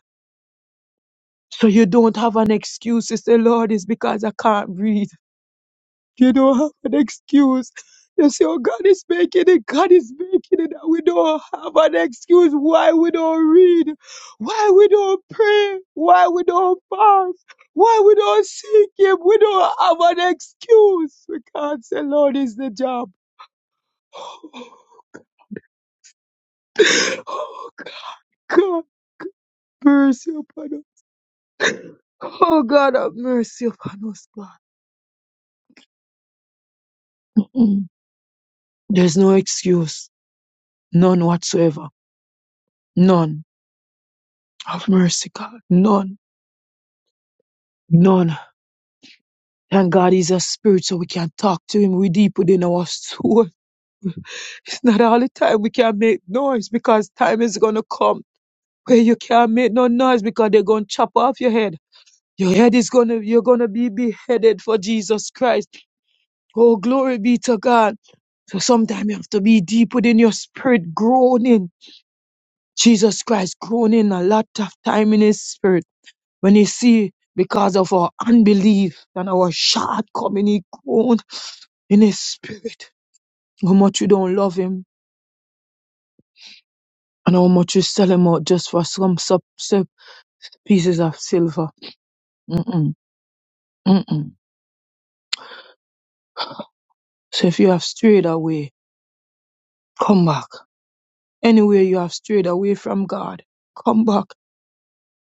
So you don't have an excuse to say, Lord, it's because I can't read. You don't have an excuse. You see, oh, God is making it. God is making it. And we don't have an excuse why we don't read, why we don't pray, why we don't fast, why we don't seek Him. We don't have an excuse. We can't say, Lord, is the job. Oh, God, God, mercy upon us. Oh, God, have mercy upon us, God. Mm. There's no excuse. None whatsoever. None. Have mercy, God. None. None And God is a spirit, so we can talk to Him. We deep within our soul. It's not all the time we can make noise because time is gonna come where you can't make no noise because they're gonna chop off your head. Your head is gonna, you're gonna be beheaded for Jesus Christ. Oh, glory be to God. So sometimes you have to be deep within your spirit, groaning. Jesus Christ groaning a lot of time in His spirit When you see because of our unbelief and our shortcoming, he groaned in his spirit. How much you don't love him and how much you sell him out just for some sub, sub pieces of silver. Mm-mm, mm-mm. So if you have strayed away, come back. Anywhere you have strayed away from God, come back.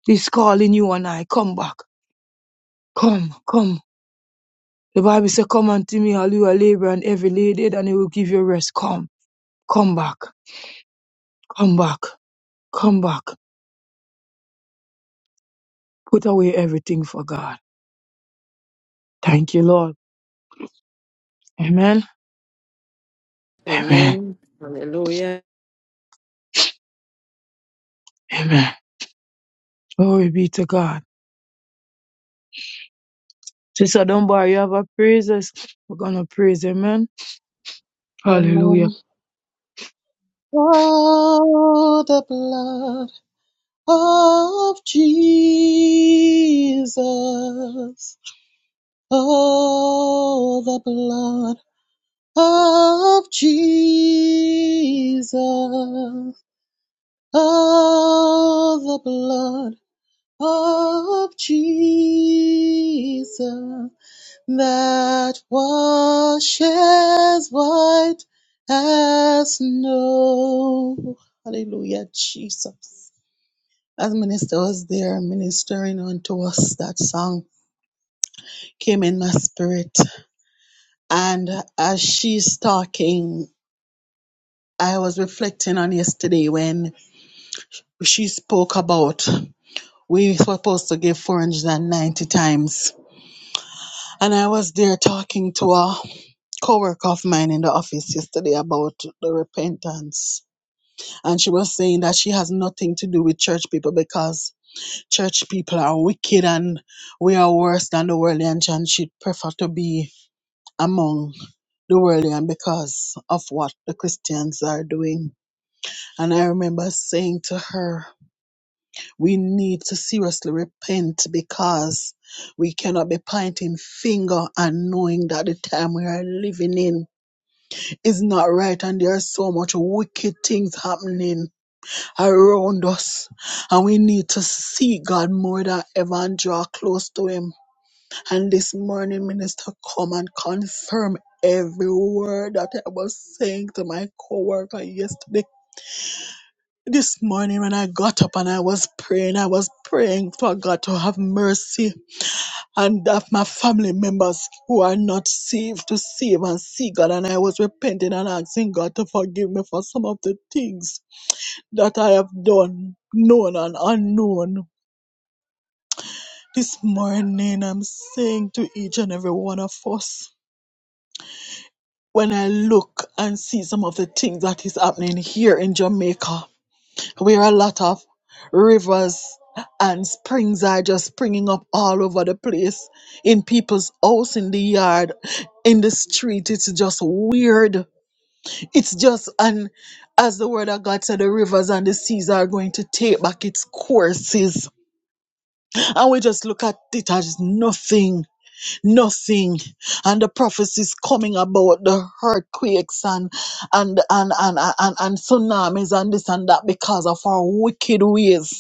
He's calling you and I, come back. Come, come. The Bible says, come unto me, all you are labor and heavy laden, and he will give you rest. Come, come back, come back, come back. Put away everything for God. Thank you, Lord. Amen. Amen.
Amen. Hallelujah.
Amen. Glory be to God. Sister, don't worry. You have a praises. We're going to praise. Amen. Hallelujah.
Women through the blood of Jesus. Oh, the blood of Jesus. Oh, the blood of Jesus. that washes white as snow. Hallelujah, Jesus. As minister was there ministering unto us, that song came in my spirit. And as she's talking, I was reflecting on yesterday when she spoke about we supposed to give 490 times. And I was there talking to her co-worker of mine in the office yesterday about the repentance and she was saying that she has nothing to do with church people because church people are wicked and we are worse than the worldly and and she prefer to be among the worldly and because of what the christians are doing and i remember saying to her we need to seriously repent because we cannot be pointing finger and knowing that the time we are living in is not right and there's so much wicked things happening around us and we need to see God more than ever and draw close to him and this morning minister come and confirm every word that I was saying to my coworker yesterday this morning when I got up and I was praying I was praying for God to have mercy and of my family members who are not saved to save and see God. And I was repenting and asking God to forgive me for some of the things that I have done, known and unknown. This morning, I'm saying to each and every one of us, when I look and see some of the things that is happening here in Jamaica, where a lot of rivers and springs are just springing up all over the place in people's house in the yard in the street it's just weird it's just and as the word of god said the rivers and the seas are going to take back its courses and we just look at it as nothing nothing and the prophecies coming about the earthquakes and and and and and, and, and tsunamis and this and that because of our wicked ways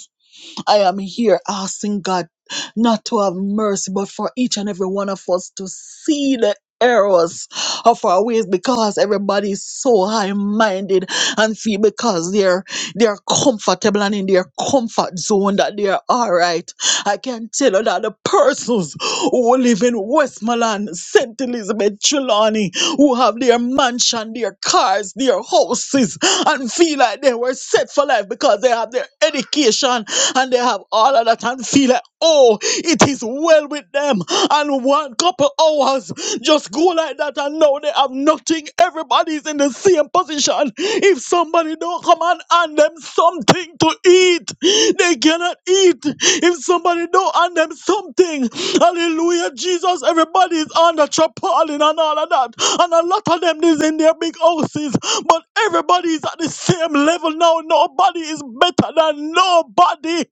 I am here asking God not to have mercy, but for each and every one of us to see the errors of our ways because everybody is so high-minded and feel because they're they're comfortable and in their comfort zone that they're all right. I can tell you that the persons who live in Westmoreland, St. Elizabeth, Trelawney, who have their mansion, their cars, their houses, and feel like they were set for life because they have their education and they have all of that and feel like, oh, it is well with them. And one couple hours just go like that that are now they have nothing. Everybody's in the same position. If somebody don't come and hand them something to eat, they cannot eat. If somebody don't hand them something, hallelujah, Jesus, everybody's under tarpaulin and all of that. And a lot of them is in their big houses, but everybody is at the same level now. Nobody is better than nobody.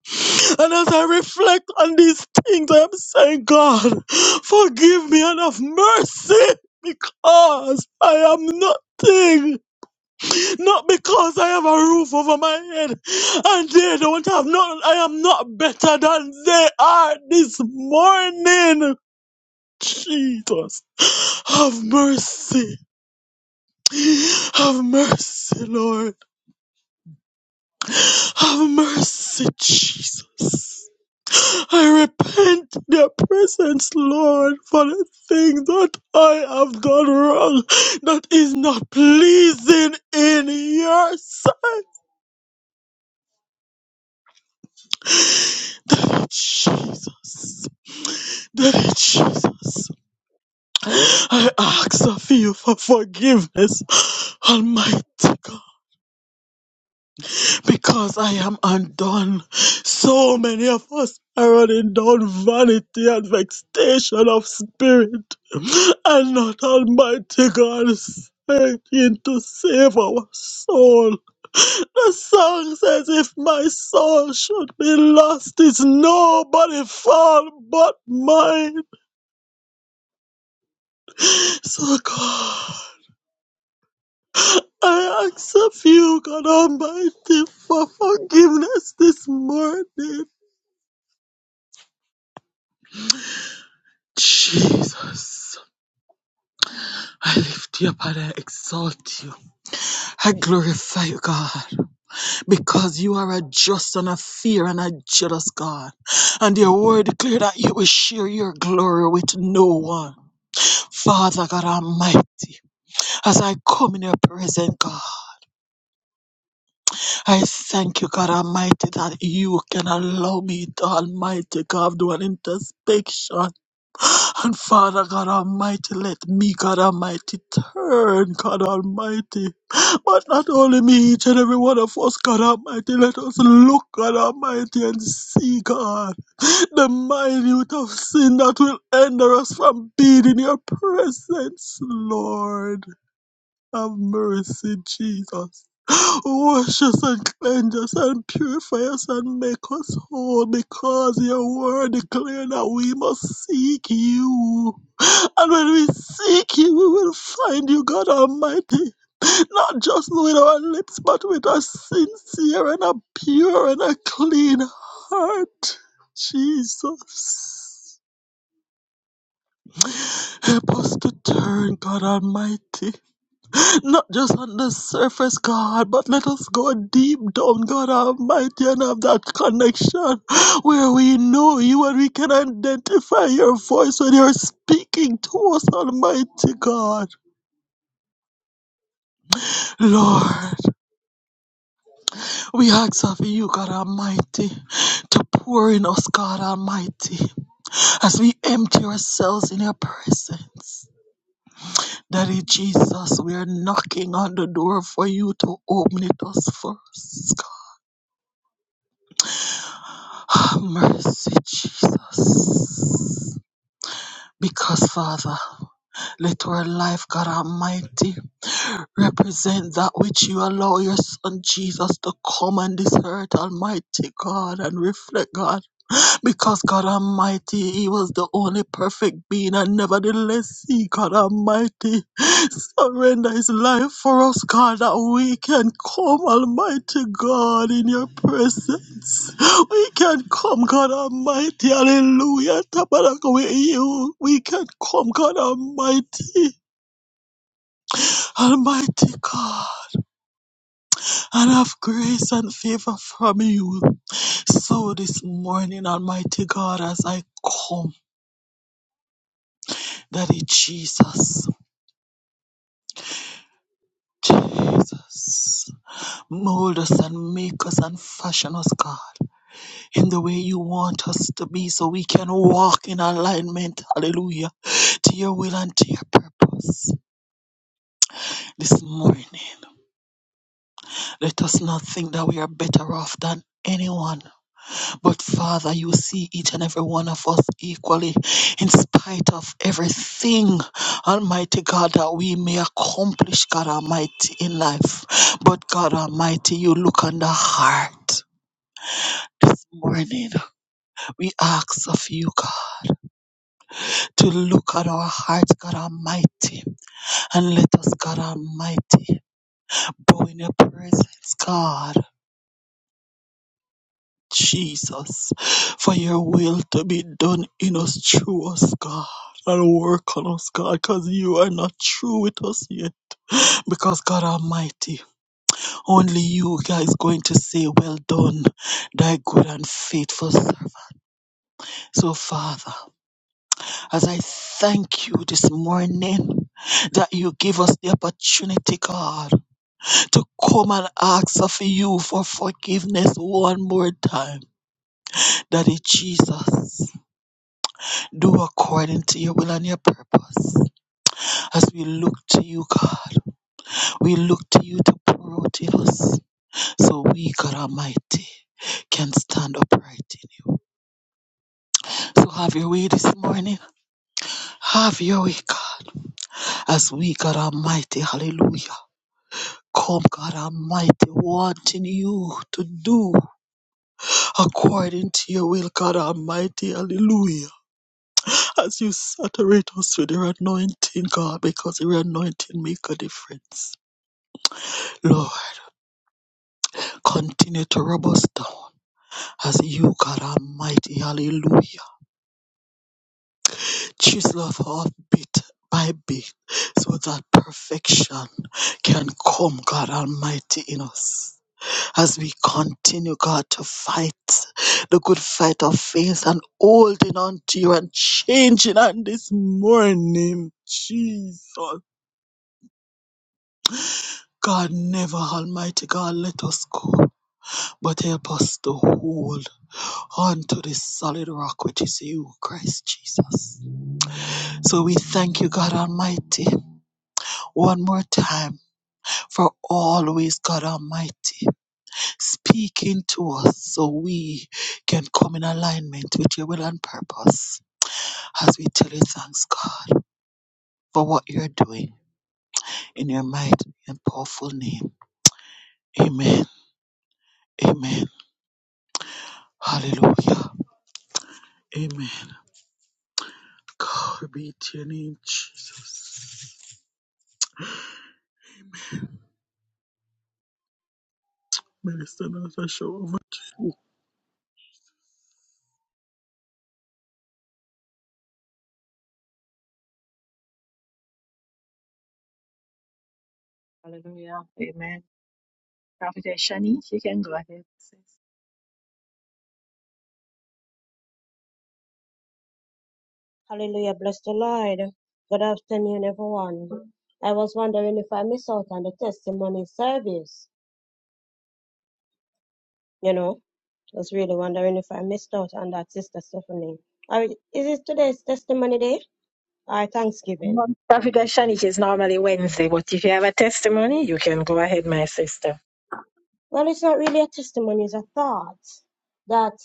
And as I reflect on these things, I'm saying, God, forgive me and have mercy because I am nothing, not because I have a roof over my head, and they don't have nothing. I am not better than they are this morning. Jesus, have mercy, have mercy, Lord, have mercy, Jesus. I repent in your presence, Lord, for the thing that I have done wrong that is not pleasing in your sight. Daddy Jesus, Daddy Jesus, I ask of you for forgiveness, Almighty God, because I am undone. So many of us are running down vanity and vexation of spirit. and not Almighty God seeking to save our soul. The song says, If my soul should be lost, it's nobody fault but mine. So, God, I ask of you, God Almighty, for forgiveness this morning. Jesus, I lift you up and I exalt you. I glorify you, God. because you are a just and a fear and a jealous God. And your word declare that you will share your glory with no one. Father God Almighty, as I come in your presence, God. I thank you, God Almighty, that you can allow me to Almighty God do an introspection. And Father God Almighty, let me, God Almighty, turn, God Almighty. But not only me, each and every one of us, God Almighty, let us look, God Almighty, and see, God, the minute of sin that will hinder us from being in your presence, Lord. Have mercy, Jesus. Wash us and cleanse us and purify us and make us whole because your word declares that we must seek you. And when we seek you, we will find you, God Almighty, not just with our lips, but with a sincere and a pure and a clean heart. Jesus. Help us to turn, God Almighty. Not just on the surface, God, but let us go deep down, God Almighty, and have that connection where we know you and we can identify your voice when you're speaking to us, Almighty God. Lord, we ask of you, God Almighty, to pour in us, God Almighty, as we empty ourselves in your presence. Daddy Jesus, we are knocking on the door for you to open it us first. Oh, Mercy, Jesus. Because, Father, let our life, God Almighty, represent that which you allow your Son Jesus to come on this earth, Almighty God, and reflect, God. Because God Almighty, He was the only perfect being, and nevertheless, He, God Almighty, surrender His life for us, God, that we can come, Almighty God, in Your presence. We can come, God Almighty, hallelujah, tabernacle with You. We can come, God Almighty, Almighty God, and have grace and favor from You. So this morning, Almighty God, as I come. Daddy Jesus, Jesus, mold us and make us and fashion us, God, in the way you want us to be so we can walk in alignment, hallelujah, to your will and to your purpose. This morning, let us not think that we are better off than anyone. But Father, you see each and every one of us equally, in spite of everything, Almighty God, that we may accomplish, God Almighty, in life. But God Almighty, you look on the heart. This morning, we ask of you, God, to look at our hearts, God Almighty, and let us, God Almighty, bow in your presence, God. Jesus, for your will to be done in us, through us, God. And work on us, God, because you are not true with us yet. Because God Almighty, only you guys going to say, Well done, thy good and faithful servant. So, Father, as I thank you this morning that you give us the opportunity, God, to come and ask of you for forgiveness one more time. Daddy Jesus. Do according to your will and your purpose. As we look to you, God, we look to you to pour out in us so we, God Almighty, can stand upright in you. So have your way this morning. Have your way, God, as we, God Almighty, hallelujah. Come, God Almighty, wanting you to do according to your will, God Almighty, hallelujah. As you saturate us with your anointing, God, because your anointing make a difference. Lord. Continue to rub us down as you, God Almighty, hallelujah, chisel us off bit by bit so that perfection can come, God Almighty, in us. As we continue, God, to fight the good fight of faith and holding on to you and changing on this morning, Jesus. God, never, Almighty God, let us go. but help us to hold on to the solid rock which is you, Christ Jesus. So we thank you, God Almighty, one more time for always, God Almighty, speaking to us so we can come in alignment with your will and purpose. As we tell you thanks, God, for what you're doing in your mighty and powerful name. Amen. Amen. Hallelujah. Amen. God be to your name, Jesus. Minister Natasha, over to you.
Hallelujah. Amen. Prophet Shani, you can go ahead.
Hallelujah. Bless the Lord. Good afternoon, everyone. I was wondering if I missed out on the testimony service. You know, I was really wondering if I missed out on that, Sister Stephanie. Or is it today's testimony day or Thanksgiving?
Africa Shanish is normally Wednesday, but if you have a testimony, you can go ahead, my sister.
Well, it's not really a testimony, it's a thought that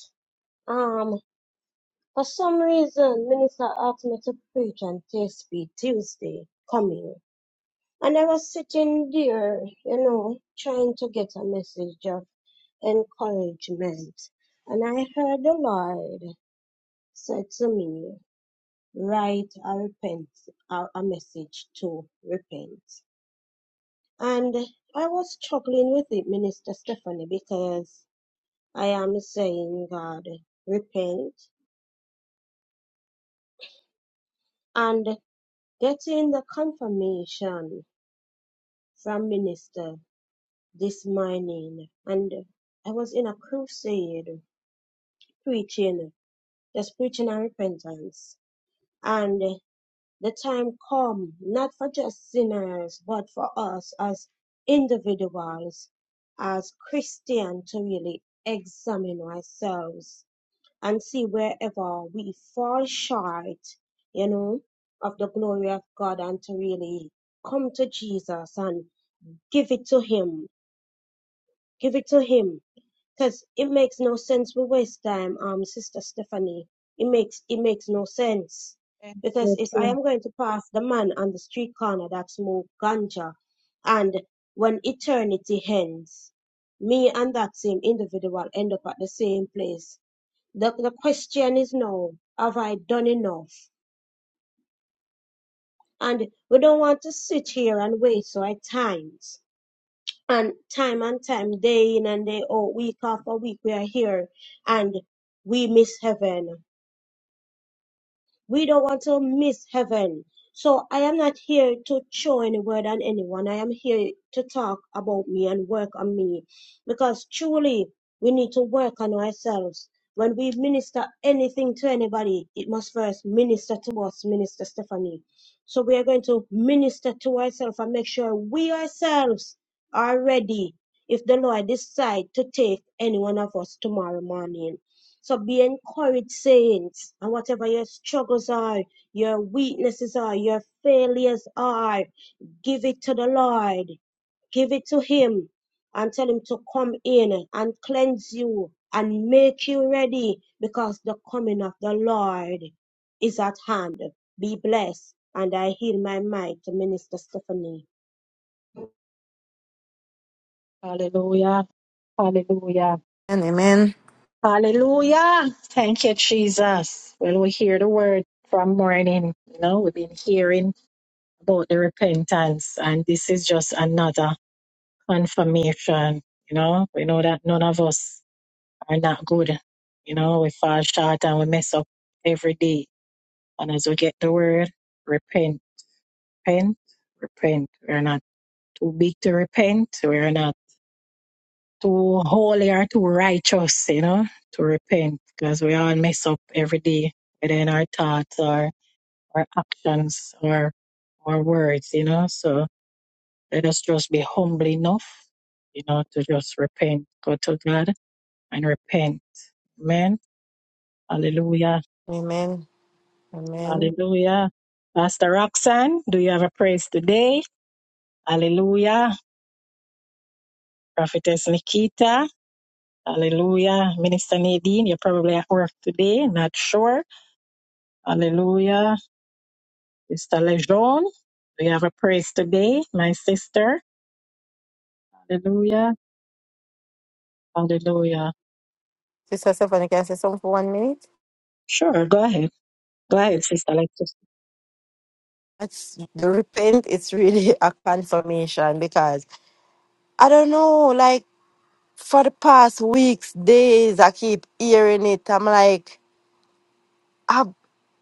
um for some reason minister asked me to preach on TSP Tuesday coming. And I was sitting there, you know, trying to get a message. encouragement. And I heard the Lord said to me, write a repent, a, a message to repent. And I was struggling with it, Minister Stephanie, because I am saying, God, repent and getting the confirmation from Minister this morning. And I was in a crusade preaching, just preaching on repentance. And The time come, not for just sinners, but for us as individuals, as Christians, to really examine ourselves and see wherever we fall short, you know, of the glory of God and to really come to Jesus and give it to Him, give it to Him because it makes no sense. We waste time, um, Sister Stephanie. It makes it makes no sense because
Yes,
if I
sir.
am going to pass the man on the street corner that smoke ganja, and when eternity ends, me and that same individual end up at the same place. The the question is now: Have I done enough? And we don't want to sit here and waste our times and time and time, day in and day out, week after week, we are here and we miss heaven. We don't want to miss heaven. So I am not here to show any word on anyone. I am here to talk about me and work on me because truly we need to work on ourselves. When we minister anything to anybody, it must first minister to us, Minister Stephanie. So we are going to minister to ourselves and make sure we ourselves are ready if the Lord decide to take any one of us tomorrow morning. So be encouraged, saints, and whatever your struggles are, your weaknesses are, your failures are, give it to the Lord. Give it to Him and tell Him to come in and cleanse you and make you ready because the coming of the Lord is at hand. Be blessed. And I heal my mic to Minister Stephanie.
Hallelujah. Hallelujah.
And amen.
Hallelujah. Thank you, Jesus. Well, we hear the word from morning. You know, we've been hearing about the repentance, and this is just another confirmation. You know, we know that none of us are not good. You know, we fall short and we mess up every day. And as we get the word, repent, repent, repent. We're not. too big to repent. We're not too holy or too righteous, you know, to repent because we all mess up every day, whether in our thoughts or our actions or our words, you know. So let us just be humble enough, you know, to just repent, go to God and repent. Amen. Hallelujah.
Amen. Amen.
Hallelujah. Pastor Roxanne, do you have a praise today? Hallelujah. Prophetess Nikita. Hallelujah. Minister Nadine, you're probably at work today, not sure. Hallelujah. Sister Lejeune, we have a praise today, my sister. Hallelujah. Hallelujah.
Sister Stephanie, can I say something for one minute?
Sure, go ahead. Go ahead, Sister Alexis.
That's the repent, it's really a confirmation because I don't know, like. for the past weeks, days, I keep hearing it. I'm like, I,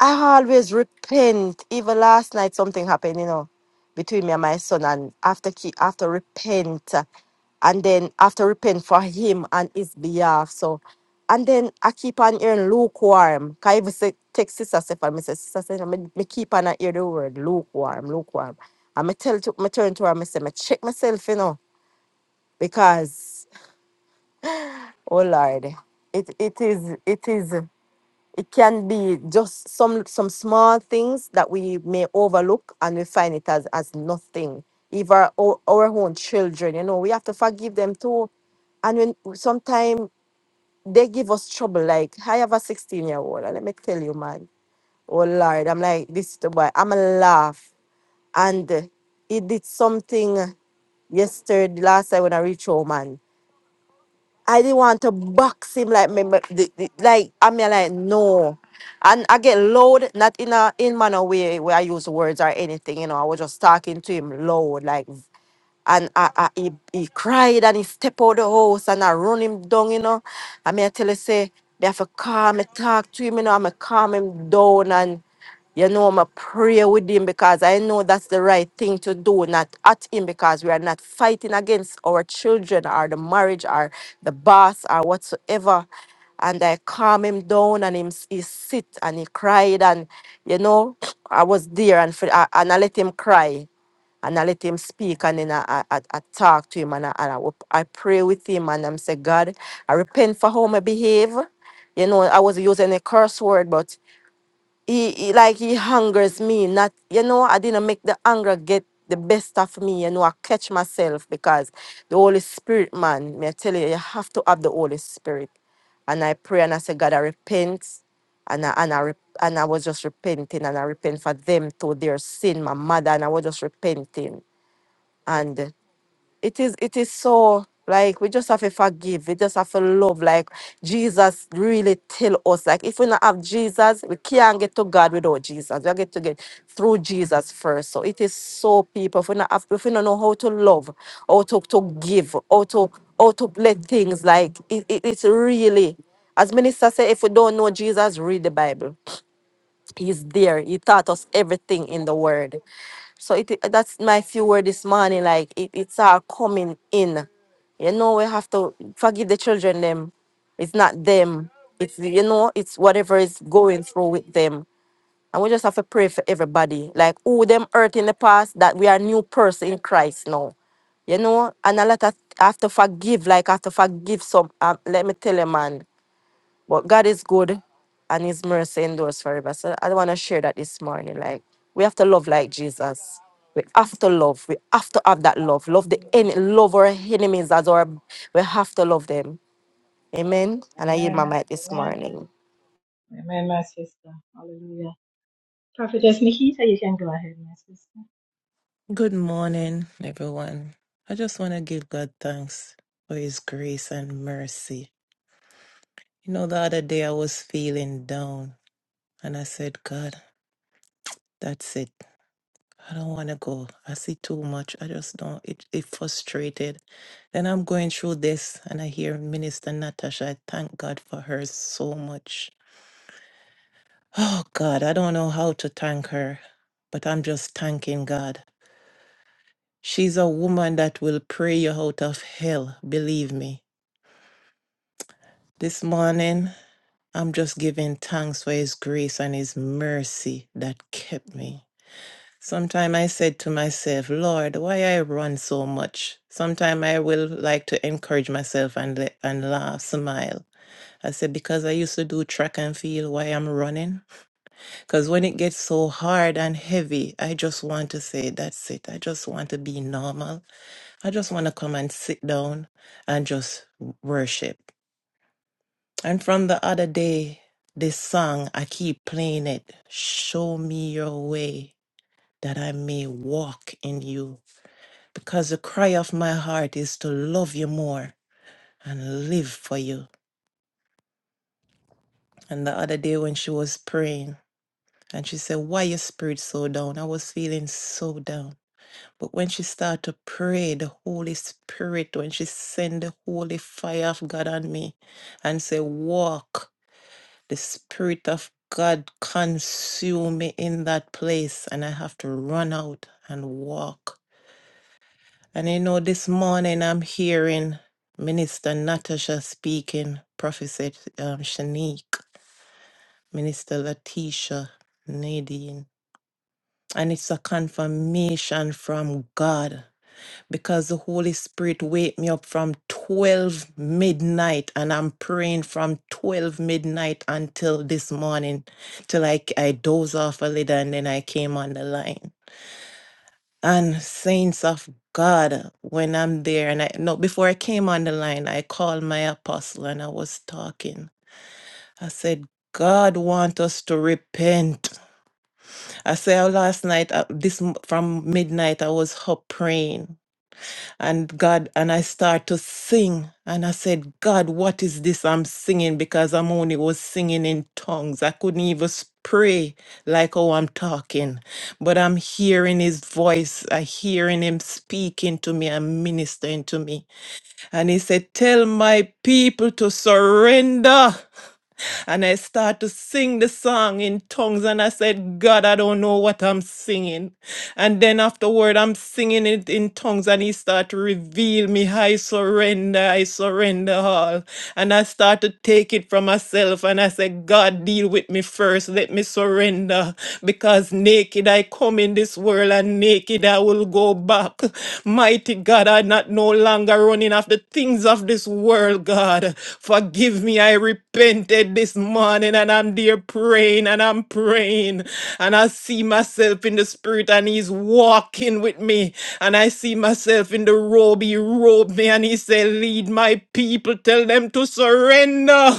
I always repent. Even last night, something happened, you know, between me and my son. And after, keep, after repent, uh, and then after repent for him and his behalf. So, and then I keep on hearing lukewarm. 'Cause I even say, text sister Stephanie, me say, sister Stephanie, me, me keep on a hear the word lukewarm, lukewarm. And me tell to, me turn to her, me say, me check myself, you know, because Oh Lord, it it is it is it can be just some some small things that we may overlook and we find it as as nothing. Even our, o- our own children, you know, we have to forgive them too. And when sometimes they give us trouble, like I have a 16 year old, and let me tell you, man, oh Lord, I'm like this the boy, I'm a laugh, and he did something yesterday last time when I reached home, man. I didn't want to box him like me, me- the- the- like I mean like no. And I get loud, not in a in manner way where I use words or anything, you know. I was just talking to him loud, like and I, I, he, he cried and he stepped out the house and I run him down, you know. I mean, I tell you, say, me have to calm, me talk to him, you know, I'm calm him down and, you know, I'm pray with him because I know that's the right thing to do, not at him because we are not fighting against our children or the marriage or the boss or whatsoever. And I calm him down and him, s- he sit and he cried and, you know, I was there and, for, and I let him cry and I let him speak and then I, I, I I talk to him and I, and I, wo- I pray with him and I'm say, God, I repent for how I behave. You know, I was using a curse word, but he, he like he hungers me. Not you know, I didn't make the anger get the best of me. You know, I catch myself because the Holy Spirit, man, me I tell you, you have to have the Holy Spirit. And I pray and I say, God, I repent. And I, and, I, rep- and I was just repenting and I repent for them to their sin, my mother, and I was just repenting and it is it is so like we just have to forgive we just have to love like jesus really tell us like if we not have jesus we can't get to god without jesus we get to get through jesus first so it is so people if we not have, if we don't know how to love how to, to give how to how to let things like it, it, it's really as minister said if we don't know jesus read the bible He's there. He taught us everything in the word. So it that's my few word this morning. Like it, it's our coming in. You know, we have to forgive the children them. It's not them. It's you know, it's whatever is going through with them. And we just have to pray for everybody. Like who them hurt in the past, that we are new person in Christ now. You know, and a lot of I have to forgive, like I have to forgive some um, let me tell you man. But God is good and his mercy endures forever. So I want to share that this morning. Like we have to love like Jesus. We have to love. We have to have that love. Love the en- love our enemies as our we have to love them. Amen. And I yield my
Amen.
mic this
Amen.
morning.
Amen, my sister. Hallelujah. Prophetess Nikita, you can go ahead, my sister.
Good morning, everyone. I just want to give God thanks for His grace and mercy. You know, the other day I was feeling down and I said, God, that's it. I don't want to go. I see too much. I just don't. It, it frustrated. Then I'm going through this and I hear Minister Natasha. I thank God for her so much. Oh, God, I don't know how to thank her, but I'm just thanking God. She's a woman that will pray you out of hell, believe me. This morning, I'm just giving thanks for His grace and His mercy that kept me. Sometimes I said to myself, Lord, why I run so much? Sometimes I will like to encourage myself and, le- and laugh, smile. I said, because I used to do track and field, why I'm running? Because when it gets so hard and heavy, I just want to say, that's it. I just want to be normal. I just want to come and sit down and just worship. And from the other day, this song, I keep playing it. Show me your way that I may walk in you. Because the cry of my heart is to love you more and live for you. And the other day when she was praying, and she said, Why your spirit so down? I was feeling so down. But when she started to pray, the Holy Spirit, when she sent the holy fire of God on me and said, Walk. the Spirit of God consume me in that place, and I have to run out and walk. And you know, this morning I'm hearing Minister Natasha speaking, Prophet um, Shanique, Minister Letitia, Nadine, and it's a confirmation from God. because the Holy Spirit wake me up from 12 midnight and I'm praying from 12 midnight until this morning till I, I doze off a little and then I came on the line. And saints of God, when I'm there and I no before I came on the line, I called my apostle and I was talking. I said, God want us to repent. I said last night, uh, this m- from midnight, I was up praying and God, and I start to sing. And I said, God, what is this I'm singing? Because I'm only was singing in tongues. I couldn't even s- pray like how I'm talking. But I'm hearing his voice. I hearing him speaking to me and ministering to me. And he said, Tell my people to surrender. And I start to sing the song in tongues. And I said, God, I don't know what I'm singing. And then afterward, I'm singing it in tongues and he start to reveal me. I surrender, I surrender all. And I start to take it from myself and I say, God, deal with me first. Let me surrender because naked I come in this world and naked I will go back. Mighty God, I'm not no longer running after things of this world, God. Forgive me, I repented this morning and I'm there praying and I'm praying and I see myself myself in the spirit and he's walking with me. And I see myself in the robe. He robed me and he said, Lead my people, tell them to surrender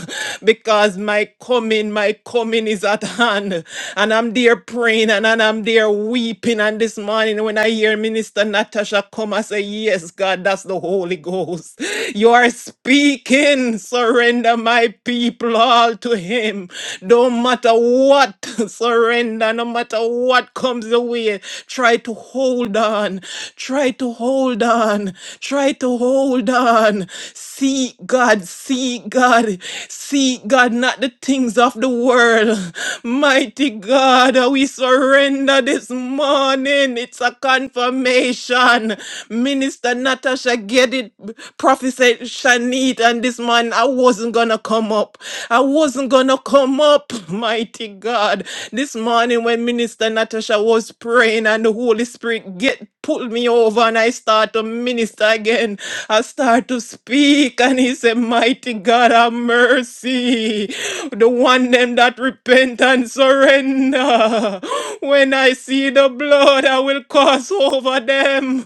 because my coming, my coming is at hand. And I'm there praying and, and I'm there weeping. And this morning when I hear Minister Natasha come, I say, Yes, God, that's the Holy Ghost. You are speaking. Surrender my people all to him. Don't matter what. Surrender surrender no matter what comes your way. Try to hold on. Try to hold on. Try to hold on. See God. See God. See God, not the things of the world. Mighty God, we surrender this morning. It's a confirmation. Minister Natasha get it. Prophet Shanit and this man, I wasn't gonna come up. I wasn't gonna come up. Mighty God. This morning when Minister Natasha was praying and the Holy Spirit get pulled me over and I start to minister again. I start to speak and he said, Mighty God have mercy. The one them that repent and surrender. When I see the blood, I will cross over them.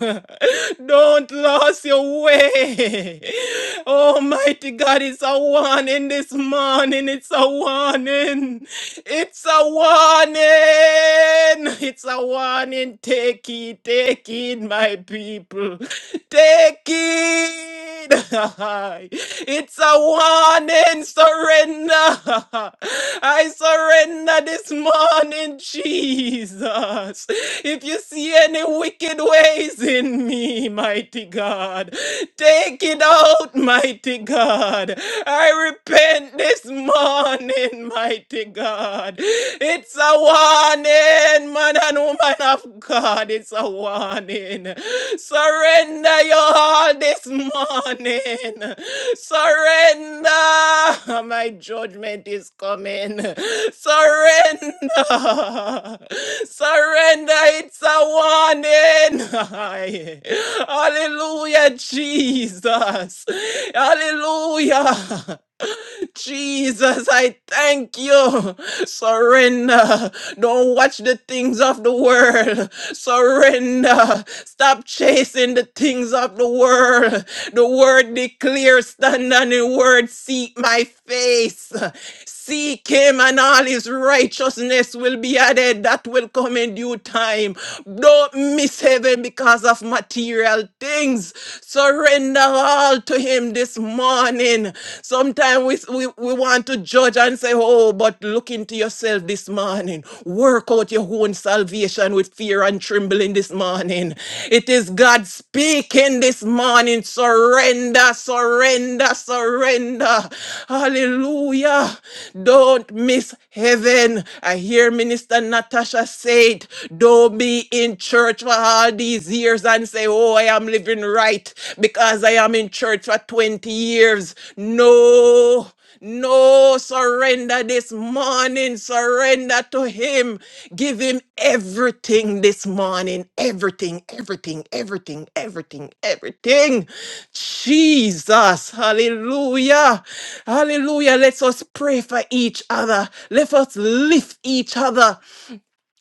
Don't lose your way. Almighty God, it's a one in this morning. It's a one warning. It's a warning. It's a warning. Take it, take it, my people. Take it. it's a warning. Surrender. I surrender this morning, Jesus. If you see any wicked ways in me, mighty God, take it out, mighty God. I repent this this morning, mighty God. It's a warning, man and woman of God. It's a warning. Surrender your all this morning. Surrender. My judgment is coming. Surrender. Surrender. It's a warning. Aye. Hallelujah, Jesus. Hallelujah. Jesus, I thank you. Surrender. Don't watch the things of the world. Surrender. Stop chasing the things of the world. The word declares, stand on the word, seek my face. Seek him and all his righteousness will be added. That will come in due time. Don't miss heaven because of material things. Surrender surrender all to Him this morning. Sometimes we, we, we want to judge and say, Oh, but look into yourself this morning. Work out your own salvation with fear and trembling this morning. It is God speaking this morning. Surrender, surrender, surrender. Hallelujah. Don't miss heaven. I hear Minister Natasha say it. Don't be in church for all all these years and say, oh, I am living right because I am in church for 20 years. No. No, surrender this morning. Surrender to Him. Give Him everything this morning. Everything, everything, everything, everything, everything. Jesus. Hallelujah. Hallelujah. Let us pray for each other. Let us lift each other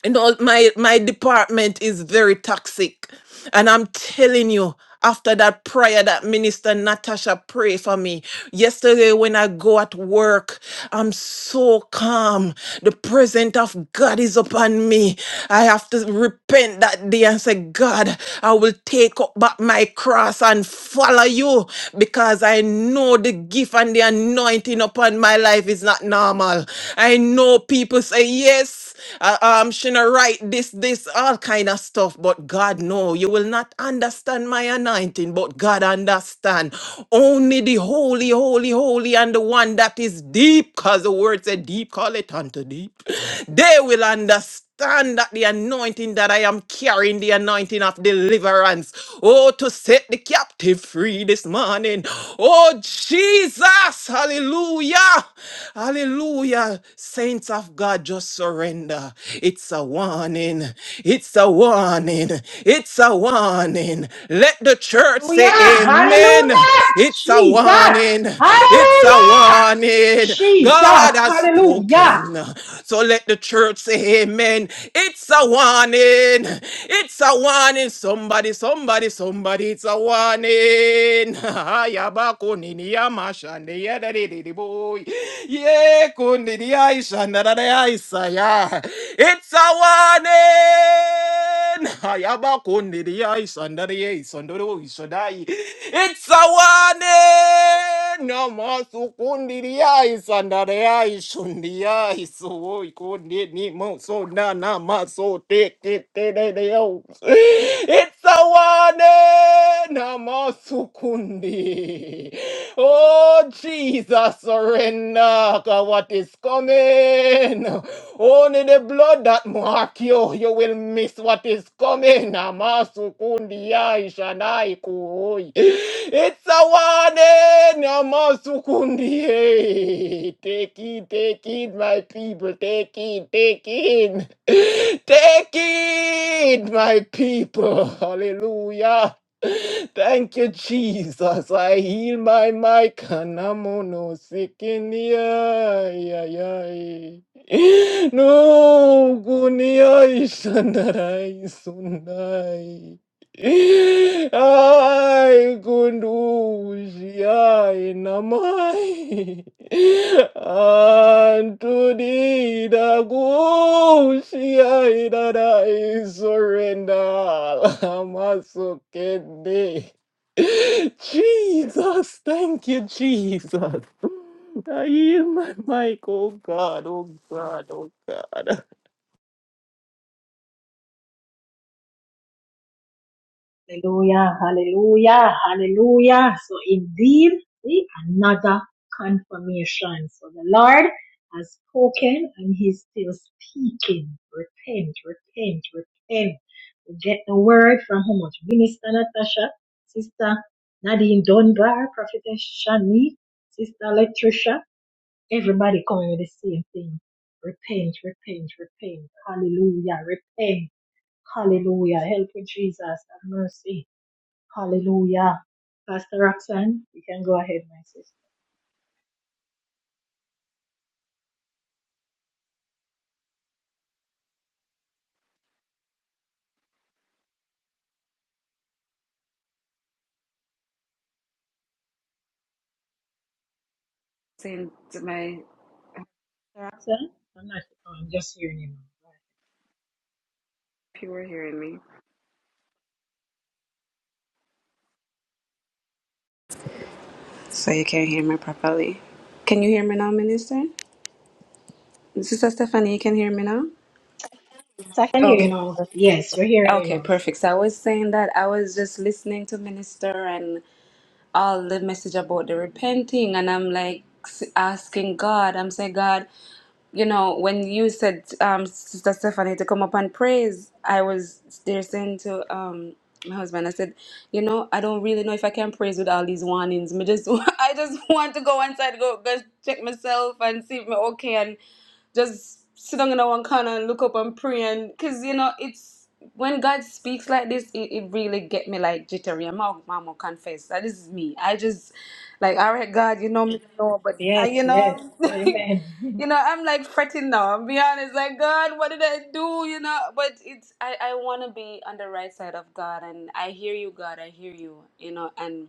you know my my department is very toxic and i'm telling you after that prayer that minister natasha prayed for me yesterday when i go at work i'm so calm the presence of god is upon me i have to repent that day and say god i will take up back my cross and follow you because i know the gift and the anointing upon my life is not normal i know people say yes uh, um, shouldn't write this, this, all kind of stuff. But God, no, you will not understand my anointing, but God understand. Only the holy, holy, holy, and the one that is deep, because the word said deep, call it unto deep. They will understand stand that the anointing that I am carrying, the anointing of deliverance. Oh, to set the captive free this morning. Oh, Jesus. Hallelujah. Hallelujah. Saints of God, just surrender. It's a warning. It's a warning. It's a warning. Let the church
Hallelujah.
say amen.
Hallelujah.
It's a
Jesus.
warning. It's a
Hallelujah.
warning.
Jesus.
God has
Hallelujah.
spoken. So let the church say amen. It's a warning. It's a warning. Somebody, somebody, somebody. It's a warning. Ayabakuni yamashande yadadidi boy. Ye kundi di aisha, nadada aisha, yeah. It's a warning. Hayabakonde the ice under the ice under the ice under the It's a one no more sukundiriai sandariai shundiai suoi kundi ni mo so na na ma so take it te de de Sawane namasukundi. Oh, Jesus, surrender to what is coming. Only the blood that mark you, you will miss what is coming. Namasukundi it's a one in Amasukundi. Take it, take it, my people. Take it, take it. Take it, my people. Hallelujah. Thank you, Jesus. I heal my mic. Kanamono sikinia. Yay, yay. No, gunia ishandarai sunai. Ai, kunduzi, ai, namai. Antoni, da gusi, ai, da dai, surrender. Amasukende. Jesus, thank you, Jesus. I yield my mic, oh God, oh God, oh God.
Hallelujah, hallelujah, hallelujah. So indeed, see another confirmation. So the Lord has spoken and he's still speaking. Repent, repent, repent. We get the word from how much? Minister Natasha, Sister Nadine Dunbar, Prophetess Shani, Sister Electricia, everybody coming with the same thing. Repent, repent, repent. Hallelujah, repent. Hallelujah. Help me, Jesus. Have mercy. Hallelujah. Pastor Roxanne, you can go ahead, my sister.
saying to my
Roxanne? I'm not, oh, I'm just hearing you now. Right.
people are hearing me. So you can't hear me properly. Can you hear me now, Minister? Sister Stephanie, you can hear me now?
So I can hear you
Okay.
now. Yes, we're hearing you
Okay,
now. sis.
perfect. So I was saying that I was just listening to Minister and all the message about the repenting, and I'm like s- asking God, I'm saying, God, you know, when you said, um, Sister Stephanie, to come up and praise, I was there saying to um, my husband, I said, you know, I don't really know if I can praise with all these warnings. Me just, I just want to go inside, go, go check myself and see if I'm okay just sit down in one corner and look up and pray and because you know it's when God speaks like this, it, it really get me like jittery. I'm all mama confess that this is me. I just like all right, God, you know me, you know, but uh,
Yes,
you
yes.
know,
Amen.
you know, I'm like fretting now. I'm be honest, like God, what did I do? You know, but it's I I want to be on the right side of God, and I hear you, God, I hear you, you know, and.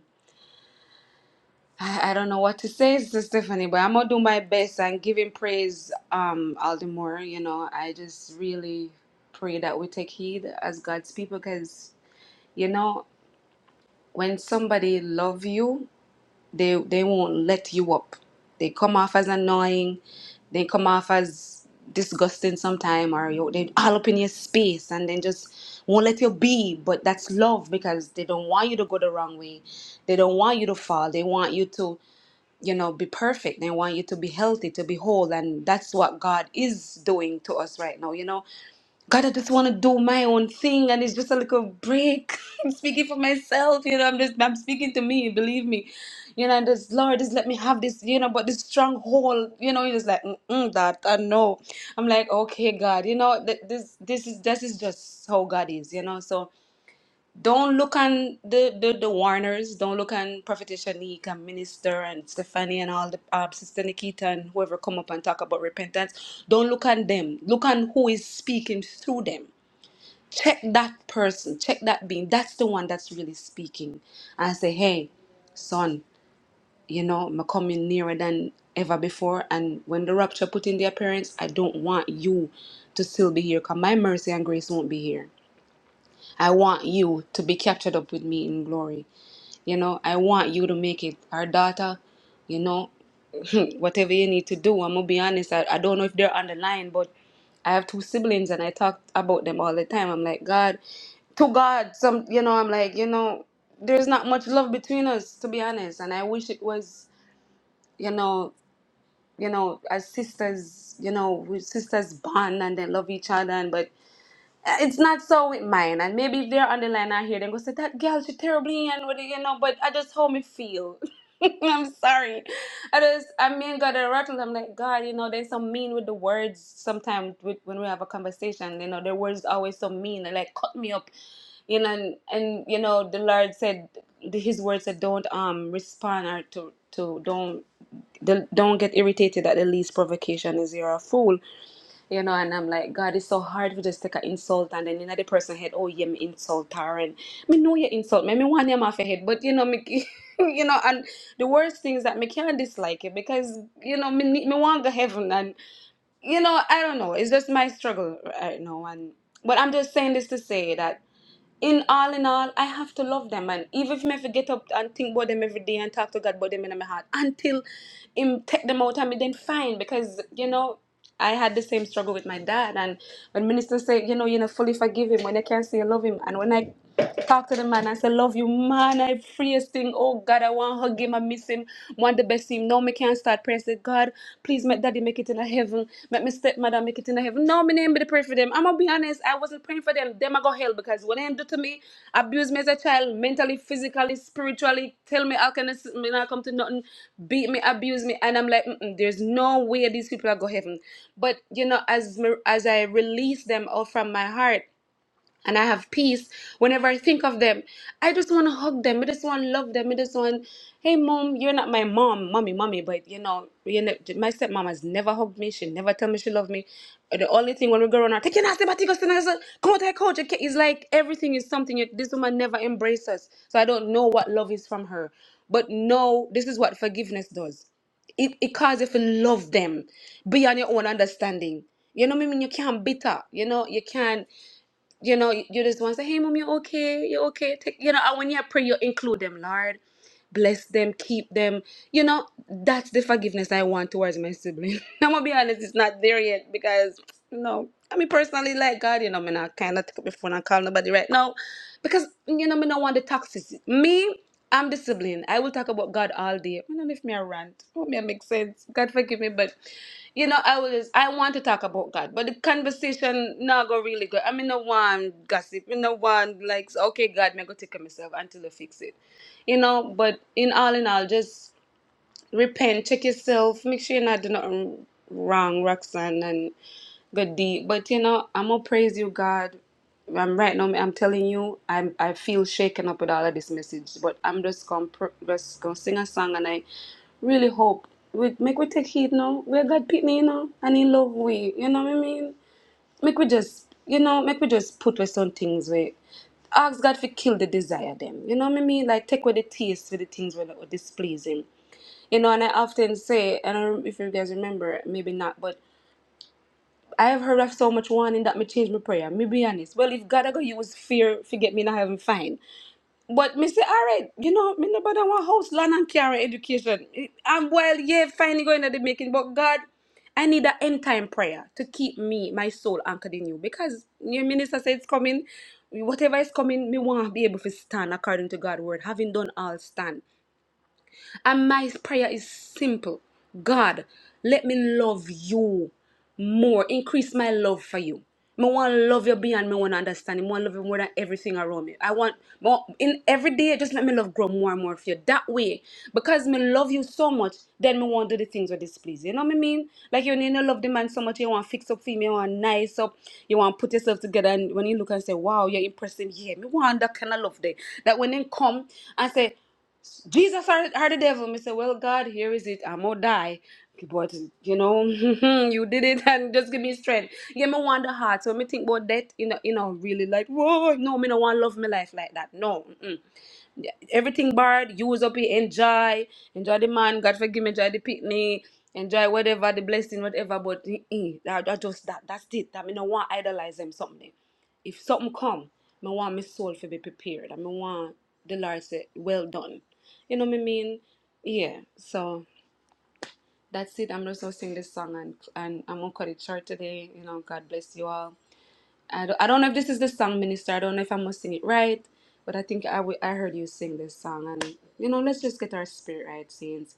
I, I don't know what to say, Sister Stephanie, but I'm gonna do my best and give him praise, um, all the more. You know, I just really pray that we take heed as God's people, because you know, when somebody love you, they they won't let you up. They come off as annoying, they come off as disgusting sometime, or you, they all up in your space and then just won't let you be. But that's love because they don't want you to go the wrong way. They don't want you to fall. They want you to you know be perfect they want you to be healthy to be whole and that's what god is doing to us right now you know god i just want to do my own thing and it's just a little break i'm speaking for myself you know i'm just i'm speaking to me believe me you know and just lord just let me have this you know but this stronghold you know it's like Mm-mm, that i know i'm like okay god you know th- this this is this is just how god is you know so don't look on the, the, the Warners. Don't look on Prophet Shanique and Minister and Stephanie and all the uh, Sister Nikita and whoever come up and talk about repentance. Don't look on them. Look on who is speaking through them. Check that person. Check that being. That's the one that's really speaking. And say, hey, son, you know, I'm coming nearer than ever before. And when the rapture put in the appearance, I don't want you to still be here because my mercy and grace won't be here. I want you to be captured up with me in glory. You know, I want you to make it our daughter, you know, whatever you need to do. I'm gonna be honest, I, I don't know if they're on the line, but I have two siblings and I talk about them all the time. I'm like, God, to God, some, you know, I'm like, you know, there's not much love between us, to be honest. And I wish it was, you know, you know, as sisters, you know, we sisters bond and they love each other. And but uh, It's not so with mine, and maybe if they're on the line, I hear them go say that girl, she terribly and what do you know. But I just how me feel. I'm sorry. I just I mean got a rattle. I'm like God, you know, they're so mean with the words. Sometimes with, when we have a conversation, you know, their words always so mean. They like cut me up, you know. And, and you know, the Lord said the- His word said, don't um respond or to to don't. Don't don't get irritated at the least provocation is you're a fool you know, and I'm like, God, it's so hard for just take an insult, and then another person head, oh yeah, me insult her, and me know you insult me, me want him off your head, but you know me, you know, and the worst thing is that me can't dislike it because you know me need- me want go heaven, and you know I don't know, it's just my struggle right now, and but I'm just saying this to say that in all in all, I have to love them. And even if I have to get up and think about them every day and talk to God about them in my heart until him take them out and me then fine. Because, you know, I had the same struggle with my dad. And when minister say, you know, you know, fully forgive him when I can't say I love him. And when I talk to the man and say, love you, man, I freest thing. Oh God, I want to hug him. I miss him. Want the best him. No, me can't start praying. Say, God, please make daddy make it in heaven. Make me stepmother make it in heaven. No, me me to pray for them. I'm gonna be honest, I wasn't praying for them. Them I go hell because what they do to me, abuse me as a child, mentally, physically, spiritually, tell me I can me not come to nothing, beat me, abuse me, and I'm like, Mm-mm, there's no way these people are go heaven. But you know, as me- as I release them all from my heart and I have peace whenever I think of them. I just want to hug them. I just want to love them. I just want, hey, mom, you're not my mom, mommy, mommy, but you know, you know my stepmom has never hugged me. She never tell me she loved me. Uh, The only thing when we go around, her, take your nasty batikos come out, I coach. Okay, It's like everything is something. yet This woman never embraces us. So I don't know what love is from her. But no, this is what forgiveness does it, it causes you to love them beyond your own understanding. You know what I mean? You can't bitter. You know, you can't you know, you just want to say, hey, mom, you're okay, you're okay. Take, you know, and when you pray, you include them, Lord bless them, keep them. You know, that's the forgiveness I want towards my sibling. I'm gonna be honest, it's not there yet because no. I mean personally like God, you know, me not kinda take up my phone and call nobody right now. Because you know, me not want the toxicity. Me, I'm the sibling. I will talk about God all day. I don't know if me a rant. Oh me make sense. God forgive me, but you know, I always I want to talk about God, but the conversation not go really good. I mean, no one gossip, no one likes. Okay, God, me go take care myself until I fix it you know. But in all in all, just repent, check yourself, make sure you're not doing nothing wrong, Roxanne, and good deed. But you know, I'm gonna praise you, God. I'm right now. I'm telling you, I'm I feel shaken up with all of this message, but I'm just gonna pr- just gonna sing a song, and I really hope we make we take heed now. We're God pitney, you know, and in love we, you know what I mean? Make we just you know, make we just put with some things way. Ask God to kill the desire them. You know what I mean? Like take away the taste for the things that are displeasing. You know, and I often say, and I don't know if you guys remember, maybe not, but I have heard of so much warning that me change my prayer. Me be honest. Well, if God I go use fear to get me in heaven, fine. But Mr. Alright, you know, me nobody want house, land and carry education. I'm well, yeah, finally going to the making, but God, I need an end time prayer to keep me, my soul anchored in you. Because your minister said it's coming. Whatever is coming, me want to be able to stand according to God's word. Having done all stand. And my prayer is simple God, let me love you more. Increase my love for you. I want to love you beyond me want to understand. I want to love you more than everything around me. I want more in every day. Just let me love grow more and more for you. That way, because me love you so much, then me want to do the things that displease. You You know what I mean? Like you need to love the man so much. You want to fix up for him. You want to nice up. You want to put yourself together. And when you look and say, "Wow, you're impressive," yeah, me want that kind of love there. That when they come and say. Jesus are are the devil Me say, Well, God, here is it. I'm gonna die. Okay, But you know, you did it and just give me strength. Give me one the heart. So me think about that, you know, you know, really like, whoa, no, me no want love my life like that. No. mm-mm everything bad. You was up here enjoy, enjoy the man. God forgive me, enjoy the picnic, enjoy whatever the blessing, whatever. But eh, eh, that, that just that that's it. That me no want idolize them something. If something come, me want my soul to be prepared. I me want the Lord say, well done. You know what I mean? Yeah. So that's it. I'm just gonna sing this song and and I'm gonna cut it short today. You know, God bless you all. I don't, I don't know if this is the song, Minister. I don't know if I'm going sing it right, but I think I w- I heard you sing this song, and you know, let's just get our spirit right, saints.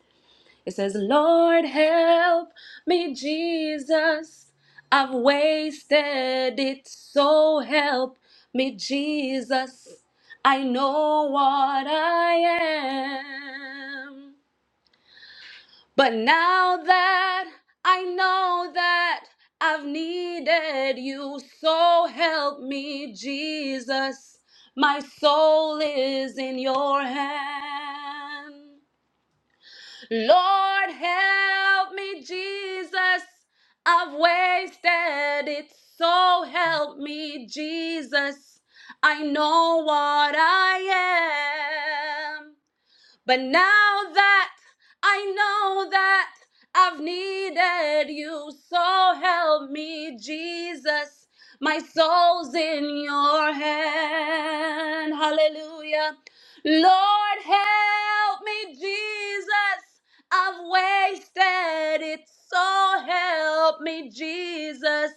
It says, "Lord, help me, Jesus. I've wasted it, so help me, Jesus. I know what I am." But now that I know that I've needed you, so help me, Jesus. My soul is in your hand. Lord, help me, Jesus. I've wasted it, so help me, Jesus. I know what I am. But now that I know that I've needed you, so help me, Jesus. My soul's in your hand. Hallelujah. Lord, help me, Jesus. I've wasted it, so help me, Jesus.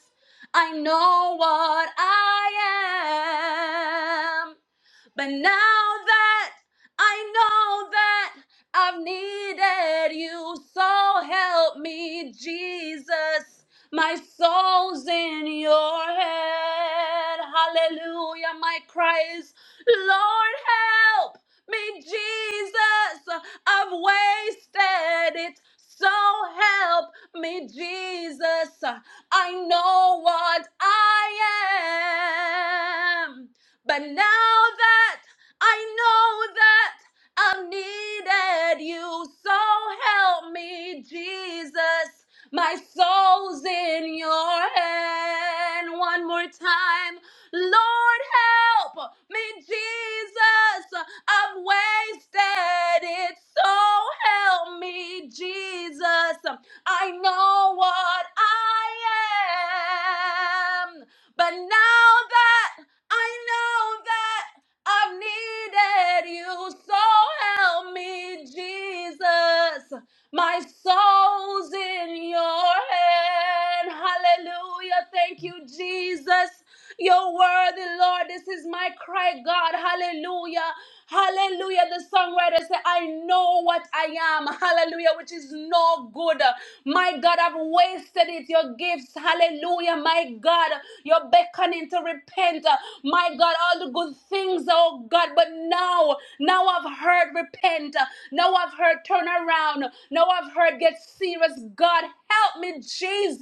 I know what I am. But now that I know that I've needed you, so help me, Jesus. My soul's in your head. Hallelujah. My cry is, Lord, help me, Jesus. I've wasted it. So help me, Jesus. I know what I am. But now that I know that I've needed you, so help me, Jesus. My soul's in your hand. One more time. Lord, help me, Jesus. I've wasted it. So help me, Jesus. I know what I am. But now that I know that I've needed you, so help me, Jesus. My soul's in your hand. Hallelujah. Thank you, Jesus. You're worthy, Lord. This is my cry, God. Hallelujah. Hallelujah. The songwriter said, I know what I am. Hallelujah. Which is no good. My God, I've wasted it. Your gifts, hallelujah. My God, you're beckoning to repent. My God, all the good things, oh God. But now, now I've heard repent. Now I've heard turn around. Now I've heard get serious. God, help me, Jesus.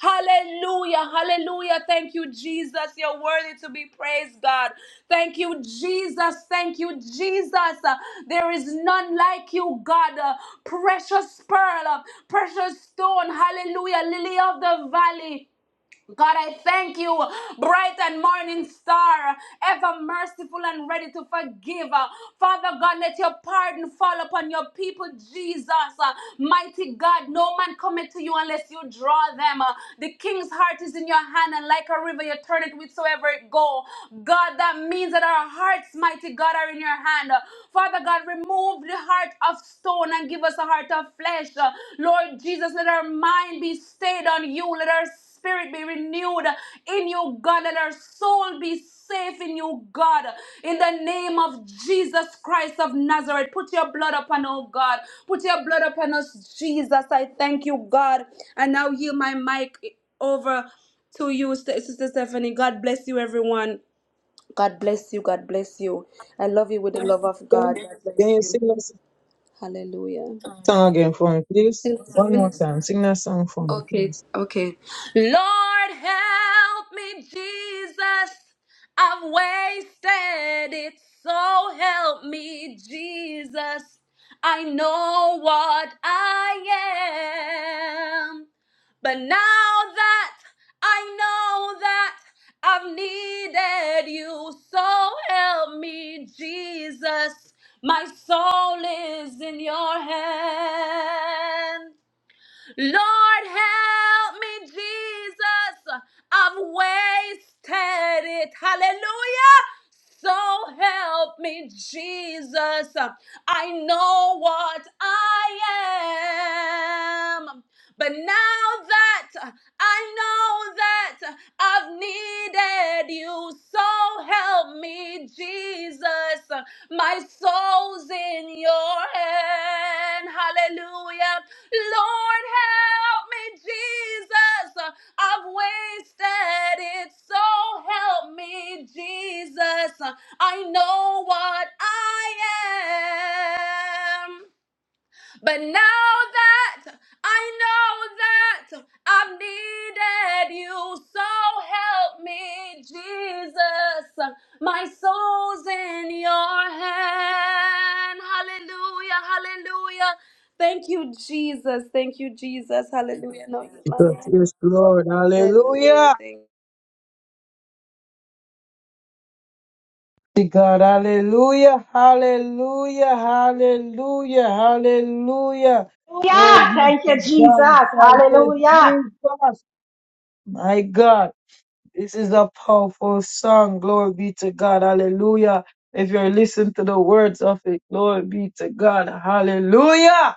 Hallelujah. Hallelujah. Thank you, Jesus. You're worthy to be praised, God. Thank you, Jesus. Thank you, Jesus. Uh, There is none like you, God. Uh, Precious pearl, uh, precious stone. Hallelujah. Lily of the valley. God, I thank you, bright and morning star, ever merciful and ready to forgive. Uh, Father God, let your pardon fall upon your people, Jesus. Uh, Mighty God, no man cometh to you unless you draw them. Uh, The king's heart is in your hand, and like a river, you turn it whithersoever it go. God, that means that our hearts, mighty God, are in your hand. Uh, Father God, remove the heart of stone and give us a heart of flesh. Uh, Lord Jesus, let our mind be stayed on you. Let our spirit be renewed in you, God. Let our soul be safe in you, God. In the name of Jesus Christ of Nazareth, put your blood upon, oh God. Put your blood upon us, Jesus. I thank you, God. And now yield my mic over to you, Sister Stephanie. God bless you, everyone. God bless you. God bless you. I love you with the love of God.
Can,
God
can
bless
you
you.
sing that
Hallelujah.
song again for me, please? One more time. Sing that song for me,
Okay,
please.
okay. Lord, help me, Jesus. I've wasted it, so help me, Jesus. I know what I am. But now that I know that I've needed you, so help me, Jesus. My soul is in your hand. Lord, help me, Jesus. I've wasted it. Hallelujah. So help me, Jesus. I know what I am. But now that I know that I've needed you, so help me, Jesus. My soul's in your hand. Hallelujah. Lord, help me, Jesus. I've wasted it, so help me, Jesus. I know what I am. But now that I know that I've needed you, so help me, Jesus. My soul's in your hand. Hallelujah, hallelujah. Thank you, Jesus. Thank you, Jesus. Hallelujah. No, it's my
Because
man.
yes, Lord,
Hallelujah.
hallelujah.
Thank
To God, hallelujah, hallelujah, hallelujah, hallelujah. Glory
Hallelujah.
be
Thank
to
you,
God.
Jesus.
Thank you,
Hallelujah.
Jesus. My God. This is a powerful song. Glory be to God. Hallelujah. If you're listening to the words of it, glory be to God. Hallelujah.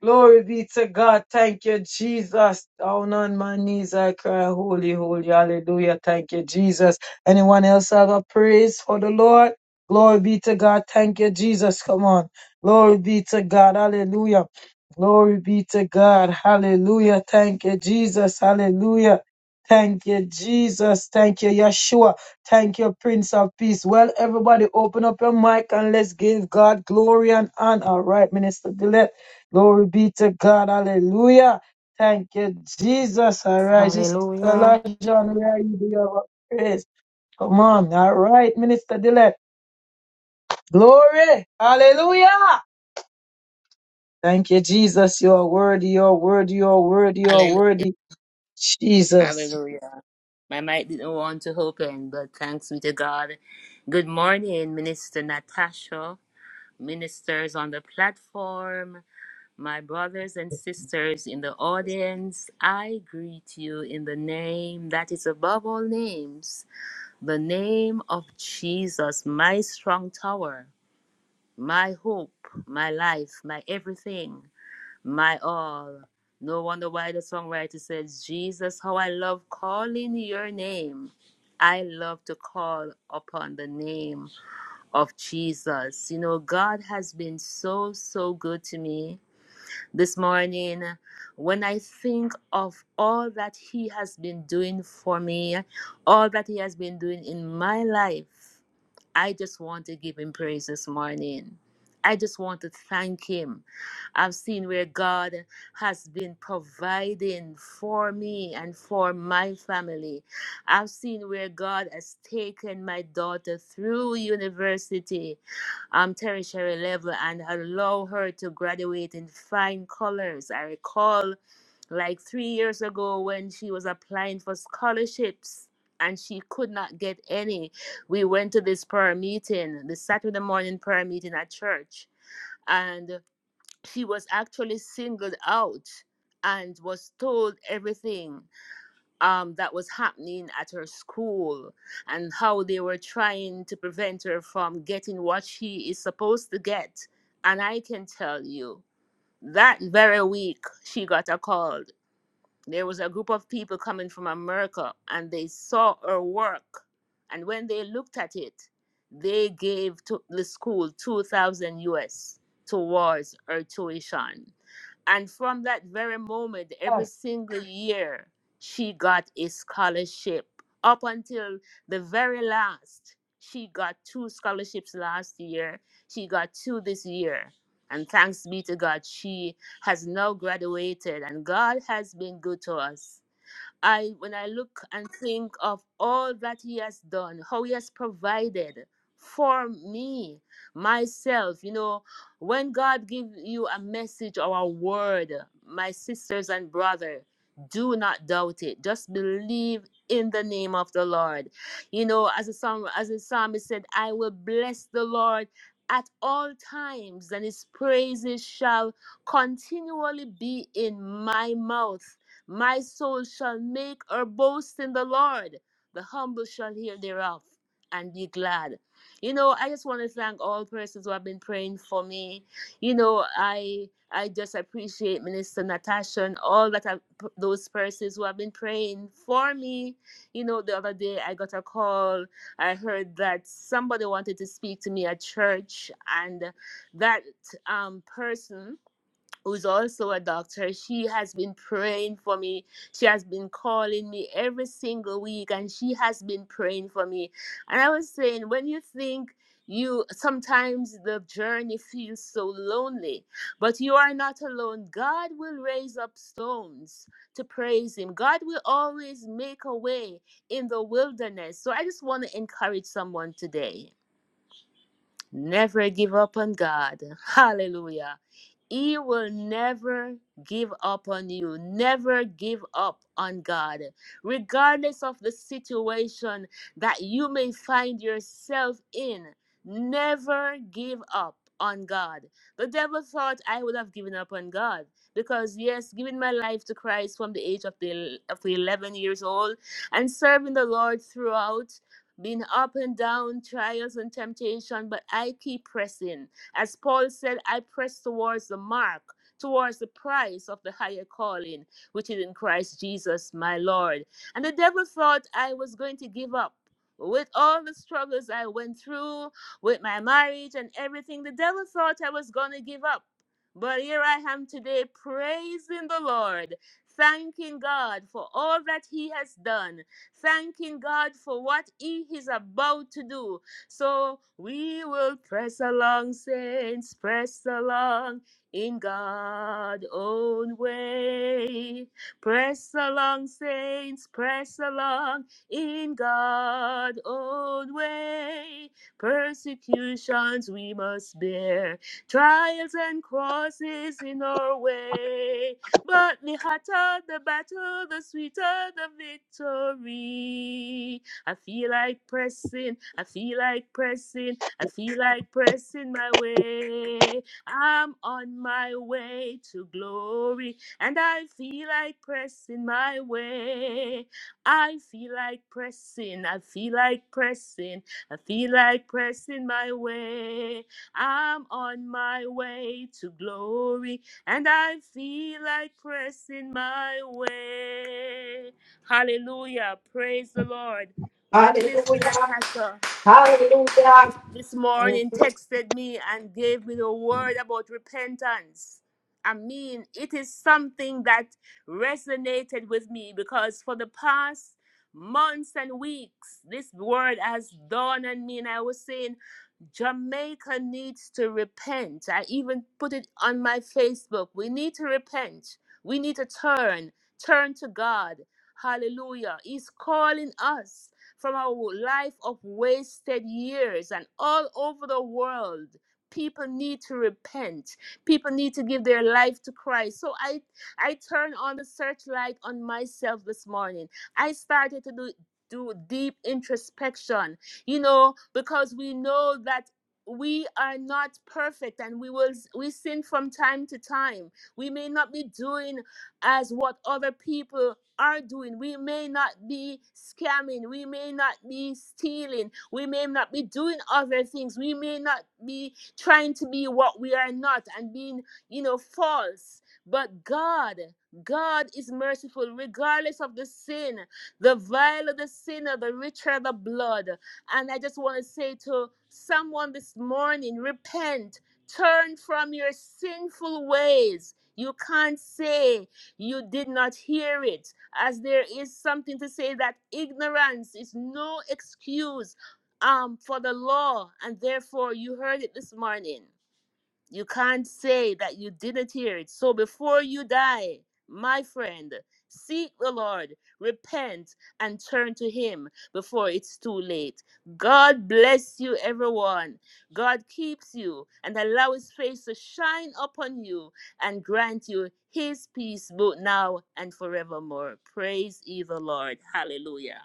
Glory be to God. Thank you, Jesus. Down on my knees, I cry, Holy, holy, hallelujah. Thank you, Jesus. Anyone else have a praise for the Lord? Glory be to God. Thank you, Jesus. Come on. Glory be to God. Hallelujah. Glory be to God. Hallelujah. Thank you, Jesus. Hallelujah. Thank you, Jesus. Thank you, Yeshua. Thank you, Prince of Peace. Well, everybody, open up your mic and let's give God glory and honor. All right, Minister Dillett. Glory be to God. Hallelujah. Thank you, Jesus. All right, Sister
Hallelujah.
John, where are you? Do you have a praise? Come on. All right, Minister Dillett. Glory. Hallelujah. Thank you, Jesus. You are worthy. You are worthy. You are worthy. You are
Hallelujah.
worthy. Jesus.
Hallelujah. My mic didn't want to open, but thanks be to God. Good morning, Minister Natasha, ministers on the platform, my brothers and sisters in the audience. I greet you in the name that is above all names, the name of Jesus, my strong tower, my hope, my life, my everything. my all. No wonder why the songwriter says, Jesus, how I love calling your name. I love to call upon the name of Jesus. You know, God has been so, so good to me this morning. When I think of all that He has been doing for me, all that He has been doing in my life, I just want to give him praise this morning. I just want to thank him. I've seen where God has been providing for me and for my family. I've seen where God has taken my daughter through university, um, tertiary level, and allow her to graduate in fine colors. I recall like three years ago when she was applying for scholarships and she could not get any. We went to this prayer meeting, the Saturday morning prayer meeting at church, and she was actually singled out and was told everything um, that was happening at her school and how they were trying to prevent her from getting what she is supposed to get. And I can tell you, that very week, she got a call there was a group of people coming from America and they saw her work. And when they looked at it, they gave to the school 2000 US towards her tuition. And from that very moment, every single year, she got a scholarship up until the very last. She got two scholarships last year. She got two this year. And thanks be to God, she has now graduated, and God has been good to us. I when I look and think of all that he has done, how he has provided for me, myself, you know, when God gives you a message or a word, my sisters and brother, do not doubt it. Just believe in the name of the Lord. You know, as a psalm, as a psalmist said, I will bless the Lord at all times, and his praises shall continually be in my mouth. My soul shall make her boast in the Lord. The humble shall hear thereof and be glad. You know, I just want to thank all persons who have been praying for me. You know, I I just appreciate Minister Natasha and all that have, those persons who have been praying for me. You know, the other day I got a call. I heard that somebody wanted to speak to me at church, and that um person who's also a doctor, she has been praying for me. She has been calling me every single week and she has been praying for me. And I was saying, when you think you sometimes the journey feels so lonely, but you are not alone. God will raise up stones to praise Him, God will always make a way in the wilderness. So I just want to encourage someone today. Never give up on God. Hallelujah. He will never give up on you. Never give up on God. Regardless of the situation that you may find yourself in, never give up on God. The devil thought I would have given up on God because, yes, giving my life to Christ from the age of the, of the 11 years old and serving the Lord throughout, been up and down, trials and temptation, but I keep pressing. As Paul said, I press towards the mark, towards the prize of the higher calling, which is in Christ Jesus, my Lord. And the devil thought I was going to give up. With all the struggles I went through, with my marriage and everything, the devil thought I was going to give up. But here I am today praising the Lord, thanking God for all that He has done, thanking God for what He is about to do, so we will press along, saints, press along in God's own way. Press along, saints, press along in God's own way. Persecutions we must bear, trials and crosses in our way. But the hotter the battle, the sweeter the victory. I feel like pressing, I feel like pressing, I feel like pressing my way. I'm on my way to glory, and I feel like pressing my way. I feel like pressing, I feel like pressing, I feel like pressing my way. I'm on my way to glory, and I feel like pressing my way. Hallelujah. Praise the Lord. When Minister
Hallelujah.
Natasha
Hallelujah.
this
Thank
morning
you.
texted me and gave me the word about repentance, I mean, it is something that resonated with me because for the past months and weeks, this word has dawned on me, and I was saying, Jamaica needs to repent. I even put it on my Facebook. We need to repent. We need to turn, turn to God. Hallelujah. He's calling us from our life of wasted years and all over the world. People need to repent. People need to give their life to Christ. So I I turn on the searchlight on myself this morning. I started to do do deep introspection you know, because we know that we are not perfect and we will we sin from time to time we may not be doing as what other people are doing we may not be scamming we may not be stealing we may not be doing other things we may not be trying to be what we are not and being you know false but god god is merciful regardless of the sin the vile of the sinner the richer the blood and I just want to say to someone this morning repent, turn from your sinful ways. You can't say you did not hear it, as there is something to say that ignorance is no excuse um, for the law, and therefore you heard it this morning. You can't say that you didn't hear it. So before you die, my friend, seek the Lord, repent, and turn to Him before it's too late. God bless you, everyone. God keeps you and allow His face to shine upon you and grant you His peace both now and forevermore. Praise ye the Lord. Hallelujah.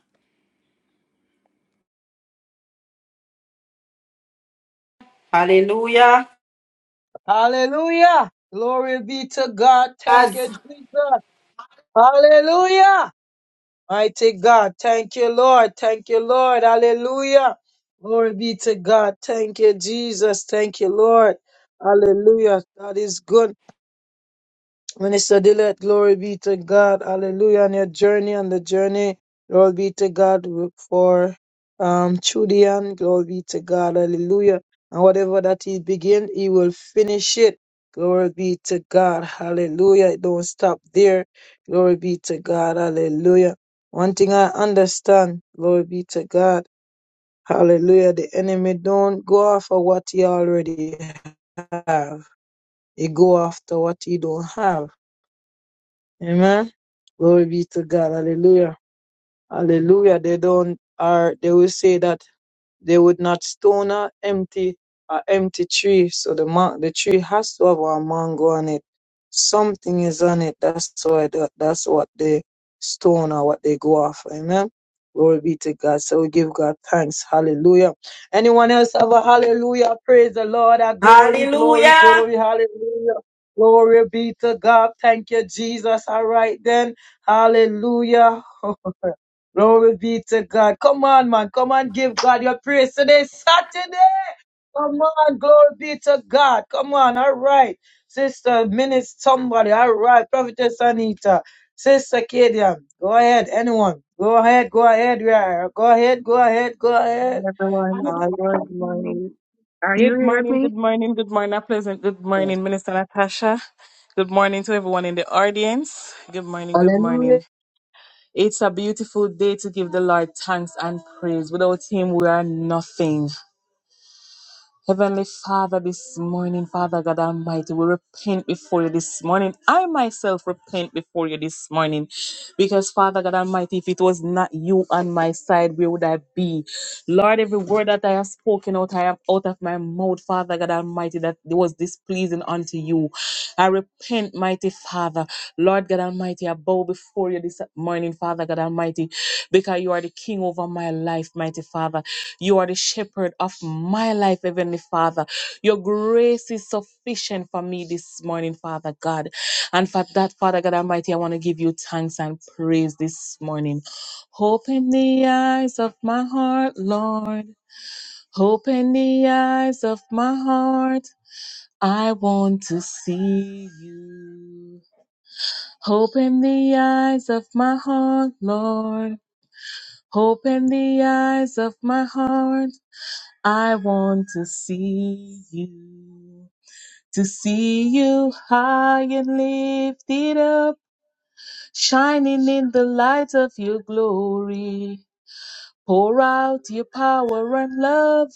Hallelujah.
Hallelujah. Glory be to God. Thank you, Jesus. Hallelujah. Mighty God, thank you, Lord. Thank you, Lord. Hallelujah. Glory be to God. Thank you, Jesus. Thank you, Lord. Hallelujah. God is good. Minister Dillett, glory be to God. Hallelujah. On your journey, on the journey, glory be to God for um Chudian. Glory be to God. Hallelujah. And whatever that he begin, he will finish it. Glory be to God. Hallelujah. It don't stop there. Glory be to God. Hallelujah. One thing I understand, glory be to God. Hallelujah. The enemy don't go after what he already have. He go after what he don't have. Amen. Glory be to God. Hallelujah. Hallelujah. They don't are they will say that they would not stone a empty a empty tree. So the ma- the tree has to have a mango on it. Something is on it. That's why the, that's what they stone or what they go after. Amen. Glory be to God. So we give God thanks. Hallelujah. Anyone else have a hallelujah? Praise the Lord. A glory, glory, glory. Hallelujah. Glory be to God. Thank you, Jesus. All right then. Hallelujah. Glory be to God. Come on, man. Come on, give God your praise today, Saturday. Come on, glory be to God. Come on, all right. Sister, minister, somebody, all right. Prophetess Anita, Sister Kadian, go ahead, anyone. Go ahead, go ahead, we are. Go ahead, go ahead, go ahead.
everyone. Good
Hallelujah.
morning. Are you
Good
hear
morning, good
me?
morning, good morning, pleasant. Good
Yes.
morning, Minister Natasha. Good morning to everyone in the audience. Good morning, good
Hallelujah.
morning. It's a beautiful day to give the Lord thanks and praise. Without Him, we are nothing. Heavenly Father, this morning, Father God Almighty, we repent before you this morning. I myself repent before you this morning because, Father God Almighty, if it was not you on my side, where would I be? Lord, every word that I have spoken out, I am out of my mouth, Father God Almighty, that was displeasing unto you. I repent Mighty Father, Lord God Almighty, I bow before you this morning, Father God Almighty, because you are the King over my life, Mighty Father. You are the Shepherd of my life, Heavenly Father. Your grace is sufficient for me this morning, Father God. And for that, Father God Almighty, I want to give you thanks and praise this morning. Open the eyes of my heart, Lord. Open the eyes of my heart. I want to see you. Open the eyes of my heart, Lord. Open the eyes of my heart. I want to see you. To see you high and lifted up, shining in the light of your glory. Pour out your power and love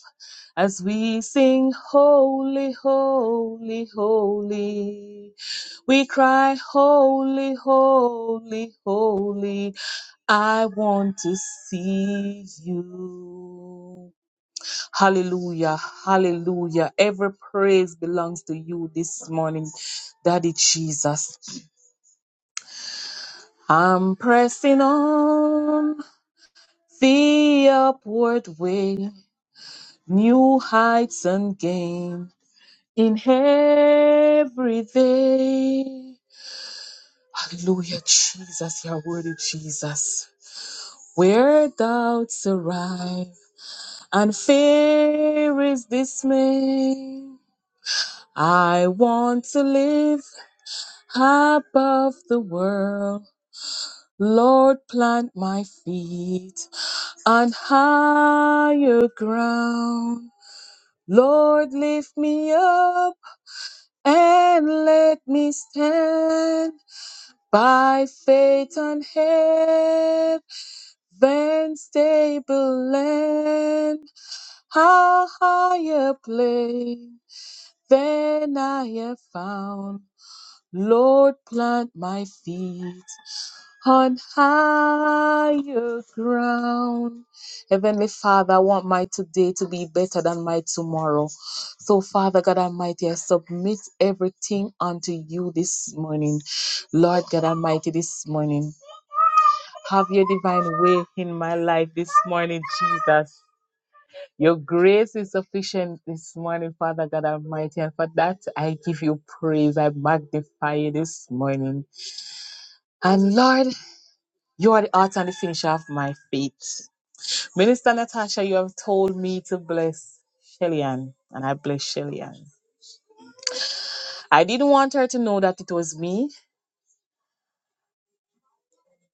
as we sing, Holy, Holy, Holy. We cry, Holy, Holy, Holy. I want to see you. Hallelujah. Hallelujah. Every praise belongs to you this morning, Daddy Jesus. I'm pressing on the upward way. new heights and gain in everything. Hallelujah, Jesus, your word, Jesus. Where doubts arrive and fear is dismay, I want to live above the world. Lord, plant my feet on higher ground. Lord, lift me up and let me stand by faith on heaven's stable land, how high a place than I have found. Lord, plant my feet on higher ground. Heavenly Father, I want my today to be better than my tomorrow. So, Father God Almighty, I submit everything unto you this morning. Lord God Almighty, this morning, have your divine way in my life this morning, Jesus. Your grace is sufficient this morning, Father God Almighty, and for that I give you praise. I magnify you this morning. And Lord, you are the author and the finisher of my faith. Minister Natasha, you have told me to bless Shellyan, and I bless Shellyan. I didn't want her to know that it was me.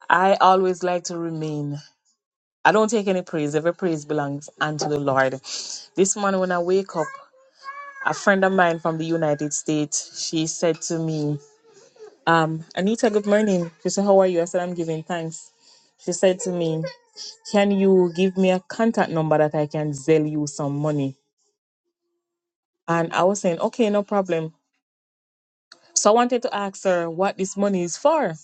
I always like to remain. I don't take any praise. Every praise belongs unto the Lord. This morning when I wake up, a friend of mine from the United States, she said to me, um, Anita, good morning. She said, How are you? I said, I'm giving thanks. She said to me. Can you give me a contact number that I can sell you some money? And I was saying, Okay, no problem. So I wanted to ask her what this money is for,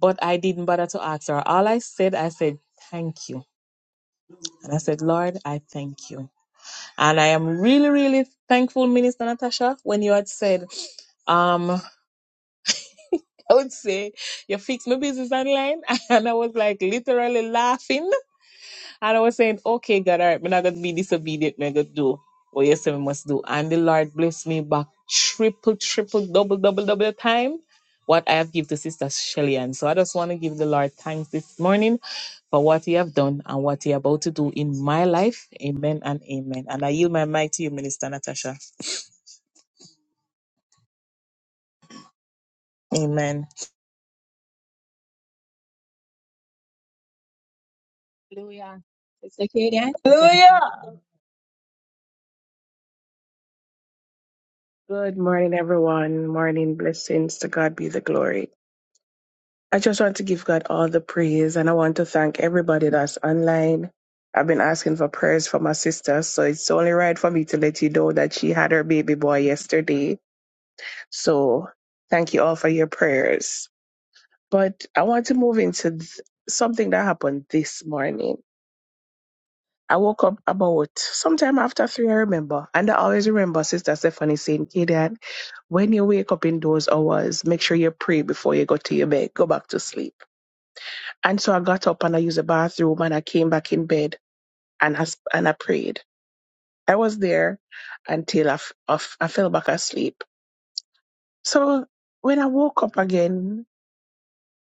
but I didn't bother to ask her. All I said, I said, Thank you. And I said, Lord, I thank you. And I am really, really thankful, Minister Natasha, when you had said, um, I would say, you fix my business online. And I was like literally laughing And I was saying, okay, God, all right, I'm not going to be disobedient. I'm going to do what you say we must do. And the Lord bless me back triple, triple, double, double, double time what I have give to Sister Shelly. And so I just want to give the Lord thanks this morning for what he have done and what he about to do in my life. Amen and amen. And I yield my mic to you, Minister Natasha. Amen.
Hallelujah. Sister Kaden, you can go.
Good morning, everyone. Morning blessings. To God be the glory. I just want to give God all the praise and I want to thank everybody that's online. I've been asking for prayers for my sister, so it's only right for me to let you know that she had her baby boy yesterday. So thank you all for your prayers. But I want to move into th- something that happened this morning. I woke up about sometime after three, I remember. And I always remember Sister Stephanie saying, Kidan, when you wake up in those hours, make sure you pray before you go to your bed, go back to sleep. And so I got up and I used the bathroom and I came back in bed and I, s- and I prayed. I was there until I, f- I f- I fell back asleep. So when I woke up again,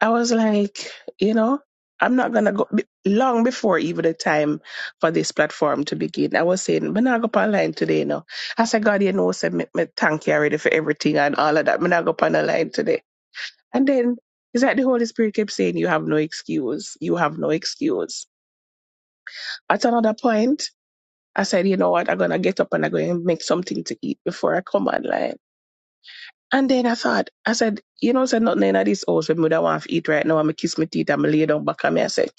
I was like, you know, I'm not gonna go be- long before even the time for this platform to begin. I was saying, I'm not go up online today, you know. I said, God, you know, said me, me thank you already for everything and all of that. I'm not go on the line today. And then it's like the Holy Spirit kept saying, You have no excuse. You have no excuse. At another point, I said, you know what, I'm gonna get up and I'm gonna make something to eat before I come online. And then I thought, I said, you know, said nothing in this house, but I want to eat right now. I'm gonna kiss my teeth, I'm gonna lay down back on me. I said,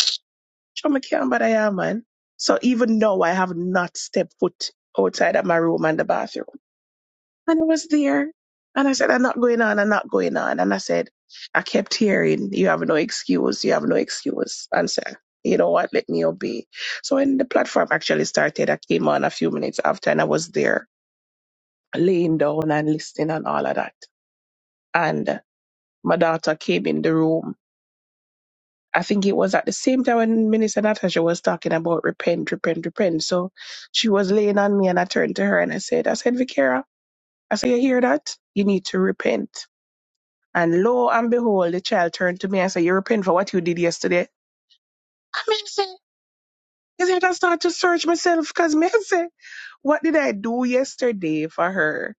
Chomakiambaraya, man. So even now, I have not stepped foot outside of my room and the bathroom. And I was there. And I said, I'm not going on, I'm not going on. And I said, I kept hearing, you have no excuse, you have no excuse. And said, you know what, let me obey. So when the platform actually started, I came on a few minutes after and I was there laying down and listening and all of that. And my daughter came in the room I think it was at the same time when Minister Natasha was talking about repent, repent, repent. So she was laying on me and I turned to her and I said, I said, Vicara, I said, you hear that? You need to repent. And lo and behold, the child turned to me and said, you repent for what you did yesterday. I mean, I is it I start to search myself? Because me I say, what did I do yesterday for her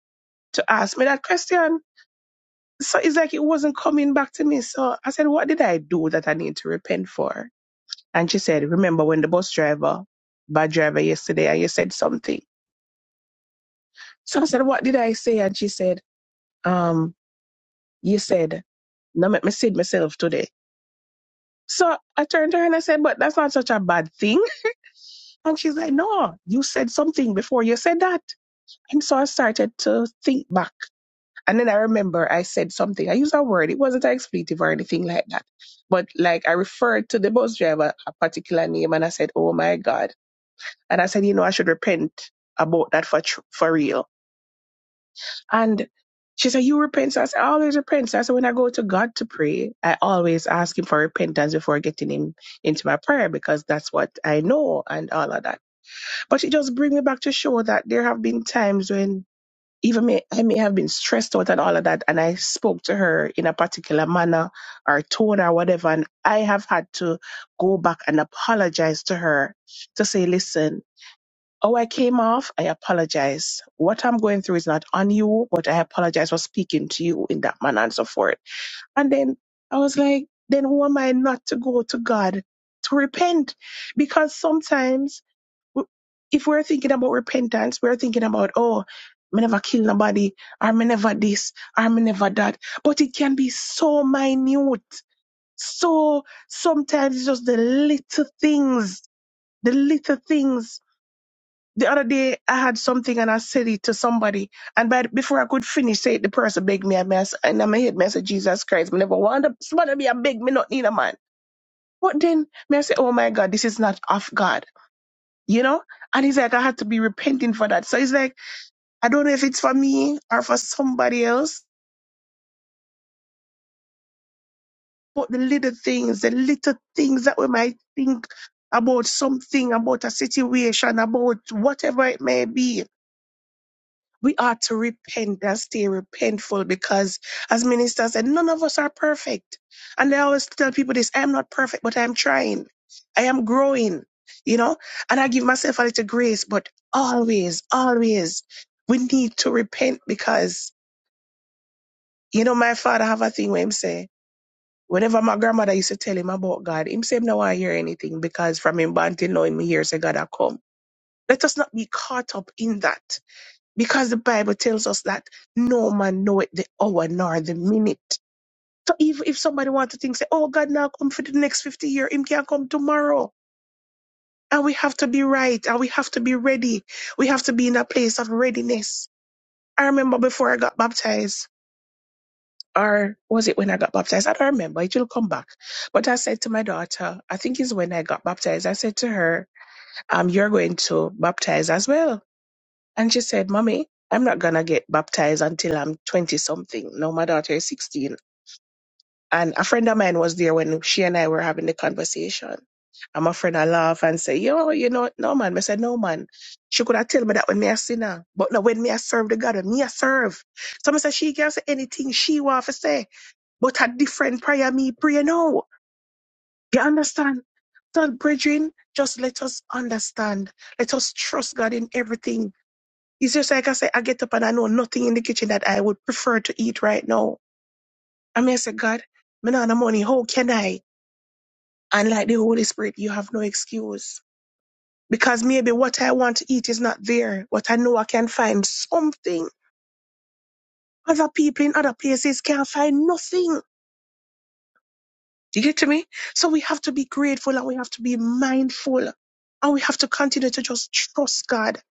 to ask me that question? So it's like it wasn't coming back to me. So I said, what did I do that I need to repent for? And she said, Remember when the bus driver, bad driver yesterday, and you said something. So I said, What did I say? And she said, Um, you said, No make me see myself today. So I turned to her and I said, But that's not such a bad thing. And she's like, No, you said something before you said that. And so I started to think back. And then I remember I said something. I used a word. It wasn't an expletive or anything like that. But like I referred to the bus driver a particular name and I said, Oh my God. And I said, you know, I should repent about that for tr- for real. And she said, you repent. So I said, I always repent. So I said, when I go to God to pray, I always ask him for repentance before getting him into my prayer because that's what I know and all of that. But it just brings me back to show that there have been times when even me, I may have been stressed out and all of that. And I spoke to her in a particular manner or tone or whatever. And I have had to go back and apologize to her to say, listen, Oh, I came off. I apologize. What I'm going through is not on you, but I apologize for speaking to you in that manner and so forth. And then I was like, then who am I not to go to God to repent? Because sometimes w- if we're thinking about repentance, we're thinking about, oh, me never kill nobody, or me never this, or me never that. But it can be so minute. So sometimes it's just the little things, the little things the other day I had something and I said it to somebody, and by the- before I could finish, say it, the person begged me a mess, and i made a head message Jesus Christ. Me never want to- somebody be a beg me not need a man. But then me I say, oh my God, this is not of God, you know. And he's like, I had to be repenting for that. So it's like, I don't know if it's for me or for somebody else, but the little things, the little things that we might think about something, about a situation, about whatever it may be we ought to repent and stay repentful because as ministers said, none of us are perfect. And I always tell people this, I am not perfect, but I'm trying. I am growing, you know, and I give myself a little grace, but always, always we need to repent because, you know, my father have a thing where him say, whenever my grandmother used to tell him about God, him say, him no want hear anything because from him born till now, him hears say God a come. Let us not be caught up in that because the Bible tells us that no man knoweth the hour nor the minute. So if, if somebody wants to think, say, oh, God now come for the next 50 years. him can come tomorrow. And we have to be right and we have to be ready. We have to be in a place of readiness. I remember before I got baptized, or was it when I got baptized? I don't remember. It will come back. But I said to my daughter, I think it's when I got baptized, I said to her, um, you're going to baptize as well. And she said, Mommy, I'm not going to get baptized until I'm 20 something. Now my daughter is 16. And a friend of mine was there when she and I were having the conversation. And my friend, I laugh and say, Yo, you know, no man. I said, No man. She could have tell me that when me a sinner. But now when me a serve the God, when me a serve. So I said, She can say anything she want to say. But a different prayer me pray now. You understand? So, brethren, just let us understand. Let us trust God in everything it's just like I say, I get up and I know nothing in the kitchen that I would prefer to eat right now. I mean, I say, God, me not the money. How can I? And like the Holy Spirit, you have no excuse because maybe what I want to eat is not there, but I know I can find something. Other people in other places can't find nothing. Do you get to me? So we have to be grateful and we have to be mindful and we have to continue to just trust God.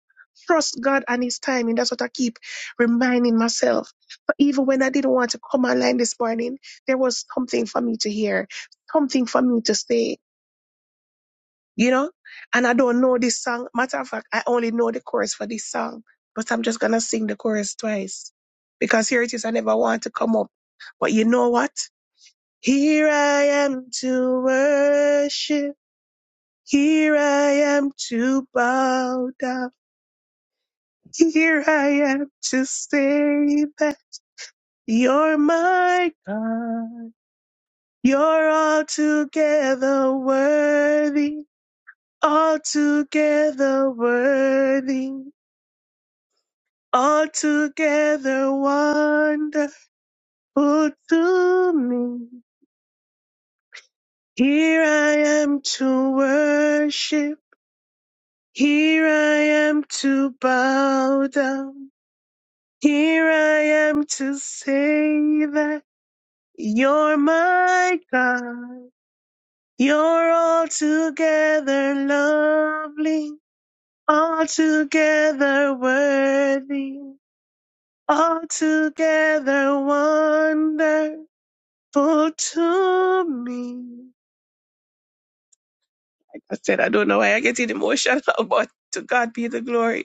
Trust God and His timing. That's what I keep reminding myself. But even when I didn't want to come online this morning, there was something for me to hear, something for me to say, you know? And I don't know this song. Matter of fact, I only know the chorus for this song, but I'm just going to sing the chorus twice because here it is. I never want to come up. But you know what? Here I am to worship. Here I am to bow down. Here I am to say that you're my God. You're altogether worthy, altogether worthy, altogether wonderful to me. Here I am to worship. Here I am to bow down. Here I am to say that you're my God. You're altogether lovely, altogether worthy, altogether wonderful to me. Like I said, I don't know why I get emotional, but to God be the glory.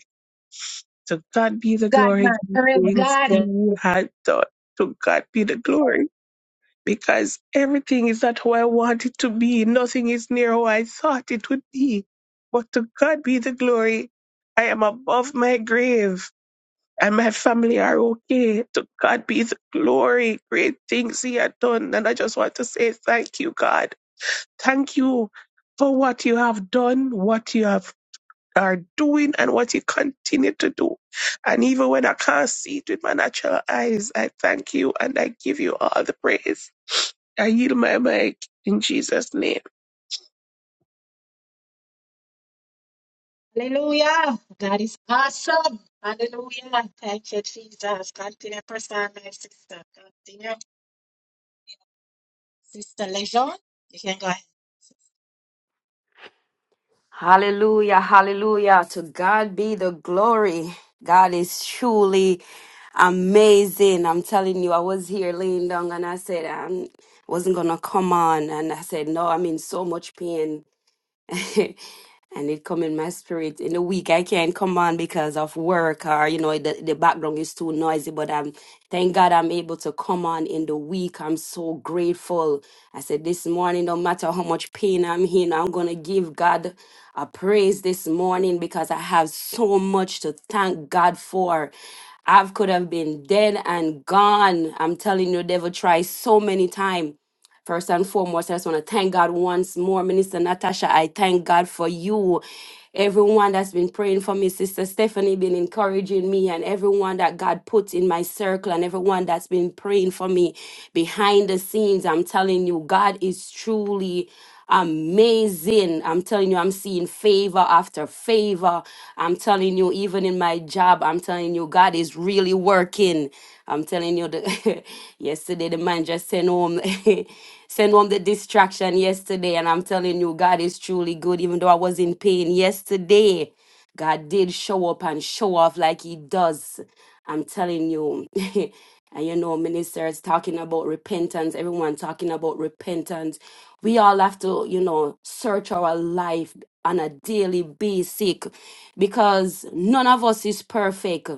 To God be the glory. give Thanks He had done. To God be the glory. Because everything is not who I want it to be. Nothing is near how I thought it would be. But to God be the glory. I am above my grave and my family are okay. To God be the glory. Great things He had done. And I just want to say thank you, God. Thank you for what you have done, what you have are doing and what you continue to do. And even when I can't see it with my natural eyes, I thank you and I give you all the praise. I yield my mic in Jesus' name.
Hallelujah. God is awesome. Hallelujah. Thank you, Jesus. Continue, person, my sister. Continue. Sister Lejeune, you can go
Hallelujah, hallelujah. To God be the glory. God is truly amazing. I'm telling you, I was here laying down and I said, I wasn't going to come on. And I said, No, I'm in so much pain. and it come in my spirit in the week i can't come on because of work or you know the, the background is too noisy but i'm thank god i'm able to come on in the week i'm so grateful i said this morning no matter how much pain i'm in i'm gonna give god a praise this morning because i have so much to thank god for I could have been dead and gone. I'm telling you, the devil tries so many times. First and foremost, I just want to thank God once more, Minister Natasha. I thank God for you. Everyone that's been praying for me, Sister Stephanie, been encouraging me, and everyone that God put in my circle, and everyone that's been praying for me behind the scenes. I'm telling you, God is truly amazing ease in. I'm telling you, I'm seeing favor after favor. I'm telling you, even in my job, I'm telling you, God is really working. I'm telling you, the, yesterday the man just sent home, sent home the distraction yesterday, and I'm telling you, God is truly good. Even though I was in pain yesterday, God did show up and show off like He does. I'm telling you. And you know, ministers talking about repentance, everyone talking about repentance. We all have to, you know, search our life on a daily basic because none of us is perfect.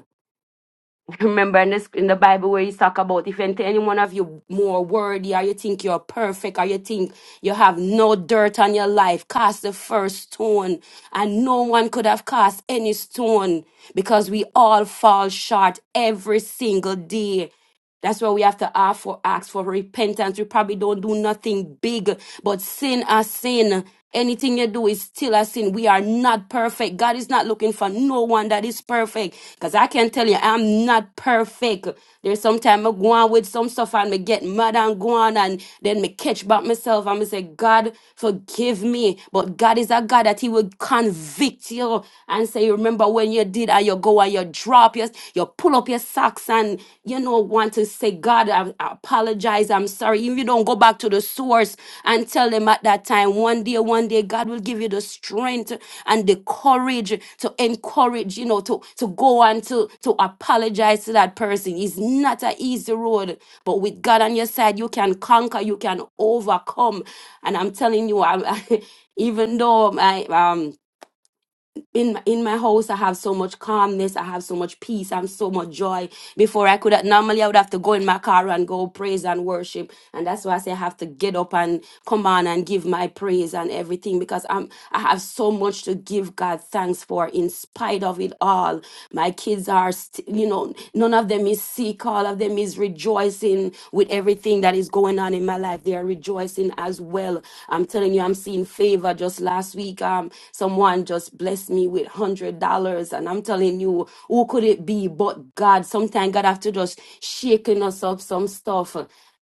Remember in this in the Bible where you talk about if any any one of you more worthy or you think you're perfect or you think you have no dirt on your life, cast the first stone. And no one could have cast any stone because we all fall short every single day that's why we have to ask for, ask for repentance. We probably don't do nothing big, but sin is sin. Anything you do is still a sin. We are not perfect. God is not looking for no one that is perfect. Cause I can tell you, I'm not perfect. There's sometime I go on with some stuff and me get mad and go on and then me catch back myself and me say, God, forgive me. But God is a God that He will convict you and say, remember when you did and you go and lower, you drop your, you pull up your socks and you know want to say, God, I, I apologize, I'm sorry. If you don't go back to the source and tell them at that time, one day, one day, God will give you the strength and the courage to encourage, you know, to to go and to to apologize to that person. It's not an easy road, but with God on your side, you can conquer, you can overcome. And I'm telling you, I, even though my um in my, in my house i have so much calmness i have so much peace and so much joy before i could normally i would have to go in my car and go praise and worship and that's why i say i have to get up and come on and give my praise and everything because i'm i have so much to give god thanks for in spite of it all my kids are st- you know none of them is sick all of them is rejoicing with everything that is going on in my life they are rejoicing as well i'm telling you i'm seeing favor just last week um someone just blessed me me with hundred dollars. And I'm telling you, who could it be but God? Sometimes God have to just shaking us up some stuff.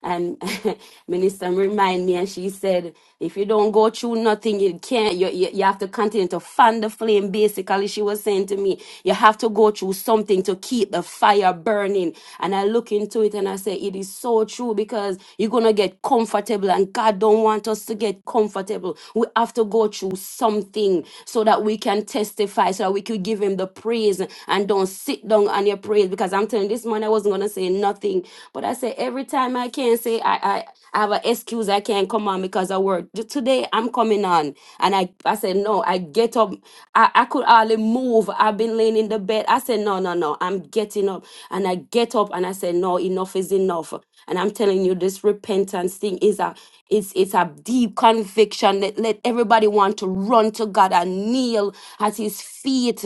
And Minister remind me, and she said, if you don't go through nothing, you can't. You, you, you have to continue to fan the flame. Basically, she was saying to me, you have to go through something to keep the fire burning. And I look into it and I say, it is so true because you're gonna get comfortable, and God don't want us to get comfortable. We have to go through something so that we can testify testify so that we could give him the praise and don't sit down on your praise. Because I'm telling you, this morning I wasn't gonna say nothing. But I say every time I can say I I, I have an excuse I can't come on because I work. Ju- Today I'm coming on. And I I said, No, I get up. I, I could hardly move. I've been laying in the bed. I said, No, no, no. I'm getting up. And I get up and I said, No, enough is enough. And I'm telling you, this repentance thing is a it's it's a deep conviction. that let everybody want to run to God and kneel at his at his feet.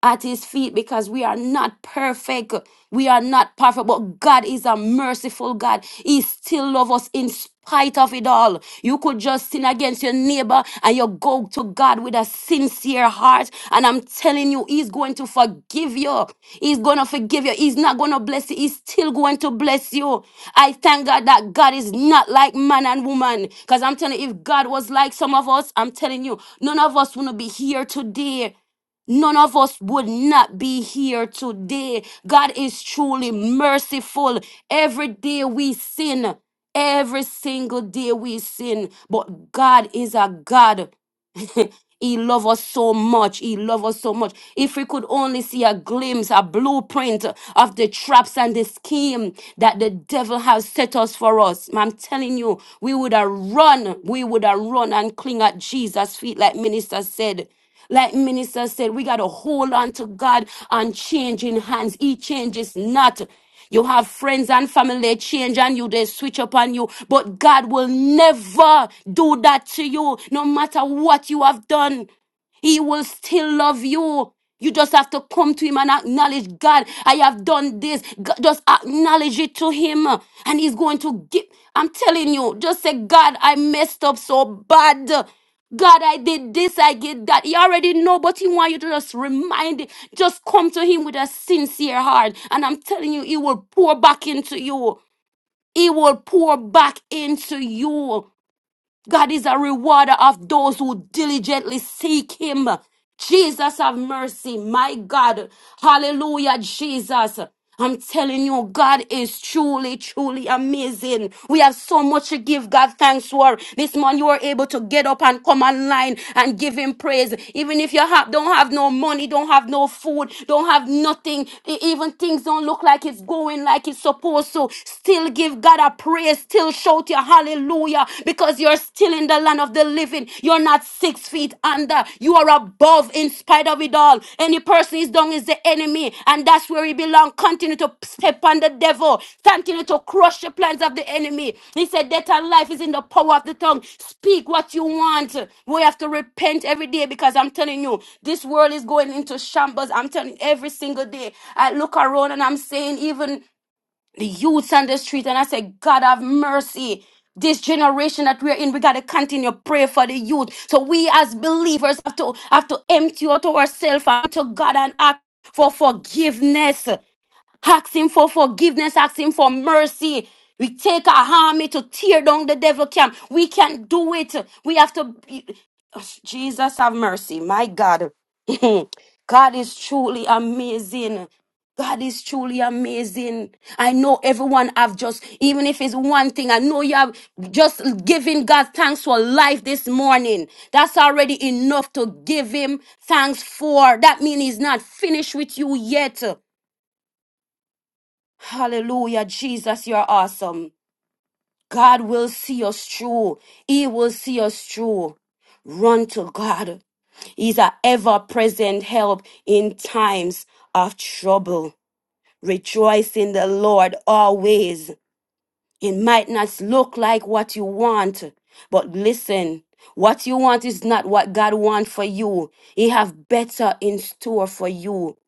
At his feet, because we are not perfect. We are not perfect, but God is a merciful God. He still loves us in spite of it all. You could just sin against your neighbor and you go to God with a sincere heart. And I'm telling you, He's going to forgive you. He's going to forgive you. He's not going to bless you. He's still going to bless you. I thank God that God is not like man and woman. Because I'm telling you, if God was like some of us, I'm telling you, none of us wouldn't be here today. None of us would not be here today. God is truly merciful. Every day we sin, every single day we sin, but God is a God. he loves us so much. He loves us so much. If we could only see a glimpse, a blueprint of the traps and the scheme that the devil has set us for us, I'm telling you, we would have run. We would have run and cling at Jesus' feet, like minister said. Like minister said, we got to hold on to God and change in hands. He changes not. You have friends and family, they change on you, they switch up on you, but God will never do that to you, no matter what you have done. He will still love you. You just have to come to him and acknowledge God. I have done this. God, just acknowledge it to him. And he's going to give. I'm telling you, just say, God, I messed up so bad. God, I did this, I did that. He already know, but he want you to just remind it. Just come to him with a sincere heart. And I'm telling you, he will pour back into you. He will pour back into you. God is a rewarder of those who diligently seek him. Jesus have mercy. My God. Hallelujah, Jesus. I'm telling you, God is truly, truly amazing. We have so much to give God thanks for. This morning, you are able to get up and come online and give Him praise. Even if you have, don't have no money, don't have no food, don't have nothing, e- even things don't look like it's going like it's supposed to, still give God a praise praise still. Shout your hallelujah because you're still in the land of the living. You're not six feet under, you are above in spite of it all. Any person is down is the enemy, and that's where he belongs. Continue to step on the devil, continue to crush the plans of the enemy. He said, Death and life is in the power of the tongue. Speak what you want. We have to repent every day because I'm telling you, this world is going into shambles. I'm telling you, every single day. I look around and I'm saying, even the youths on the street and I said, God have mercy. This generation that we're in, we gotta continue to pray for the youth. So we as believers have to have to empty out ourselves and to God and ask for forgiveness. Ask him for forgiveness, ask him for mercy. We take our army to tear down the devil camp. We can do it. We have to. be- Jesus have mercy. My God. God is truly amazing. God is truly amazing. I know everyone have just, even if it's one thing, I know you have just giving God thanks for life this morning. That's already enough to give him thanks for. That means he's not finished with you yet. Hallelujah, Jesus, you're awesome. God will see us through. He will see us through. Run to God. He's an ever present help in times of trouble. Rejoice in the Lord always. It might not look like what you want, but listen, what you want is not what God wants for you. He have better in store for you.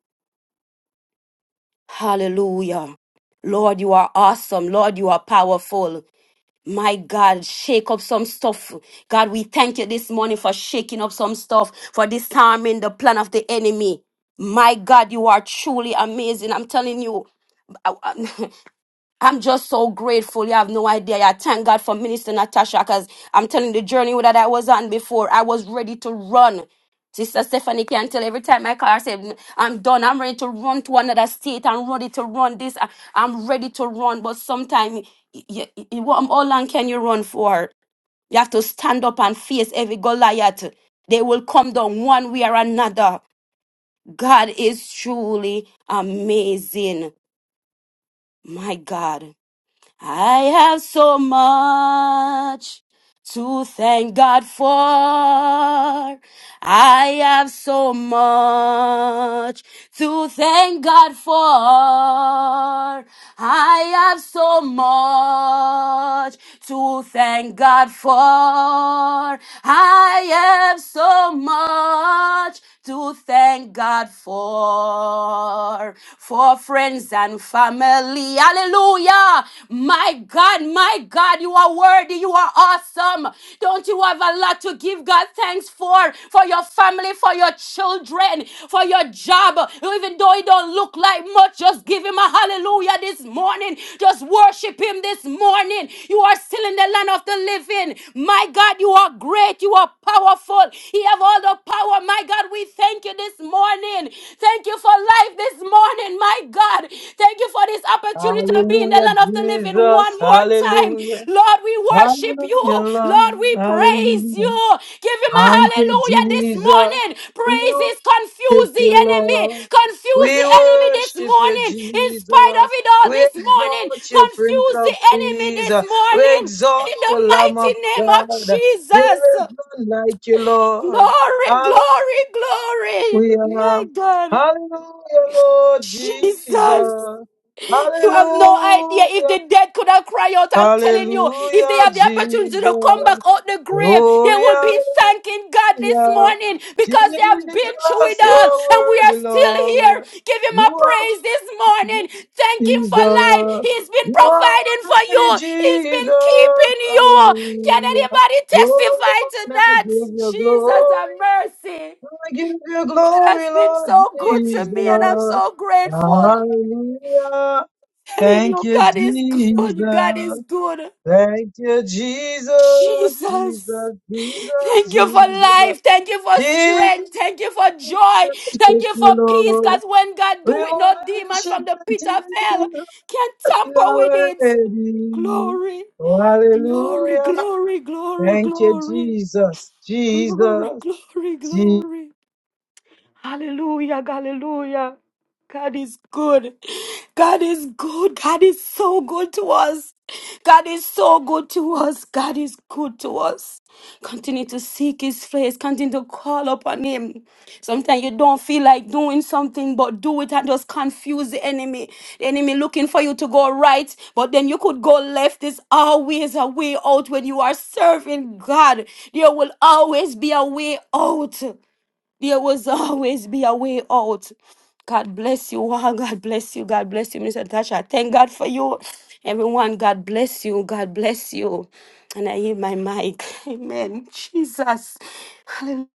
Hallelujah. Lord, you are awesome. Lord, you are powerful. My God, shake up some stuff. God, we thank you this morning for shaking up some stuff, for disarming the plan of the enemy. My God, you are truly amazing. I'm telling you. I'm just so grateful. You have no idea. I thank God for Minister Natasha because I'm telling you, the journey that I was on before. I was ready to run. Sister Stephanie can tell every time I call her, I say, "Mm, I'm done. I'm ready to run to another state. I'm ready to run this. I- I'm ready to run. But sometimes, you, how long can you run for? You have to stand up and face every Goliath. They will come down one way or another. God is truly amazing. My God. I have so much to thank God for. I have so much to thank God for. I have so much to thank God for. I have so much to thank God for, for friends and family. Hallelujah. My God, my God, you are worthy. You are awesome. Don't you have a lot to give God thanks for? For your family, for your children, for your job. Even though it don't look like much, just give him a hallelujah this morning. Just worship him this morning. You are still in the land of the living. My God, you are great. You are powerful. He have have all the power. My God, we thank you this morning. Thank you for life this morning, my God. Thank you for this opportunity to be in the
Hallelujah,
land of the living one
Jesus.
more time.
Hallelujah.
Lord, we worship you.
Hallelujah,
Lord,
Lord.
we praise
Hallelujah.
you. Give him a
Thank you,
hallelujah this
Jesus.
morning.
We
Praises
worship
confuse the
you,
enemy.
Lord.
Confuse
We
the enemy this
worship you,
morning. In spite of
Jesus.
it all
We
this morning,
exalt you, Prince
confuse the
of
enemy
Peace.
this
We
morning.
exalt
In the
you, Lamb
mighty
of
name
God.
of
There
Jesus.
is none like you, Lord.
Glory,
Hallelujah.
glory, glory. My God.
Hallelujah, Lord
Jesus.
Jesus.
You have no idea if
Hallelujah.
the dead could have cried out. I'm telling you, if they
Hallelujah,
have the opportunity to come
Jesus.
back out the grave, they will be
Glory,
thanking God this
Hallelujah.
morning because they have been through
Jesus,
it all
you're
and we
worthy,
are still here.
Lord.
Give him a
You are
praise this morning. Thank him
Jesus.
for life. He's been
You are
providing for you.
worthy,
He's been
Jesus.
keeping you. Can
Hallelujah.
anybody
Oh,
testify to
Lord, I give
that?
you
Jesus have
glory.
mercy
I give you glory,
has been
Lord
so good to
Jesus.
me, and I'm so grateful. I'm
Hallelujah.
Telling
Thank
you,
you,
God is good.
Jesus.
God is good.
Thank you, Jesus,
Jesus.
Jesus, Jesus,
Thank you for
Jesus.
life. Thank you for
Jesus,
strength. Thank you for
worship
joy. Thank
you,
you for peace.
Lord.
Because when God
We
do it, no demon
worship
from the
you,
pit of hell
Jesus.
can
You
tamper
are
with it.
worthy.
Glory,
Oh,
glory,
hallelujah.
glory, glory,
Thank you,
glory,
Jesus.
glory,
Jesus.
glory, glory. Hallelujah, hallelujah. God is good. God is good. God is so good to us. God is so good to us. God is good to us. Continue to seek His face. Continue to call upon Him. Sometimes you don't feel like doing something, but do it and just confuse the enemy. The enemy looking for you to go right, but then you could go left. There's always a way out when you are serving God. There will always be a way out. There was always be a way out. God bless you. Wow, God bless you. God bless you, Mr. Tasha. Thank God for you. Everyone, God bless you. God bless you. And I hear my mic. Amen. Jesus. Hallelujah.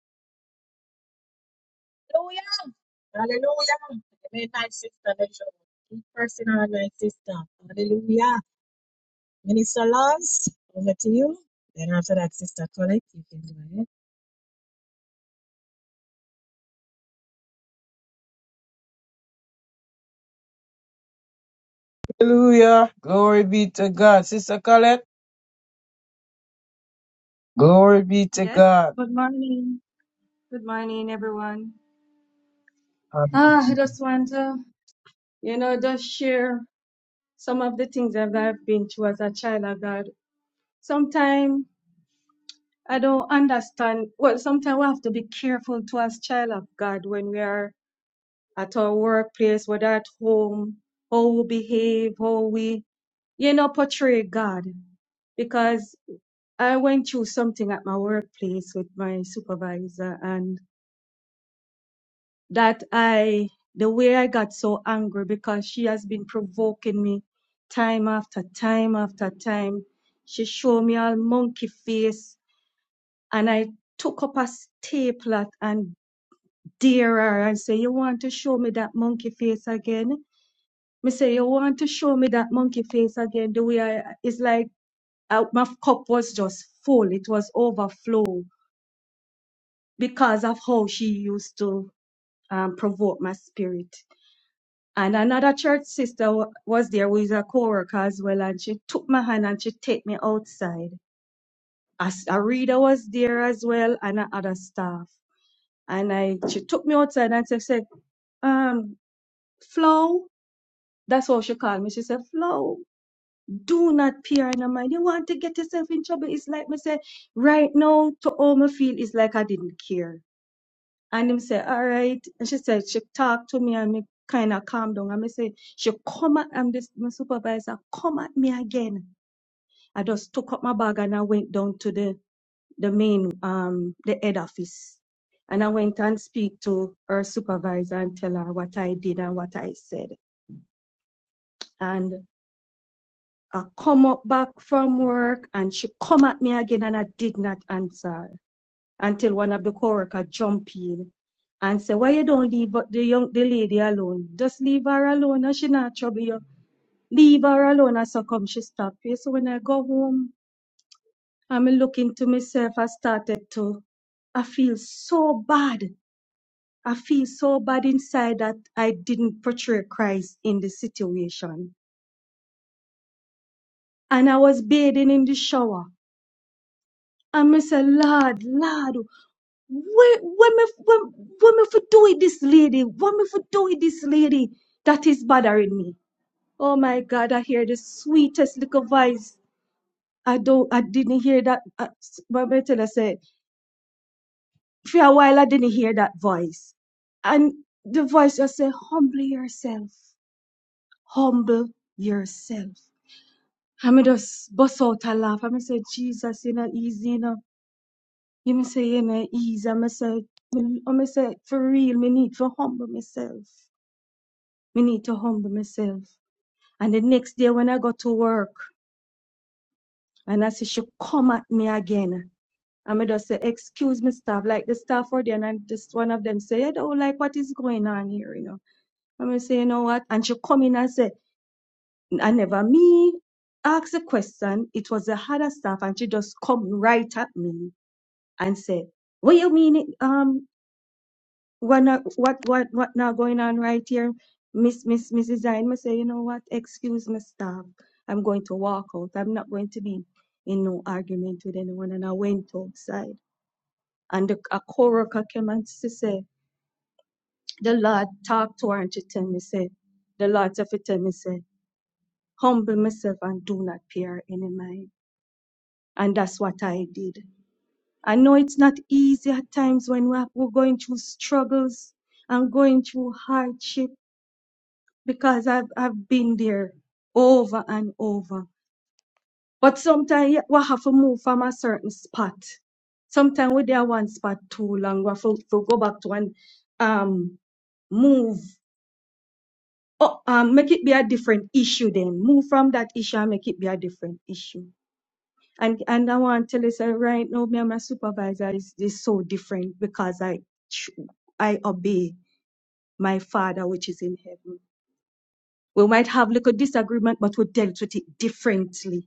ahead. Hallelujah. Amen, my sister. Let's go. Keep pressing on, my sister. Hallelujah. Minister Lance, over to you. Then after that, Sister Colette, you can go ahead.
Hallelujah. Glory be to God. Sister Colette, glory be to
Yes,
God.
good morning. Good morning, everyone. Ah, I
Hallelujah.
just want to, you know, just share some of the things that I've been through as a child of God. Sometimes I don't understand. Well, sometimes we have to be careful to as child of God when we are at our workplace, whether at home, how we behave, how we, you know, portray God. Because I went through something at my workplace with my supervisor and that I, the way I got so angry because she has been provoking me time after time after time. She showed me all monkey face and I took up a stapler and dare her and say, you want to show me that monkey face again? Me say, you want to show me that monkey face again? The way I, it's like uh, my cup was just full. It was overflow because of how she used to um, provoke my spirit. And another church sister wa- was there who is a co-worker as well, and she took my hand and she take me outside. As a reader was there as well, and a other staff. And I, she took me outside and she said, um, Flo, that's how she called me. She said, Flo, do not peer in her mind. You want to get yourself in trouble. It's like me say, right now, to all me feel it's like I didn't care. And him say, all right. And she said, she talked to me and me kind of calm down. And me say, she come at, I'm this, my supervisor, come at me again. I just took up my bag and I went down to the, the main, um, the head office. And I went and speak to her supervisor and tell her what I did and what I said. And I come up back from work and she come at me again and I did not answer. until one of the coworker jump in and say, Why you don't leave the young the lady alone? Just leave her alone and she not trouble you. Leave her alone and so come she stop you. So when I go home, I'm looking to myself, I started to I feel so bad. I feel so bad inside that I didn't portray Christ in the situation. And I was bathing in the shower. And I said, Lord, Lord, Where, when me, when, when me for do it this lady? When me for do it this lady? That is bothering me. Oh my God, I hear the sweetest little voice. I don't, I didn't hear that. Uh, s- what me tell her say? For a while, I didn't hear that voice. And the voice just say, humble yourself. Humble yourself. I me just bust out a laugh. I me say, Jesus, you know, easy, you know. You me say, you know, easy. I me say, I me say, for real, me need to humble myself. Me need to humble myself. And the next day when I go to work, and I see she come at me again. And me just say, excuse me, staff. Like the staff were there, and I just one of them say, oh, like what is going on here, you know. And I say, you know what? And she come in and say, I never me ask the question. It was the other staff, and she just come right at me and say, what you mean? Um, what not, what what what now going on right here miss miss mrs Zine, me say you know what excuse me staff. i'm going to walk out i'm not going to be in no argument with anyone and i went outside and the, a co-worker came and she say the lord talked to her and she tell me say the lord said tell me say humble myself and do not fear any mind and that's what i did i know it's not easy at times when we're, we're going through struggles and going through hardship because I've I've been there over and over. But sometimes yeah, we have to move from a certain spot. Sometimes we there one spot too long. We have to, to go back to and um move. Oh, um, make it be a different issue then. Move from that issue and make it be a different issue. And and I want to tell you say right now, me and my supervisor is, is so different because I ch- I obey my father which is in heaven. We might have little disagreement, but we dealt with it differently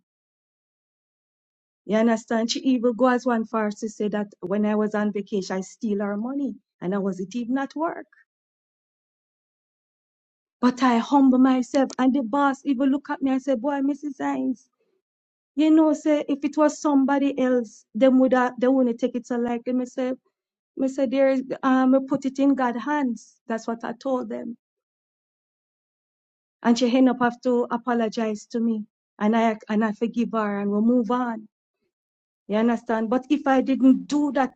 You understand? She even goes one far to say that when I was on vacation, I steal her money and I wasn't even at work. But I humble myself and the boss even look at me and say, boy, Mrs. Hines, you know, say if it was somebody else, them would have, they wouldn't take it so lightly. Me say, me say, there is, um, put it in God's hands. That's what I told them. And she end up have to apologize to me. And I, and I forgive her and we move on. You understand? But if I didn't do that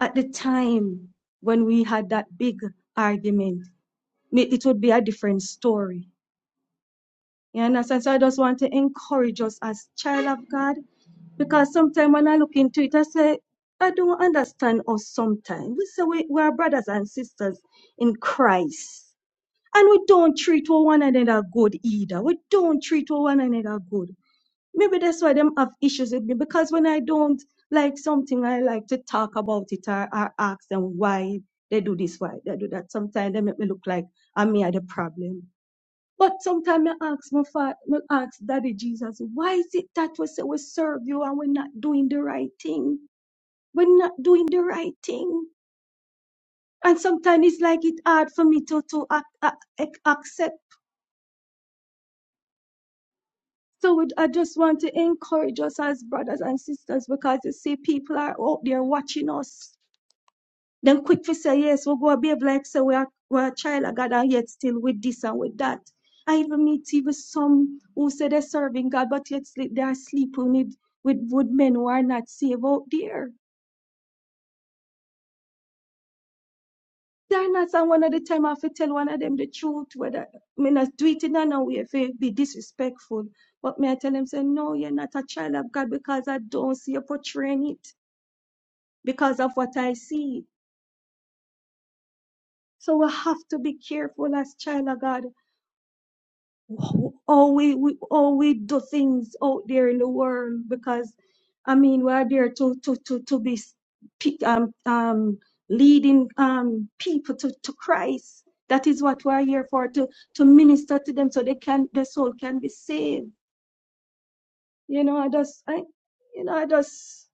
at the time when we had that big argument, it would be a different story. You understand? So I just want to encourage us as child of God, because sometimes when I look into it, I say, I don't understand us sometimes. We say we, we are brothers and sisters in Christ. And we don't treat one another good either. We don't treat one another good. Maybe that's why them have issues with me because when I don't like something, I like to talk about it or, or ask them why they do this, why they do that. Sometimes they make me look like I'm me are the problem. But sometimes I ask my father, I ask Daddy Jesus, why is it that we say we serve you and we're not doing the right thing? We're not doing the right thing. And sometimes it's like it's hard for me to, to ac- ac- ac- accept So we- I just want to encourage us as brothers and sisters because you see, people are out there watching us. Then quick to say, yes, we go behave like so we are we're a child of God and yet still with this and with that. I even meet even some who say they're serving God, but yet sleep, they are sleeping with, with, with men who are not saved out there. They're not and one of the time I have to tell one of them the truth, whether I mean I do it in another way if it be disrespectful. But may I tell them say, No, you're not a child of God because I don't see you portraying it. because of what I see. So we have to be careful as child of God. wh- we, we how we do things out there in the world because I mean we are there to to to to be um um leading um people to, to Christ. That is what we are here for to to minister to them so they can their soul can be saved. You know, I just I you know I just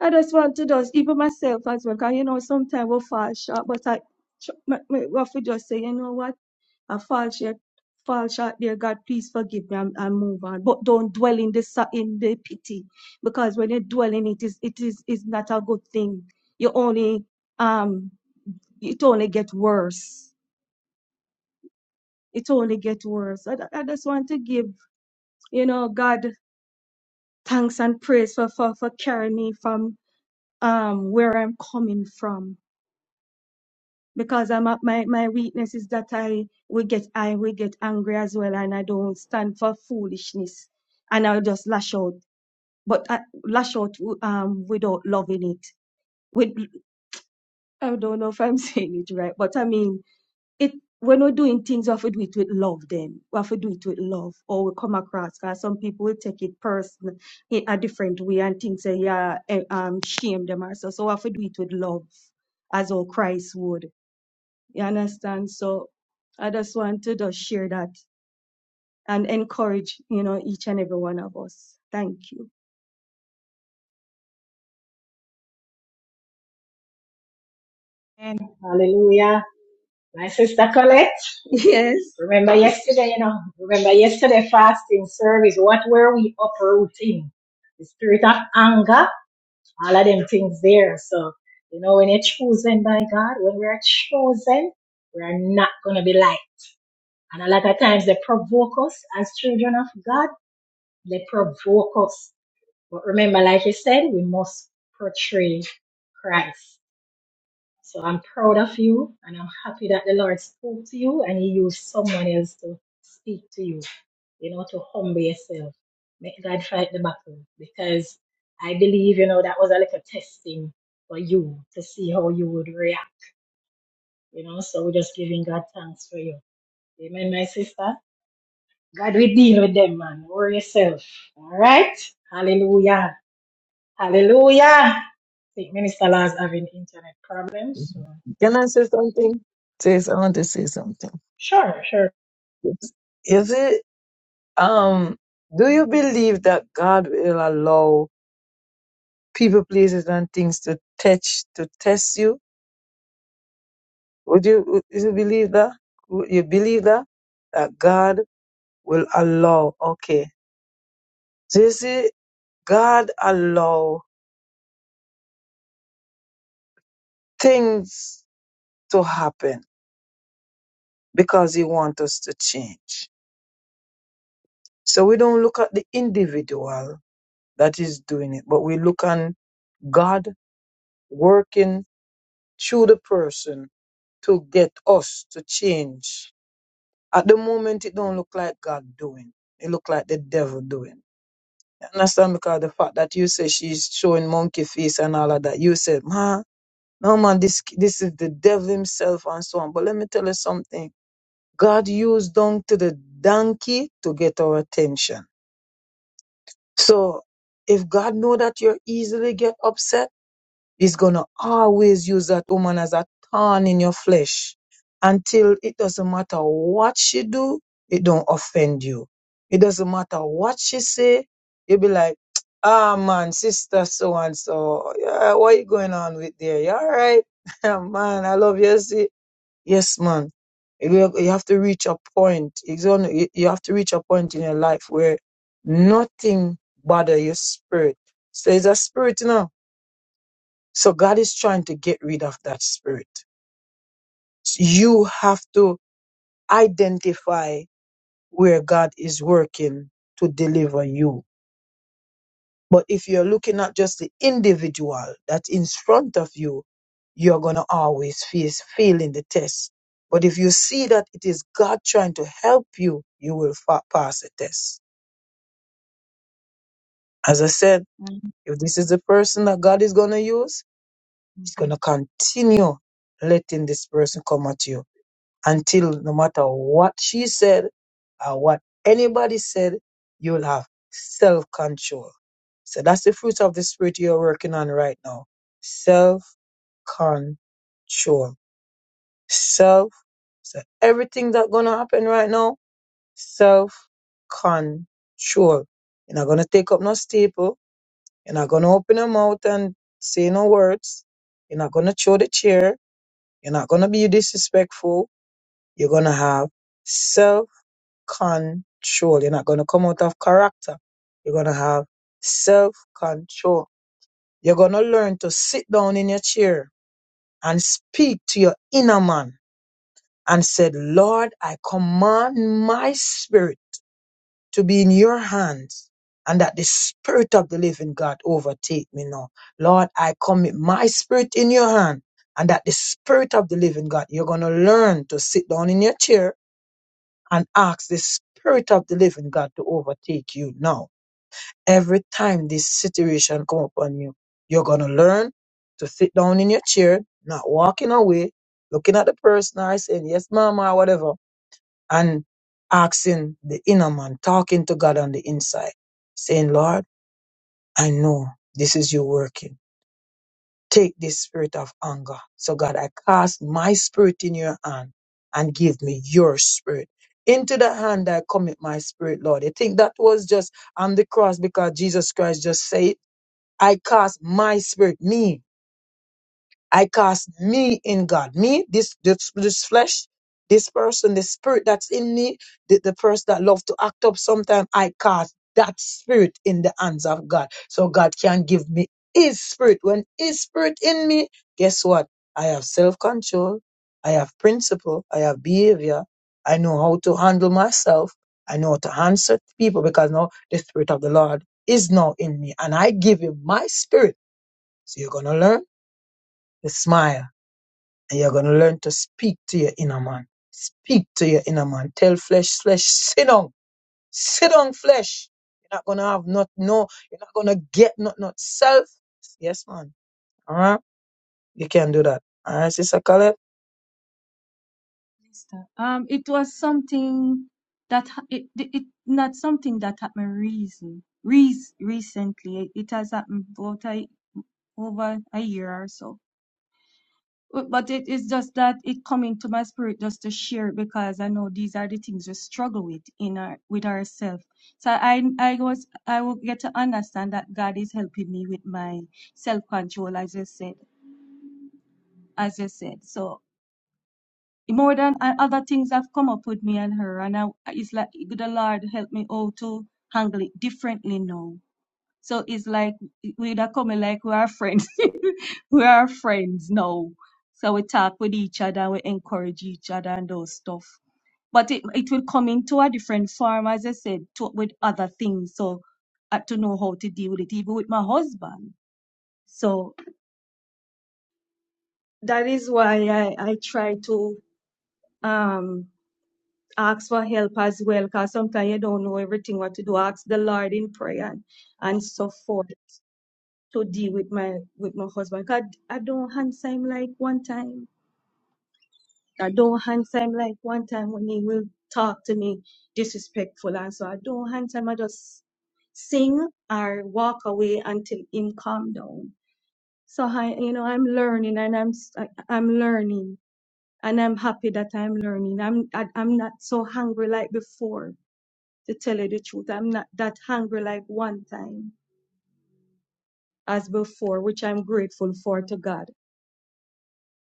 I just want to just, even myself as well, because you know, sometimes we fall short, but I, ch- me- me- what we just say, you know what, I fall short, fall short dear God, please forgive me and, and move on. But don't dwell in the, sa- in the pity, because when you dwell in it, is it is is not a good thing. You only, um, it only get worse. It only get worse. I, I just want to give, you know, God thanks and praise for, for, for carrying me from um where I'm coming from because I'm a, my my weakness is that I will get I will get angry as well, and I don't stand for foolishness, and I'll just lash out, but I lash out um without loving it. With I don't know if I'm saying it right, but I mean it. When we're doing things, we have to do it with love. Then we have to do it with love, or we come across. Cause some people will take it personal in a different way and think say, yeah, eh, um, shame them or so. So we have to do it with love, as all Christ would. You understand? So I just want to just share that and encourage, you know, each and every one of us. Thank you.
And hallelujah. My sister Colette,
Yes.
remember yesterday, you know, remember yesterday fasting service. What were we uprooting? The spirit of anger, all of them things there. So, you know, when you're chosen by God, when we're chosen, we're not going to be like. And a lot of times they provoke us as children of God. They provoke us. But remember, like you said, we must portray Christ. So I'm proud of you and I'm happy that the Lord spoke to you and He used someone else to speak to you, you know, to humble yourself. Make God fight the battle because I believe, you know, that was a little testing for you to see how you would react, you know. So we're just giving God thanks for you. Amen, my sister. God will deal with them, man. Worry yourself. All right? Hallelujah. Hallelujah. I think Minister Lars having internet problems. So.
Can I say something? Say, so, I want to say something.
Sure, sure.
You see, um, do you believe that God will allow people, places, and things to touch, to test you? Would you would you believe that? Would you believe that? That God will allow. Okay. So you see, God allow things to happen because He wants us to change. So we don't look at the individual that is doing it, but we look on God working through the person to get us to change. At the moment, it don't look like God doing. It look like the devil doing. understand because the fact that you say she's showing monkey face and all of that, you said, man, no man, this this is the devil himself and so on. But let me tell you something. God used donkey to the donkey to get our attention. So if God know that you're easily get upset, He's going to always use that woman as a thorn in your flesh until it doesn't matter what she do, it don't offend you. It doesn't matter what she say, you'll be like, ah man, sister so and so, yeah, what you going on with there? You all right? man, I love you. See? Yes, man. You have you have to reach a point. It's on- You you have to reach a point in your life where nothing bother your spirit. So it's a spirit, you know so God is trying to get rid of that spirit. So you have to identify where God is working to deliver you. But if you're looking at just the individual that's in front of you, you're going to always face failing the test. But if you see that it is God trying to help you, you will fa- pass the test. As I said, if this is the person that God is going to use, He's going
Mhm.
to continue letting this person come at you until no matter what she said or what anybody said, you'll have self control. So that's the fruit of the spirit you're working on right now. Self control. Self. So everything that's gonna happen right now, self control. You're not gonna take up no staple. You're not gonna open your mouth and say no words. You're not gonna throw the chair. You're not gonna be disrespectful. You're gonna have control. You're not going to come out of character. You're going to have self control. You're going to learn to sit down in your chair and speak to your inner man and said, Lord, I command my spirit to be in your hands and that the spirit of the living God overtake me now. Lord, I commit my spirit in your hand and that the spirit of the living God, you're going to learn to sit down in your chair and ask the Spirit of the Living God to overtake you now. Every time this situation come upon you, you're gonna learn to sit down in your chair, not walking away, looking at the person or saying yes, mama, or whatever, and asking the inner man, talking to God on the inside, saying, Lord, I know this is you working take this spirit of anger. So, God, I cast my spirit in your hand and give me your spirit. Into the hand I commit my spirit, Lord. I think that was just on the cross because Jesus Christ just said, I cast my spirit, me. I cast me in God. Me, this this, this flesh, this person, the spirit that's in me, the, the person that love to act up sometimes, I cast that spirit in the hands of God. So God can give me his spirit. When his spirit in me, guess what? I have self-control, I have principle, I have behavior, I know how to handle myself, I know how to answer to people because now the spirit of the Lord is now in me. And I give him my spirit. So you're gonna learn to smile and you're going to learn to speak to your inner man. Speak to your inner man. Tell flesh, flesh, sit down. Sit down, flesh. You're not going to have not, no, you're not going to get not, not self. Yes, man. All right. You can do that. All right, Sister Caleb.
Sister. Um, it was something that ha- it, it it- not something that happened reason, reas recently. It, it has happened about a, over a year or so. Uh, But it is just that it come into my spirit just to share because I know these are the things we struggle with in our with ourselves. So I I was I will get to understand that God is helping me with my self control, as I said, as I said. So more than and other things have come up with me and her, and I, it's like the Lord help me all to handle it differently now so it's like we are coming like we are friends. we are friends now. So we talk with each other, we encourage each other and those stuff. But it it will come into a different form, as I said, to, with other things. So I had to know how to deal with it, even with my husband. So that is why I, I try to um ask for help as well, because sometimes you don't know everything what to do. Ask the Lord in prayer and, and so forth. to deal with my with my husband. 'Cause I don't answer him like one time. I don't answer him like one time when he will talk to me disrespectful, and so I don't answer him. I just sing or walk away until him calm down. So I, you know, I'm learning and I'm s- I- I'm learning and I'm happy that I'm learning. I'm I, I'm not so hungry like before. To tell you the truth, I'm not that hungry like one time as before, which I'm grateful for to God.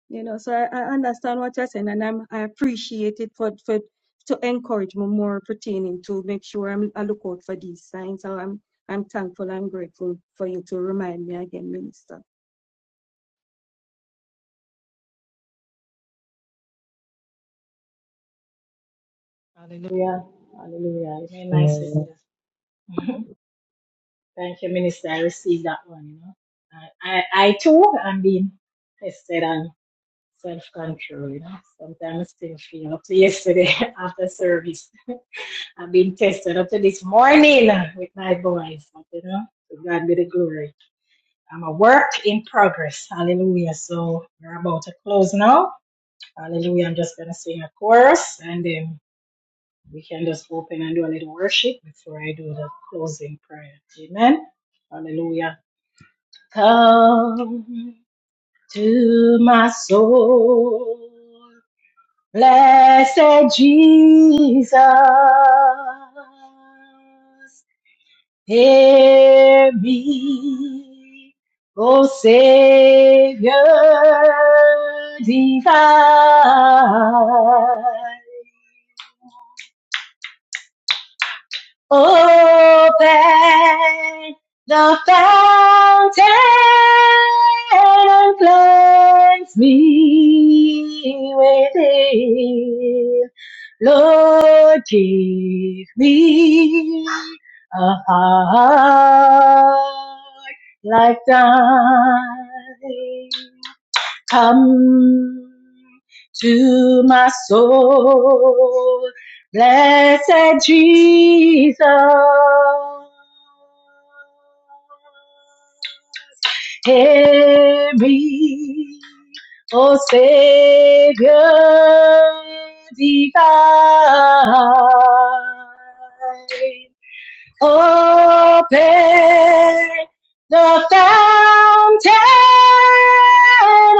You know, so I, I understand what you're saying, and I'm, I appreciate it for, for to encourage me more pertaining to make sure I'm, I look out for these signs. So I'm I'm thankful and grateful for you to remind me again, Minister.
Hallelujah. Hallelujah. Amen, my
Mm,
sister. Thank you, Minister. I received that one, you know. I, I, I too am being tested on self control, you know. Sometimes I still feel up to yesterday after service. I've been tested up to this morning with my voice, but you know, to God be the glory. I'm a work in progress. Hallelujah. So we're about to close now. Hallelujah. I'm just going to sing a chorus and then we can just open and do a little worship before I do the closing prayer. Amen. Hallelujah. Come to my soul, blessed Jesus. Hear me, O Savior divine. Open the fountain and cleanse me within. Lord, give me a heart like thine. Come to my soul, blessed Jesus. Hear me, O Savior divine. Open the fountain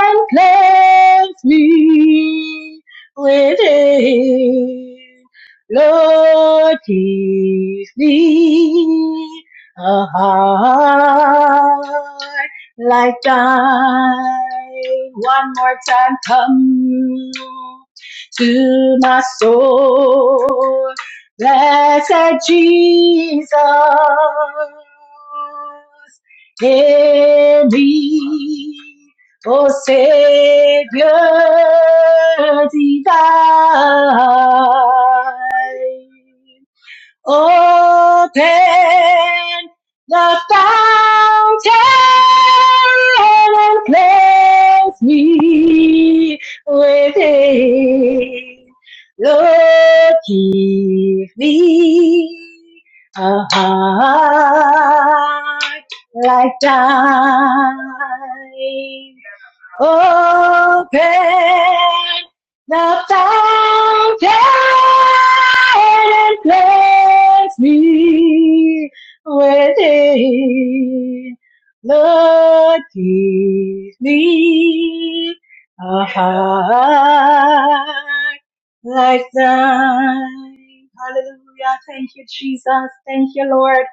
and cleanse me within. Lord, give me a heart like thine. One more time, come to my soul. Blessed Jesus, hear me, O Savior divine. Open the fountain and cleanse me within. Lord, give me a heart like thine. Open the fountain and place me within. Lord, give me a heart like thine. Hallelujah. Thank you, Jesus. Thank you, Lord.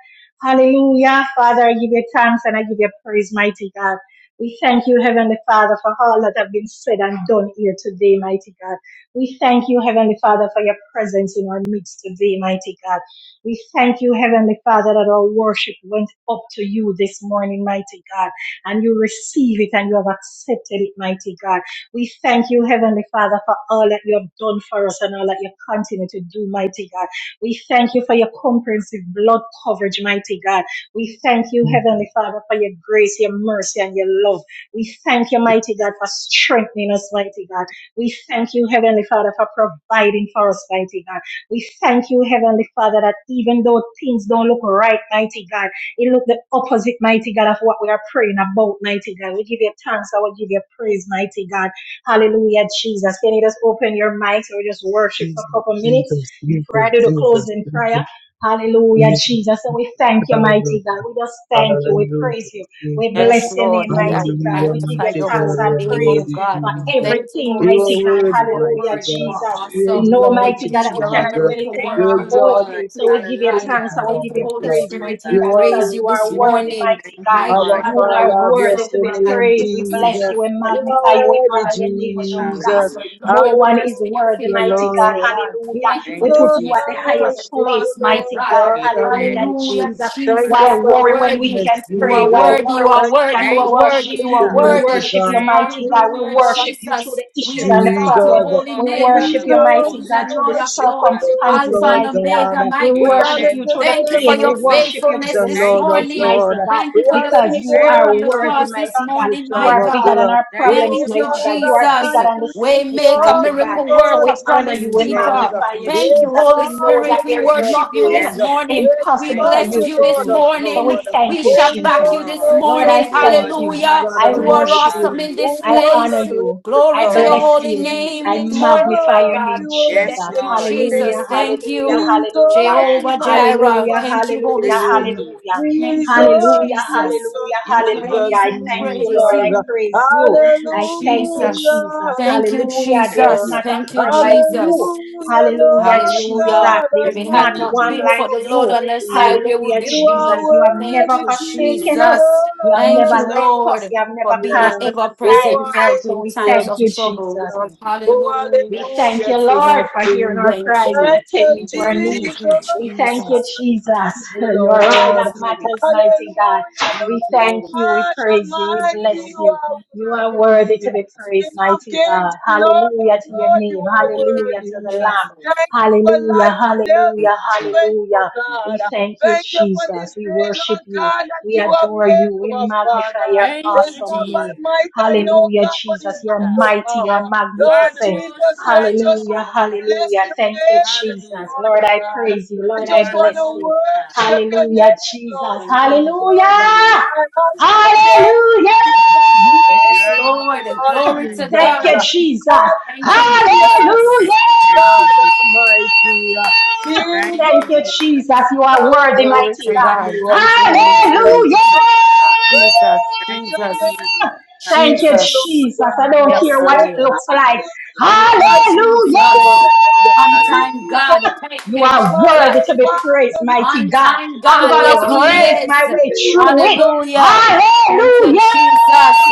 Hallelujah. Father, I give you thanks and I give you praise, mighty God. We thank you, Heavenly Father, for all that have been said and done here today, mighty God. We thank you, Heavenly Father, for your presence in our midst today, mighty God. We thank you, Heavenly Father, that our worship went up to you this morning, mighty God, and you receive it and you have accepted it, mighty God. We thank you, Heavenly Father, for all that you have done for us and all that you continue to do, mighty God. We thank you for your comprehensive blood coverage, mighty God. We thank you, Heavenly Father, for your grace, your mercy, and your love. We thank you, mighty God, for strengthening us, mighty God. We thank you, Heavenly Father, for providing for us, mighty God. We thank you, Heavenly Father, that even though things don't look right, mighty God, it look the opposite, mighty God, of what we are praying about, mighty God. We give you thanks. I will give you praise, mighty God. Hallelujah, Jesus. Can you just open your mics or just worship for
Jesus,
a couple minutes
Jesus,
before I
Jesus,
do the
Jesus,
closing prayer?
Jesus,
Hallelujah,
Jesus.
Jesus. So we thank you,
Hallelujah.
mighty God. We just thank you. We
Hallelujah.
praise you. We
Jesus.
bless your name, mighty God.
Hallelujah,
We give
Magnify
you
mighty
your
thanks
God,
holy
you
and
are
name,
praise
oh
worthy,
for
God.
Jesus.
Thank you,
everything,
Holy
You are
mighty God.
Spirit.
worthy,
You are
mighty
Hallelujah,
word. You
God.
are
Jesus.
We
We know,
awesome.
exalt
mighty
you,
God, that
Indeed, you're
we
a
cannot do
Jesus.
miracle
anything on
We
Thank
our
worker,
you,
Lord.
exalt
own.
Lord.
you,
Thank you,
So
King
we
my
give you
God.
King
thanks
Hallelujah.
and
and
we
Thank
Lord
give
you,
you
Thank
of
you,
Holy
Lord.
praise,
Jesus.
Spirit.
mighty
We
You
God,
are
because
praise you
you
this
are
worthy,
worthy,
morning.
mighty
Thank you,
God.
My
Lord.
our
God,
You
you are
are
Father,
Hallelujah.
worthy
bless
awesome.
to
the
You
be
are
Thank
name
praised. We
you,
bless
Jesus.
Jesus.
magnificent.
you We
You
Thank you,
are
magnify you.
my
We
worthy,
honor
God,
your name,
for your
Jesus.
grace,
Jesus.
your
Hallelujah.
love,
No
your
one
mercy,
is
and your
worthy,
Hallelujah,
mighty
faithfulness,
God.
oh
Lord.
God.
Hallelujah.
Thank you for
Thank
We
your
you,
put
Jesus,
you at
finished
Jesus.
the
I
work on
highest
the
worship you,
place,
cross, my
Lord
mighty
God.
God.
God
Amen.
Hallelujah,
Almighty.
Hallelujah,
Jesus.
Thank you
Why
Jesus,
for
you are
your
worry when we
worthy.
goodness,
can
You
pray?
are
Why
Jesus.
worthy, you
worry
are
when
Thank
we
you
worthy,
can
for
you are
Thank
your
you,
worthy,
worship?
you are
mercy,
We
Jesus.
mighty
worthy.
worship you,
God.
Praise
mighty
the
God.
Jesus,
We
Hallelujah,
Lord.
worship you through
Jesus.
Jesus,
the
We
issues and the
exalt
Thank
your
problem.
you,
Jesus.
holy
Lord.
We
name, O
worship
King
you,
of
Jesus,
mighty
we
Kings
Hallelujah.
God,
and
through the
Lord of
worship
Lords,
Hallelujah.
you,
circumstances,
Alpha
Lord
and
mighty God.
God.
Omega,
We
my
We
God.
worship
honor
Amen,
you
your
through the
God.
Thank you
name,
for
Thank
pain. We
you,
your
King of
worship
Jesus.
you
Kings
through
faithfulness
the
and
this
Thank
Lord
you,
of
sickness,
morning.
Jesus.
Lords.
mighty God,
Thank you
We
for
are
your
the
because
finished
you
work
Thank
are
on
you,
the
redeemed of
worthy,
the
cross
Jesus.
this
mighty God.
family
morning,
You
my
tribe
are
of
bigger
God.
than
Judah.
our
Thank
problems,
you,
Oh
Thank you,
mighty
Lord.
God. You
God
are
Jesus.
bigger
Almighty,
than the
we
We
sickness,
make a
Mm,
exalt
mighty God.
you,
miracle
So
Lord
worker,
we honor
promise
you. We
Thank
Jesus.
keeper.
you,
magnify you,
We
Jesus.
Thank you,
Jesus.
Holy
We
exalt
know
you,
that
Spirit. We
there is
King of
worship you
nothing
this
Kings.
Yes.
morning.
We
We
impossible
Thank
for
you,
exalt
bless
Lord.
you,
you
you
to
this
Lord
do.
of
So we
morning.
Lords.
thank
We
you,
shall
Holy,
Thank
back
you,
you
Jesus.
holy,
this
Lord.
holy,
Lord,
morning.
Bless
I
the
holy is
thank
the
Lord, oh
you.
my
Hallelujah.
Lord God
I
soul.
You are
worship
Almighty,
awesome
you.
in
who
this
Hallelujah.
I
was
honor
place.
and is
you.
to
Glory
I
to your
come.
bless
Thank you,
holy
you.
We
Jesus.
name
I
this morning,
magnify
my
your
exalt, we
name,
God.
Jesus.
Thank
Yes,
worship
you,
Lord.
you,
Thank
Jesus.
Hallelujah,
you.
hallelujah,
Thank you,
Jesus,
hallelujah,
Yes,
we
Jehovah
magnify
Jireh.
hallelujah, hallelujah,
Thank you,
your
Holy
thank you,
name.
Spirit.
Jesus.
hallelujah,
Thank you,
hallelujah,
Jesus,
Jesus.
Jesus,
hallelujah,
We
Yes, Lord
hallelujah.
Jesus,
praise
I
you. We
thank you,
praise
Lord.
Jesus.
I
you.
praise you.
Thank you,
I
Jesus.
thank you,
Jesus.
Jesus.
Hallelujah,
Thank you,
Hallelujah.
Thank
There's
you,
Jesus.
not
hallelujah.
a
Thank you,
friend like you.
Jesus.
Hallelujah,
Hallelujah,
Lord
Jesus.
Hallelujah.
God
If
There's
it
Jesus. Thank
not
had
you,
not
Almighty,
one
you
been
are
like
for the Lord
you.
on our
worthy.
side, where would
Hallelujah,
we
You
Jesus.
are
be?
You have never
Thank
worthy,
you,
forsaken
Jesus.
us.
Jesus.
You have
Thank
never
you,
Jesus.
left us.
Lord,
You have
for
never
being an
cast
Hallelujah.
us
ever
aside.
Oh,
present help
So
in
we
hallelujah,
times
thank
of
you,
Jesus.
trouble.
Jesus.
Thank you,
Oh,
Jesus.
We
Hallelujah,
thank
hallelujah,
you,
King
Jesus.
of
Lord, for hearing
Kings.
our
Thank
cries and
Thank
you.
you,
attending
Thank
to
you,
our
Jesus.
Thank
needs.
you,
We thank
Jesus
you,
Jesus.
Jesus.
you,
Thank
You're
you,
Ah,
all
Holy
Lord.
that
Spirit.
matters,
Hallelujah,
mighty God.
Thank
We
you,
Lord
thank
Lord.
you. We
God
praise you.
Thank
We
Almighty,
you,
bless
you
Lord.
you. You
are
are
worthy.
worthy to be praised,
King of
mighty
kings,
God.
Lord of
Hallelujah to your
lords, you
name.
are
Hallelujah
Thank
to
you,
the
worthy.
Lamb.
Thank
Jesus.
you for
Hallelujah,
life and health
Thank
hallelujah,
and
you, Jesus.
strength, oh
hallelujah. We
God.
thank you,
Thank you for
Jesus.
this
We
day,
worship
Lord
you.
God, that
We
you have
adore you.
made,
We
our
magnify
Father.
your
Thank
It's
you,
not
awesome
by
Jesus.
name.
might and
You
no
are
Hallelujah,
God, but
Jesus.
it's
You're
by your
mighty. You're
power.
You
Lord
are the
magnificent.
Most
Jesus, so I
High,
just
Hallelujah,
Lord.
want to bless
hallelujah.
your
Thank you,
name this
Jesus.
Hallelujah.
Lord,
morning,
I
God.
praise you.
I
Lord,
You
I
just
are the
want to
bless
Most
you.
High.
worship your
Hallelujah.
Hallelujah,
name, Lord
Jesus.
Thank you,
Jesus.
Holy
Thank
Spirit.
Hallelujah,
I love
you,
your
Daddy.
hallelujah.
name,
You
Yes,
are the
Lord,
Most
and
Lord
High,
glory
Daddy.
Jesus.
to
Lord
Thank you,
Jesus.
God.
Jesus.
Hallelujah.
Thank you,
Hallelujah,
Amen.
Hallelujah.
Jesus.
Thank you,
God
Jesus.
Almighty. uh,
Thank
Thank
you,
Jesus,
you,
Jesus.
Jesus. You are
I
worthy,
Glory
mighty
to
worship
Thank
God.
you,
God.
you.
Jesus.
Thank you, Holy
Thank
Jesus,
Spirit.
Hallelujah.
you, Jesus.
I
Jesus,
praise
Thank
your
you,
Jesus,
Jesus.
Thank you,
Hallelujah.
name, Lord
Jesus.
Jesus. I don't
God.
Yes,
care what
Oh,
it
Hallelujah.
Lord.
looks like.
Thank you,
hallelujah,
Thank you,
Hallelujah.
Jesus.
Jesus.
Jesus.
On
Hallelujah.
time,
Jesus,
God. Thank
You
you,
I
are
Jesus.
worthy to be
magnify
praised,
your name,
mighty
On
God.
time,
I'm
God.
going to
Yes,
Lord.
He
praise my
is.
way through it.
Jesus,
Hallelujah. Thank you,
Hallelujah.
Jesus.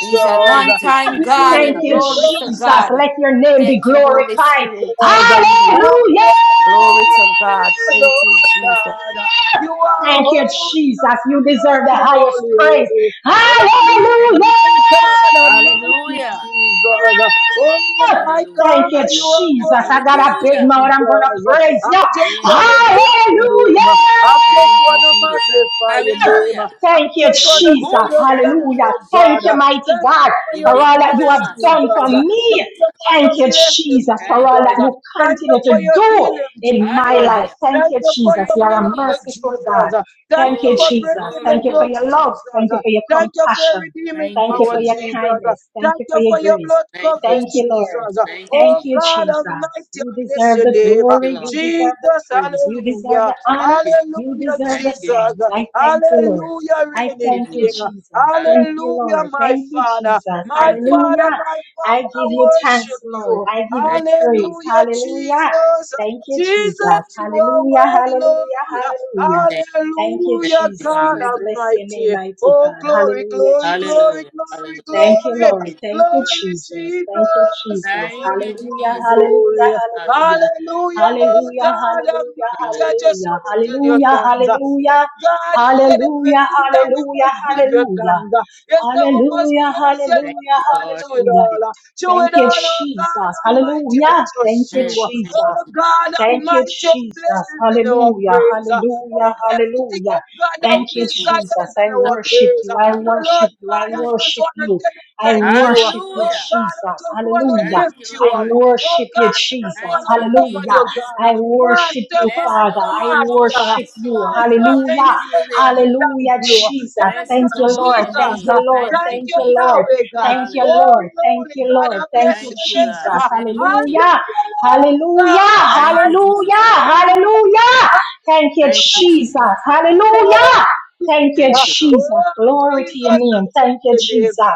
He's an
Thank
on
Jesus,
you,
time
Jesus.
God
Thank
and
you,
glory
Hallelujah.
Jesus,
to
Jesus.
God.
Let
Hallelujah.
your name be
Thank you, Holy
glorified.
Spirit. Thank
Lord.
you.
Hallelujah.
Glory
Hallelujah,
to God. Thank you,
Lord
Jesus.
God. You are
Thank you,
holy,
Jesus. You
holy,
deserve the
holy,
highest
holy,
praise.
holy. Holy is
Hallelujah.
Thank you,
the Lord
Jesus.
God Almighty
Hallelujah.
Jesus. Oh my
Hallelujah.
Thank
God,
you,
you
Hallelujah.
are
Jesus. I got a
worthy,
big
Hallelujah.
mouth. I'm going to
Jesus.
praise
I
you.
just want to
Amen.
bless your name. I just
Thank
Hallelujah.
want
you,
to
Jesus.
magnify your name.
Hallelujah.
I
Thank you,
just want to tell
Jesus.
you thank
Hallelujah.
you,
Ikushandalabasha.
Thank
God.
you, mighty
Thank you
God,
for
for
your
all that you have
goodness,
done for
Jesus.
Indekundamasabatasa.
Thank
me.
you for your
Thank you,
blessing,
Jesus, for
Thank you.
all that
Jesus.
Jesus.
you
Thank you
continue
for
to
your
do
healing,
in my
Jesus.
life.
Hallelujah.
Thank
Thank
you,
you for
Jesus.
your
Thank
You
you,
are a
miracle,
Jesus.
merciful
Jesus.
God.
Thank
Thank
you
you,
for
Glory,
Jesus.
breaking
glory,
the
Thank you for
glory.
yokes,
your love.
Jesus.
Thank you for your
Thank you for your
compassion.
redeeming
Thank
Thank
you,
you
power,
for
Jesus.
your
Jesus.
kindness. Thank
Thank
you for
you
your
for your
grace.
blood
Thank you,
coverage,
Thank
Jesus.
you, Lord.
Jesus.
Thank you,
Oh
Thank
Jesus.
you,
God
Jesus.
Almighty,
You
I bless
deserve
your
the
Thank
name.
you,
glory.
Lord.
You deserve the
Jesus,
praise. You deserve
hallelujah.
the honor.
Thank you, Jesus.
You
Hallelujah,
deserve
Thank
the
you,
Jesus.
Jesus.
thanks. I thank you, Lord.
Hallelujah,
Thank
I
you,
reigning
thank you,
King.
Jesus.
Jesus.
Hallelujah.
Thank you,
Hallelujah,
Lord.
my
Thank you,
Father.
Jesus.
My
Thank you,
Father,
Lord.
Hallelujah.
my Father.
I
I
give you thanks,
worship
Lord.
you.
I give
Thank
you
you, Lord.
praise.
Hallelujah,
Hallelujah.
Jesus.
Thank you,
Jesus,
Jesus.
you are
Hallelujah.
worthy, Lord.
Hallelujah. Hallelujah.
Thank,
Thank you,
thank
Hallelujah,
you,
Jesus.
God
I
Jesus.
bless your name,
Almighty.
mighty
Oh,
God.
glory,
Hallelujah,
glory,
Jesus.
glory,
Hallelujah.
glory,
Hallelujah.
Thank you,
glory,
Lord.
Thank you,
Thank you,
Jesus.
glory,
Jesus. Thank you,
Jesus.
Jesus.
Thank
Glory,
you,
Hallelujah,
glory,
Jesus.
hallelujah,
glory.
Hallelujah.
hallelujah.
Hallelujah, Lord
Hallelujah,
God
hallelujah,
Almighty. I
Hallelujah.
just
hallelujah.
want to
Thank you,
tell you
Hallelujah,
thanks. Oh,
hallelujah.
God, you said
Hallelujah,
everything that we
hallelujah,
must
Jesus.
give you
hallelujah.
thanks. You said we must
Hallelujah,
praise you,
Thank
Lord.
hallelujah,
you,
God,
Lord.
to it
hallelujah.
all. Do
Thank
it
you,
all, oh God
Jesus.
Almighty. I
Hallelujah. Thank
trust
you,
Amen.
you.
Thank
Jesus.
you,
Oh God
Thank you,
Almighty, your
Jesus.
blessings in our
Hallelujah.
praise. Oh,
Hallelujah.
everything, oh
Hallelujah.
God, that
thank
Thank
we
you,
you,
desire
Jesus.
is
Jesus.
in
I
our
worship
praise.
you.
So,
I
Hallelujah.
worship
Lord
you. I
God, I
Hallelujah.
just
worship
want to
you.
tell you
I
thank you.
worship you,
Oh
Hallelujah.
God, I
Jesus.
just want to
Hallelujah.
Thank you,
lift you
I
up.
Lord.
Oh
worship you,
God, I just
Jesus.
want
Thank you,
to love on
Hallelujah.
you,
Jesus.
God.
I worship
Master,
you,
Bless the
Father.
master,
I
Lord, oh
master.
my
worship you.
soul, and all
Master, that
that
Hallelujah.
you
is
love
within me.
and thank
Hallelujah,
you.
Jesus.
Bless
Thank you,
his
Thank you, Lord.
holy
Thank
Jesus.
name.
Uh,
you,
Thank
Lord.
you,
Thank
Thank
you,
you,
Jesus.
Lord.
Yahweh, God.
Thank you,
Hallelujah.
Oh,
Lord. Thank
Lord,
you,
God,
Lord.
I
Thank
bless
you,
Thank
your
you,
name.
God.
Jesus.
Uh,
Thank you, Jesus.
Hallelujah.
Hallelujah, Lord God
Hallelujah,
Thank you,
Almighty.
hallelujah,
Jesus.
Hallelujah.
hallelujah. Thank you,
Thank you, Jesus.
Jesus. Hallelujah. Thank you,
Thank you, Lord.
Jesus.
Hallelujah. Hallelujah. Oh,
Glory to
Jesus, I
your name.
bless
Thank you,
your name.
Jesus.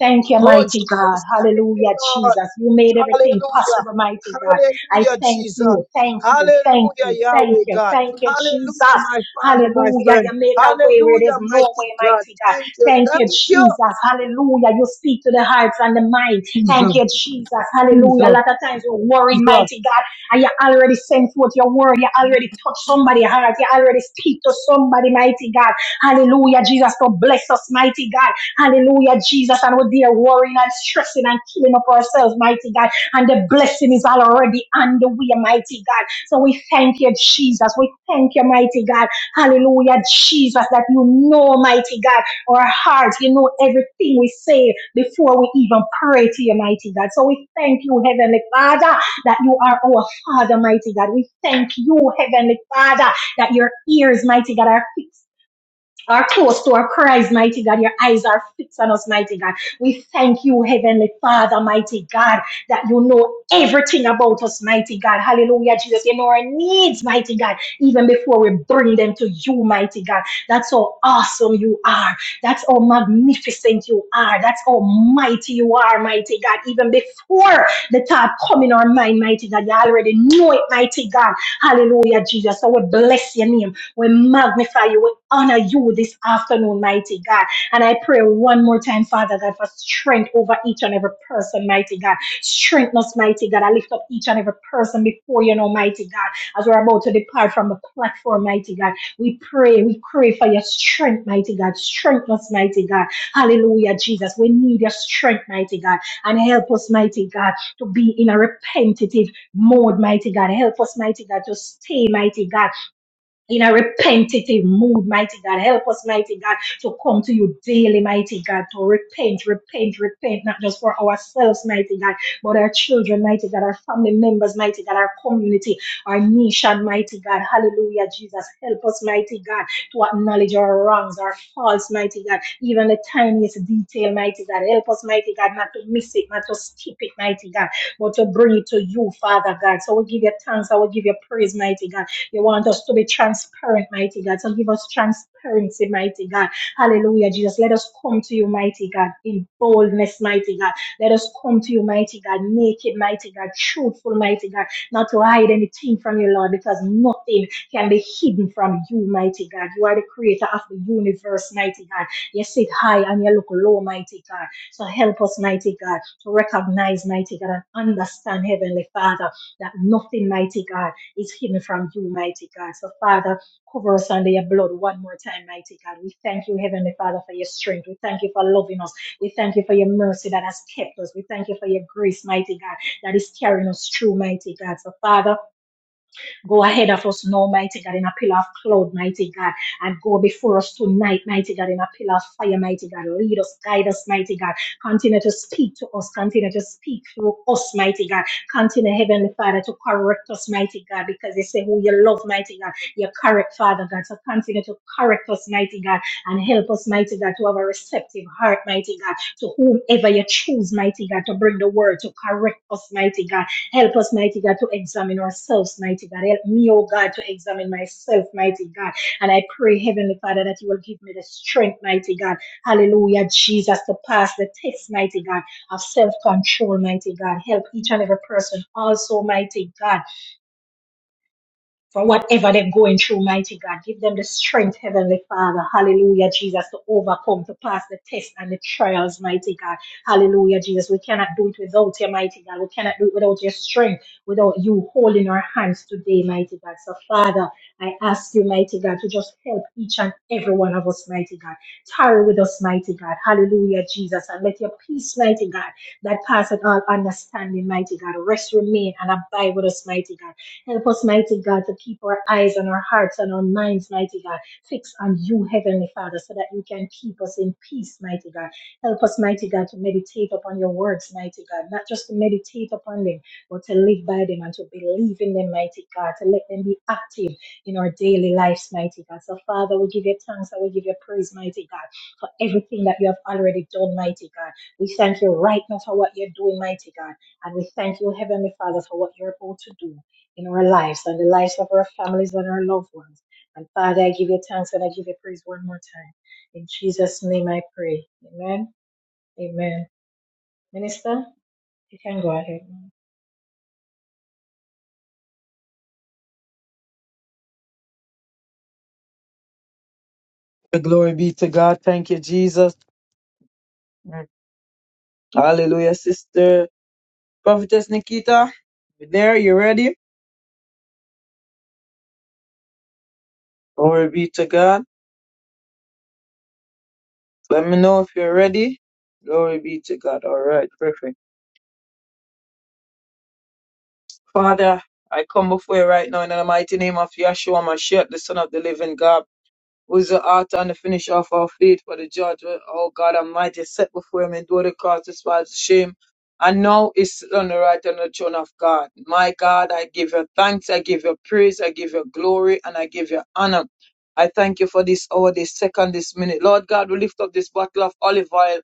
Thank you,
Oh,
mighty God.
Jesus, thank you,
Hallelujah,
Lord.
Jesus. You made everything
Hallelujah.
possible, mighty God. I
Hallelujah,
thank
Jesus.
you, thank you, thank
Hallelujah,
you, thank
Yahweh
you,
God.
thank you,
Hallelujah,
Jesus.
my Father, my
Hallelujah.
friend.
You make a way where
Hallelujah,
there's no
mighty
way,
God.
mighty God.
Thank you.
Thank you,
Thank you.
Jesus. Hallelujah. You speak to the hearts and the mind.
Jesus.
Thank you, Jesus. Hallelujah. A
Jesus.
lot of times we're worried,
Jesus.
mighty God, and you already sent forth your word. You already touch somebody's heart. You already speak to somebody, mighty God. Hallelujah, Jesus. So bless us, mighty God. Hallelujah, Jesus. And we're there worrying and stressing and killing up ourselves, mighty God. And the blessing is already on the way, mighty God. So we thank you, Jesus. We thank you, mighty God. Hallelujah, Jesus, that you know, mighty God, our hearts. You know everything we say before we even pray to you, mighty God. So we thank you, Heavenly Father, that you are our Father, mighty God. We thank you, Heavenly Father, that your ears, mighty God, are fixed are close to our cries, mighty God. Your eyes are fixed on us, mighty God. We thank you, Heavenly Father, mighty God, that you know everything about us, mighty God. Hallelujah, Jesus. You know our needs, mighty God, even before we bring them to you, mighty God. That's how awesome you are. That's how magnificent you are. That's how mighty you are, mighty God. Even before the thought come in our mind, mighty God, you already know it, mighty God. Hallelujah, Jesus. So we bless your name. We magnify you. We honor you this afternoon, mighty God. And I pray one more time, Father God, for strength over each and every person, mighty God. Strengthen us, mighty God. I lift up each and every person before you, Almighty God, as we're about to depart from the platform, mighty God. We pray, we pray for your strength, mighty God. Strengthen us, mighty God. Hallelujah, Jesus. We need your strength, mighty God. And help us, mighty God, to be in a repentative mode, mighty God. Help us, mighty God, to stay, mighty God in a repentative mood, mighty God. Help us, mighty God, to come to you daily, mighty God, to repent, repent, repent, not just for ourselves, mighty God, but our children, mighty God, our family members, mighty God, our community, our nation, mighty God. Hallelujah, Jesus. Help us, mighty God, to acknowledge our wrongs, our faults, mighty God, even the tiniest detail, mighty God. Help us, mighty God, not to miss it, not to skip it, mighty God, but to bring it to you, Father God. So we give you thanks, I will give you praise, mighty God. You want us to be transparent, mighty God. So give us transparency, mighty God. Hallelujah, Jesus. Let us come to you, mighty God, in boldness, mighty God. Let us come to you, mighty God, naked, mighty God, truthful, mighty God, not to hide anything from you, Lord, because nothing can be hidden from you, mighty God. You are the creator of the universe, mighty God. You sit high and you look low, mighty God. So help us, mighty God, to recognize, mighty God, and understand, Heavenly Father, that nothing, mighty God, is hidden from you, mighty God. So, Father, cover us under your blood one more time, mighty God. We thank you, Heavenly Father, for your strength. We thank you for loving us. We thank you for your mercy that has kept us. We thank you for your grace, mighty God, that is carrying us through, mighty God. So, Father, Go ahead of us now, mighty God, in a pillar of cloud, mighty God, and go before us tonight, mighty God, in a pillar of fire, mighty God. Lead us, guide us, mighty God. Continue to speak to us, continue to speak through us, mighty God. Continue, Heavenly Father, to correct us, mighty God, because they say who you love, mighty God, you correct, Father God. So continue to correct us, mighty God, and help us, mighty God, to have a receptive heart, mighty God, to whomever you choose, mighty God, to bring the word, to correct us, mighty God Help us, mighty God, to examine ourselves, mighty God. Help me, oh God, to examine myself, mighty God. And I pray, Heavenly Father, that you will give me the strength, mighty God. Hallelujah, Jesus, to pass the test, mighty God, of self control, mighty God. Help each and every person also, mighty God for whatever they're going through, mighty God. Give them the strength, Heavenly Father. Hallelujah, Jesus, to overcome, to pass the tests and the trials, mighty God. Hallelujah, Jesus. We cannot do it without you, mighty God. We cannot do it without your strength, without you holding our hands today, mighty God. So, Father, I ask you, mighty God, to just help each and every one of us, mighty God. Tarry with us, mighty God. Hallelujah, Jesus. And let your peace, mighty God, that passeth all understanding, mighty God, rest, remain, and abide with us, mighty God Help us, mighty God, to keep our eyes and our hearts and our minds, mighty God, fixed on you, Heavenly Father, so that you can keep us in peace, mighty God. Help us, mighty God, to meditate upon your words, mighty God, not just to meditate upon them, but to live by them and to believe in them, mighty God, to let them be active in our daily lives, mighty God. So, Father, we give you thanks and we give you praise, mighty God, for everything that you have already done, mighty God. We thank you right now for what you're doing, mighty God. And we thank you, Heavenly Father, for what you're about to do in our lives and the lives of our families and our loved ones. And Father, I give you thanks and I give you praise one more time. In Jesus' name I pray. Amen. Amen. Minister, you can go ahead.
The glory be to God. Thank you, Jesus. Hallelujah, sister. Prophetess Nikita, you there? You ready? Glory be to God. Let me know if you're ready. Glory be to God. All right. Perfect. Father, I come before you right now in the mighty name of Yahshua Mashiach, the Son of the Living God, who is the author and the finisher of our faith for the judgment. Oh God Almighty, set before him and do the cause despise the shame. And now is sit on the right hand of the throne of God. My God, I give you thanks, I give you praise, I give you glory, and I give you honor. I thank you for this hour, this second, this minute. Lord God, we lift up this bottle of olive oil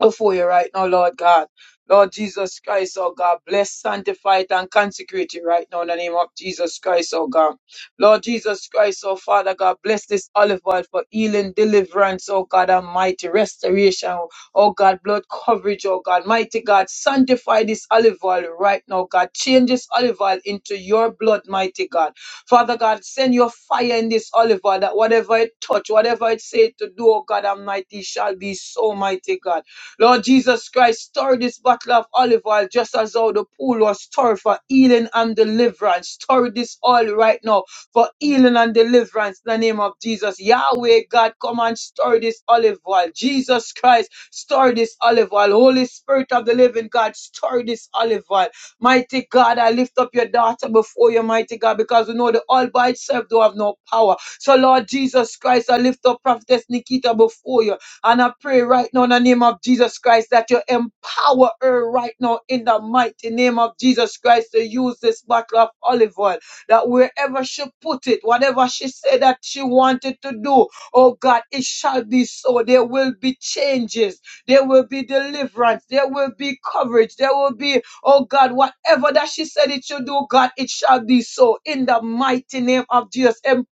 before you right now, Lord God. Lord Jesus Christ, oh God, bless, sanctify it, and consecrate it right now in the name of Jesus Christ, oh God. Lord Jesus Christ, oh Father God, bless this olive oil for healing, deliverance, oh God, Almighty restoration, oh God, blood coverage, oh God, mighty God, sanctify this olive oil right now, God. Change this olive oil into your blood, mighty God. Father God, send your fire in this olive oil that whatever it touch, whatever it say to do, oh God, Almighty, shall be so mighty God. Lord Jesus Christ, stir this bottle of olive oil just as how the pool was stirred for healing and deliverance. Stir this oil right now for healing and deliverance in the name of Jesus. Yahweh God, come and stir this olive oil. Jesus Christ, stir this olive oil. Holy Spirit of the living God, stir this olive oil. Mighty God, I lift up your daughter before you, mighty God, because we know the oil by itself don't have no power. So Lord Jesus Christ, I lift up Prophetess Nikita before you. And I pray right now in the name of Jesus Christ that you empower her right now in the mighty name of Jesus Christ to use this bottle of olive oil. That wherever she put it, whatever she said that she wanted to do, oh God, it shall be so. There will be changes. There will be deliverance. There will be coverage. There will be, oh God, whatever that she said it should do, God, it shall be so. In the mighty name of Jesus, empower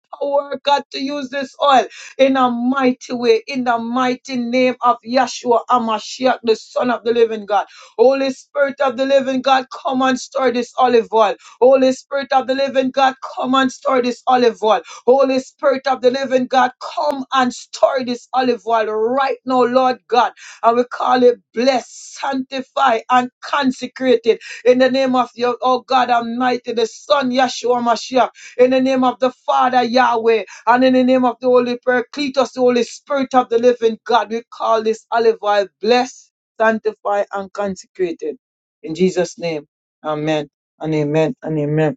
her, God to use this oil in a mighty way, in the mighty name of Yeshua Amashiach, the Son of the Living God. Holy Spirit of the Living God, come and stir this olive oil. Holy Spirit of the Living God, come and stir this olive oil. Holy Spirit of the Living God, come and stir this olive oil right now, Lord God. And we call it blessed, sanctified, and consecrated in the name of your, oh God Almighty, the Son Yeshua Mashiach, in the name of the Father Yahweh and in the name of the Holy Paracletos, the Holy Spirit of the living God, we call this olive oil blessed, sanctified, and consecrated. In Jesus' name, amen and amen and amen.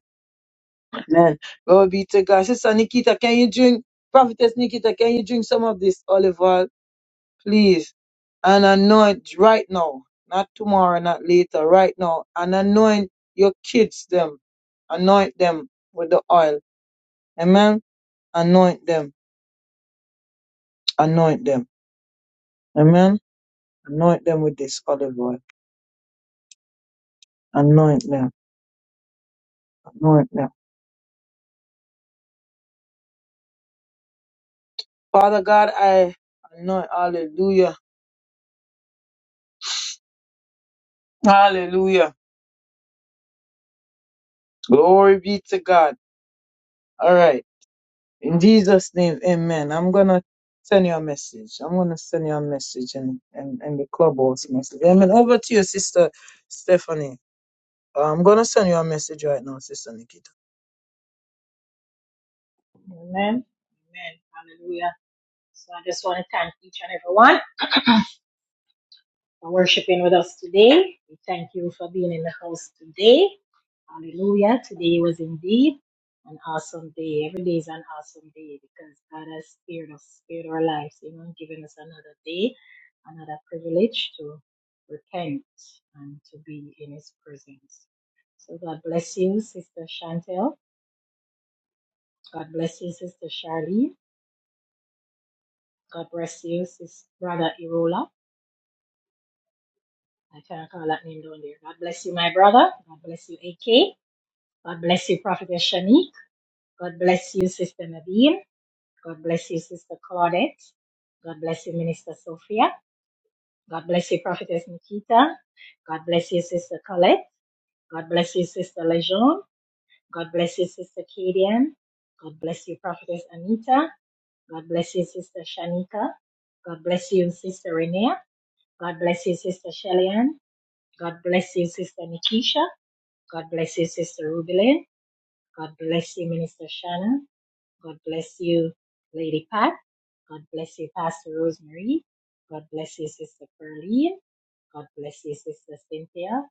Amen. Glory be to God. Sister Nikita, can you drink, Prophetess Nikita, can you drink some of this olive oil, please? And anoint right now, not tomorrow, not later, right now. And anoint your kids, them. Anoint them with the oil. Amen. Anoint them. Anoint them Amen. Anoint them with this olive oil. Anoint them. Anoint them. Father God, I anoint. Hallelujah. Hallelujah. Glory be to God. All right. In Jesus' name, amen. I'm going to send you a message. I'm going to send you a message and, and, and the clubhouse message. Amen. Over to your sister, Stephanie. Uh, I'm going to send you a message right now, Sister Nikita.
Amen. Amen. Hallelujah. So I just want to thank each and everyone. for worshiping with us today. We thank you for being in the house today. Hallelujah. Today was indeed an awesome day. Every day is an awesome day because God has spared us, spared our lives, you know, given us another day, another privilege to repent and to be in His presence. So God bless you, Sister Chantel. God bless you, Sister Charlene. God bless you, Sister Brother Irola. I can't call that name down there. God bless you, my brother. God bless you, AK. God bless you, Prophetess Shanique. God bless you, Sister Nadine. God bless you, Sister Claudette. God bless you, Minister Sophia. God bless you, Prophetess Nikita. God bless you, Sister Colette. God bless you, Sister Lejeune. God bless you, Sister Kadian. God bless you, Prophetess Anita. God bless you, Sister Shanika. God bless you, Sister Renea. God bless you, Sister Shellyan. God bless you, Sister Nikisha. God bless you, Sister Rubilin. God bless you, Minister Shannon. God bless you, Lady Pat. God bless you, Pastor Rosemary. God bless you, Sister Pearline. God bless you, Sister Cynthia.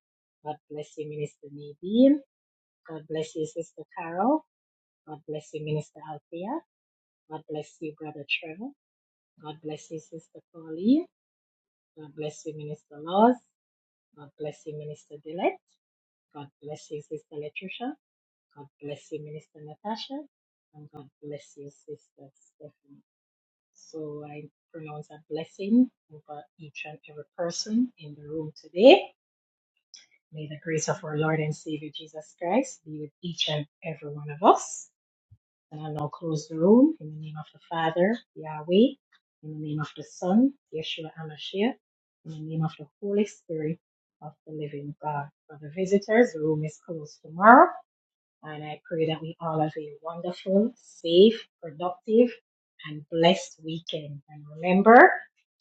God bless you, Minister Nadine. God bless you, Sister Carol. God bless you, Minister Althea. God bless you, Brother Trevor. God bless you, Sister Pauline. God bless you, Minister Laws. God bless you, Minister Dillette. God bless you, Sister Letricia. God bless you, Minister Natasha. And God bless you, Sister Stephanie. So I pronounce a blessing over each and every person in the room today. May the grace of our Lord and Savior Jesus Christ be with each and every one of us. And I'll now close the room in the name of the Father, Yahweh, in the name of the Son, Yeshua Hamashiach, in the name of the Holy Spirit of the living God. For the visitors, the room is closed tomorrow. And I pray that we all have a wonderful, safe, productive, and blessed weekend. And remember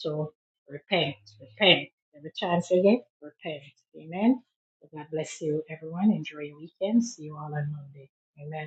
to repent, repent. Every chance you get, repent. Amen. So God bless you, everyone. Enjoy your weekend. See you all on Monday. Amen.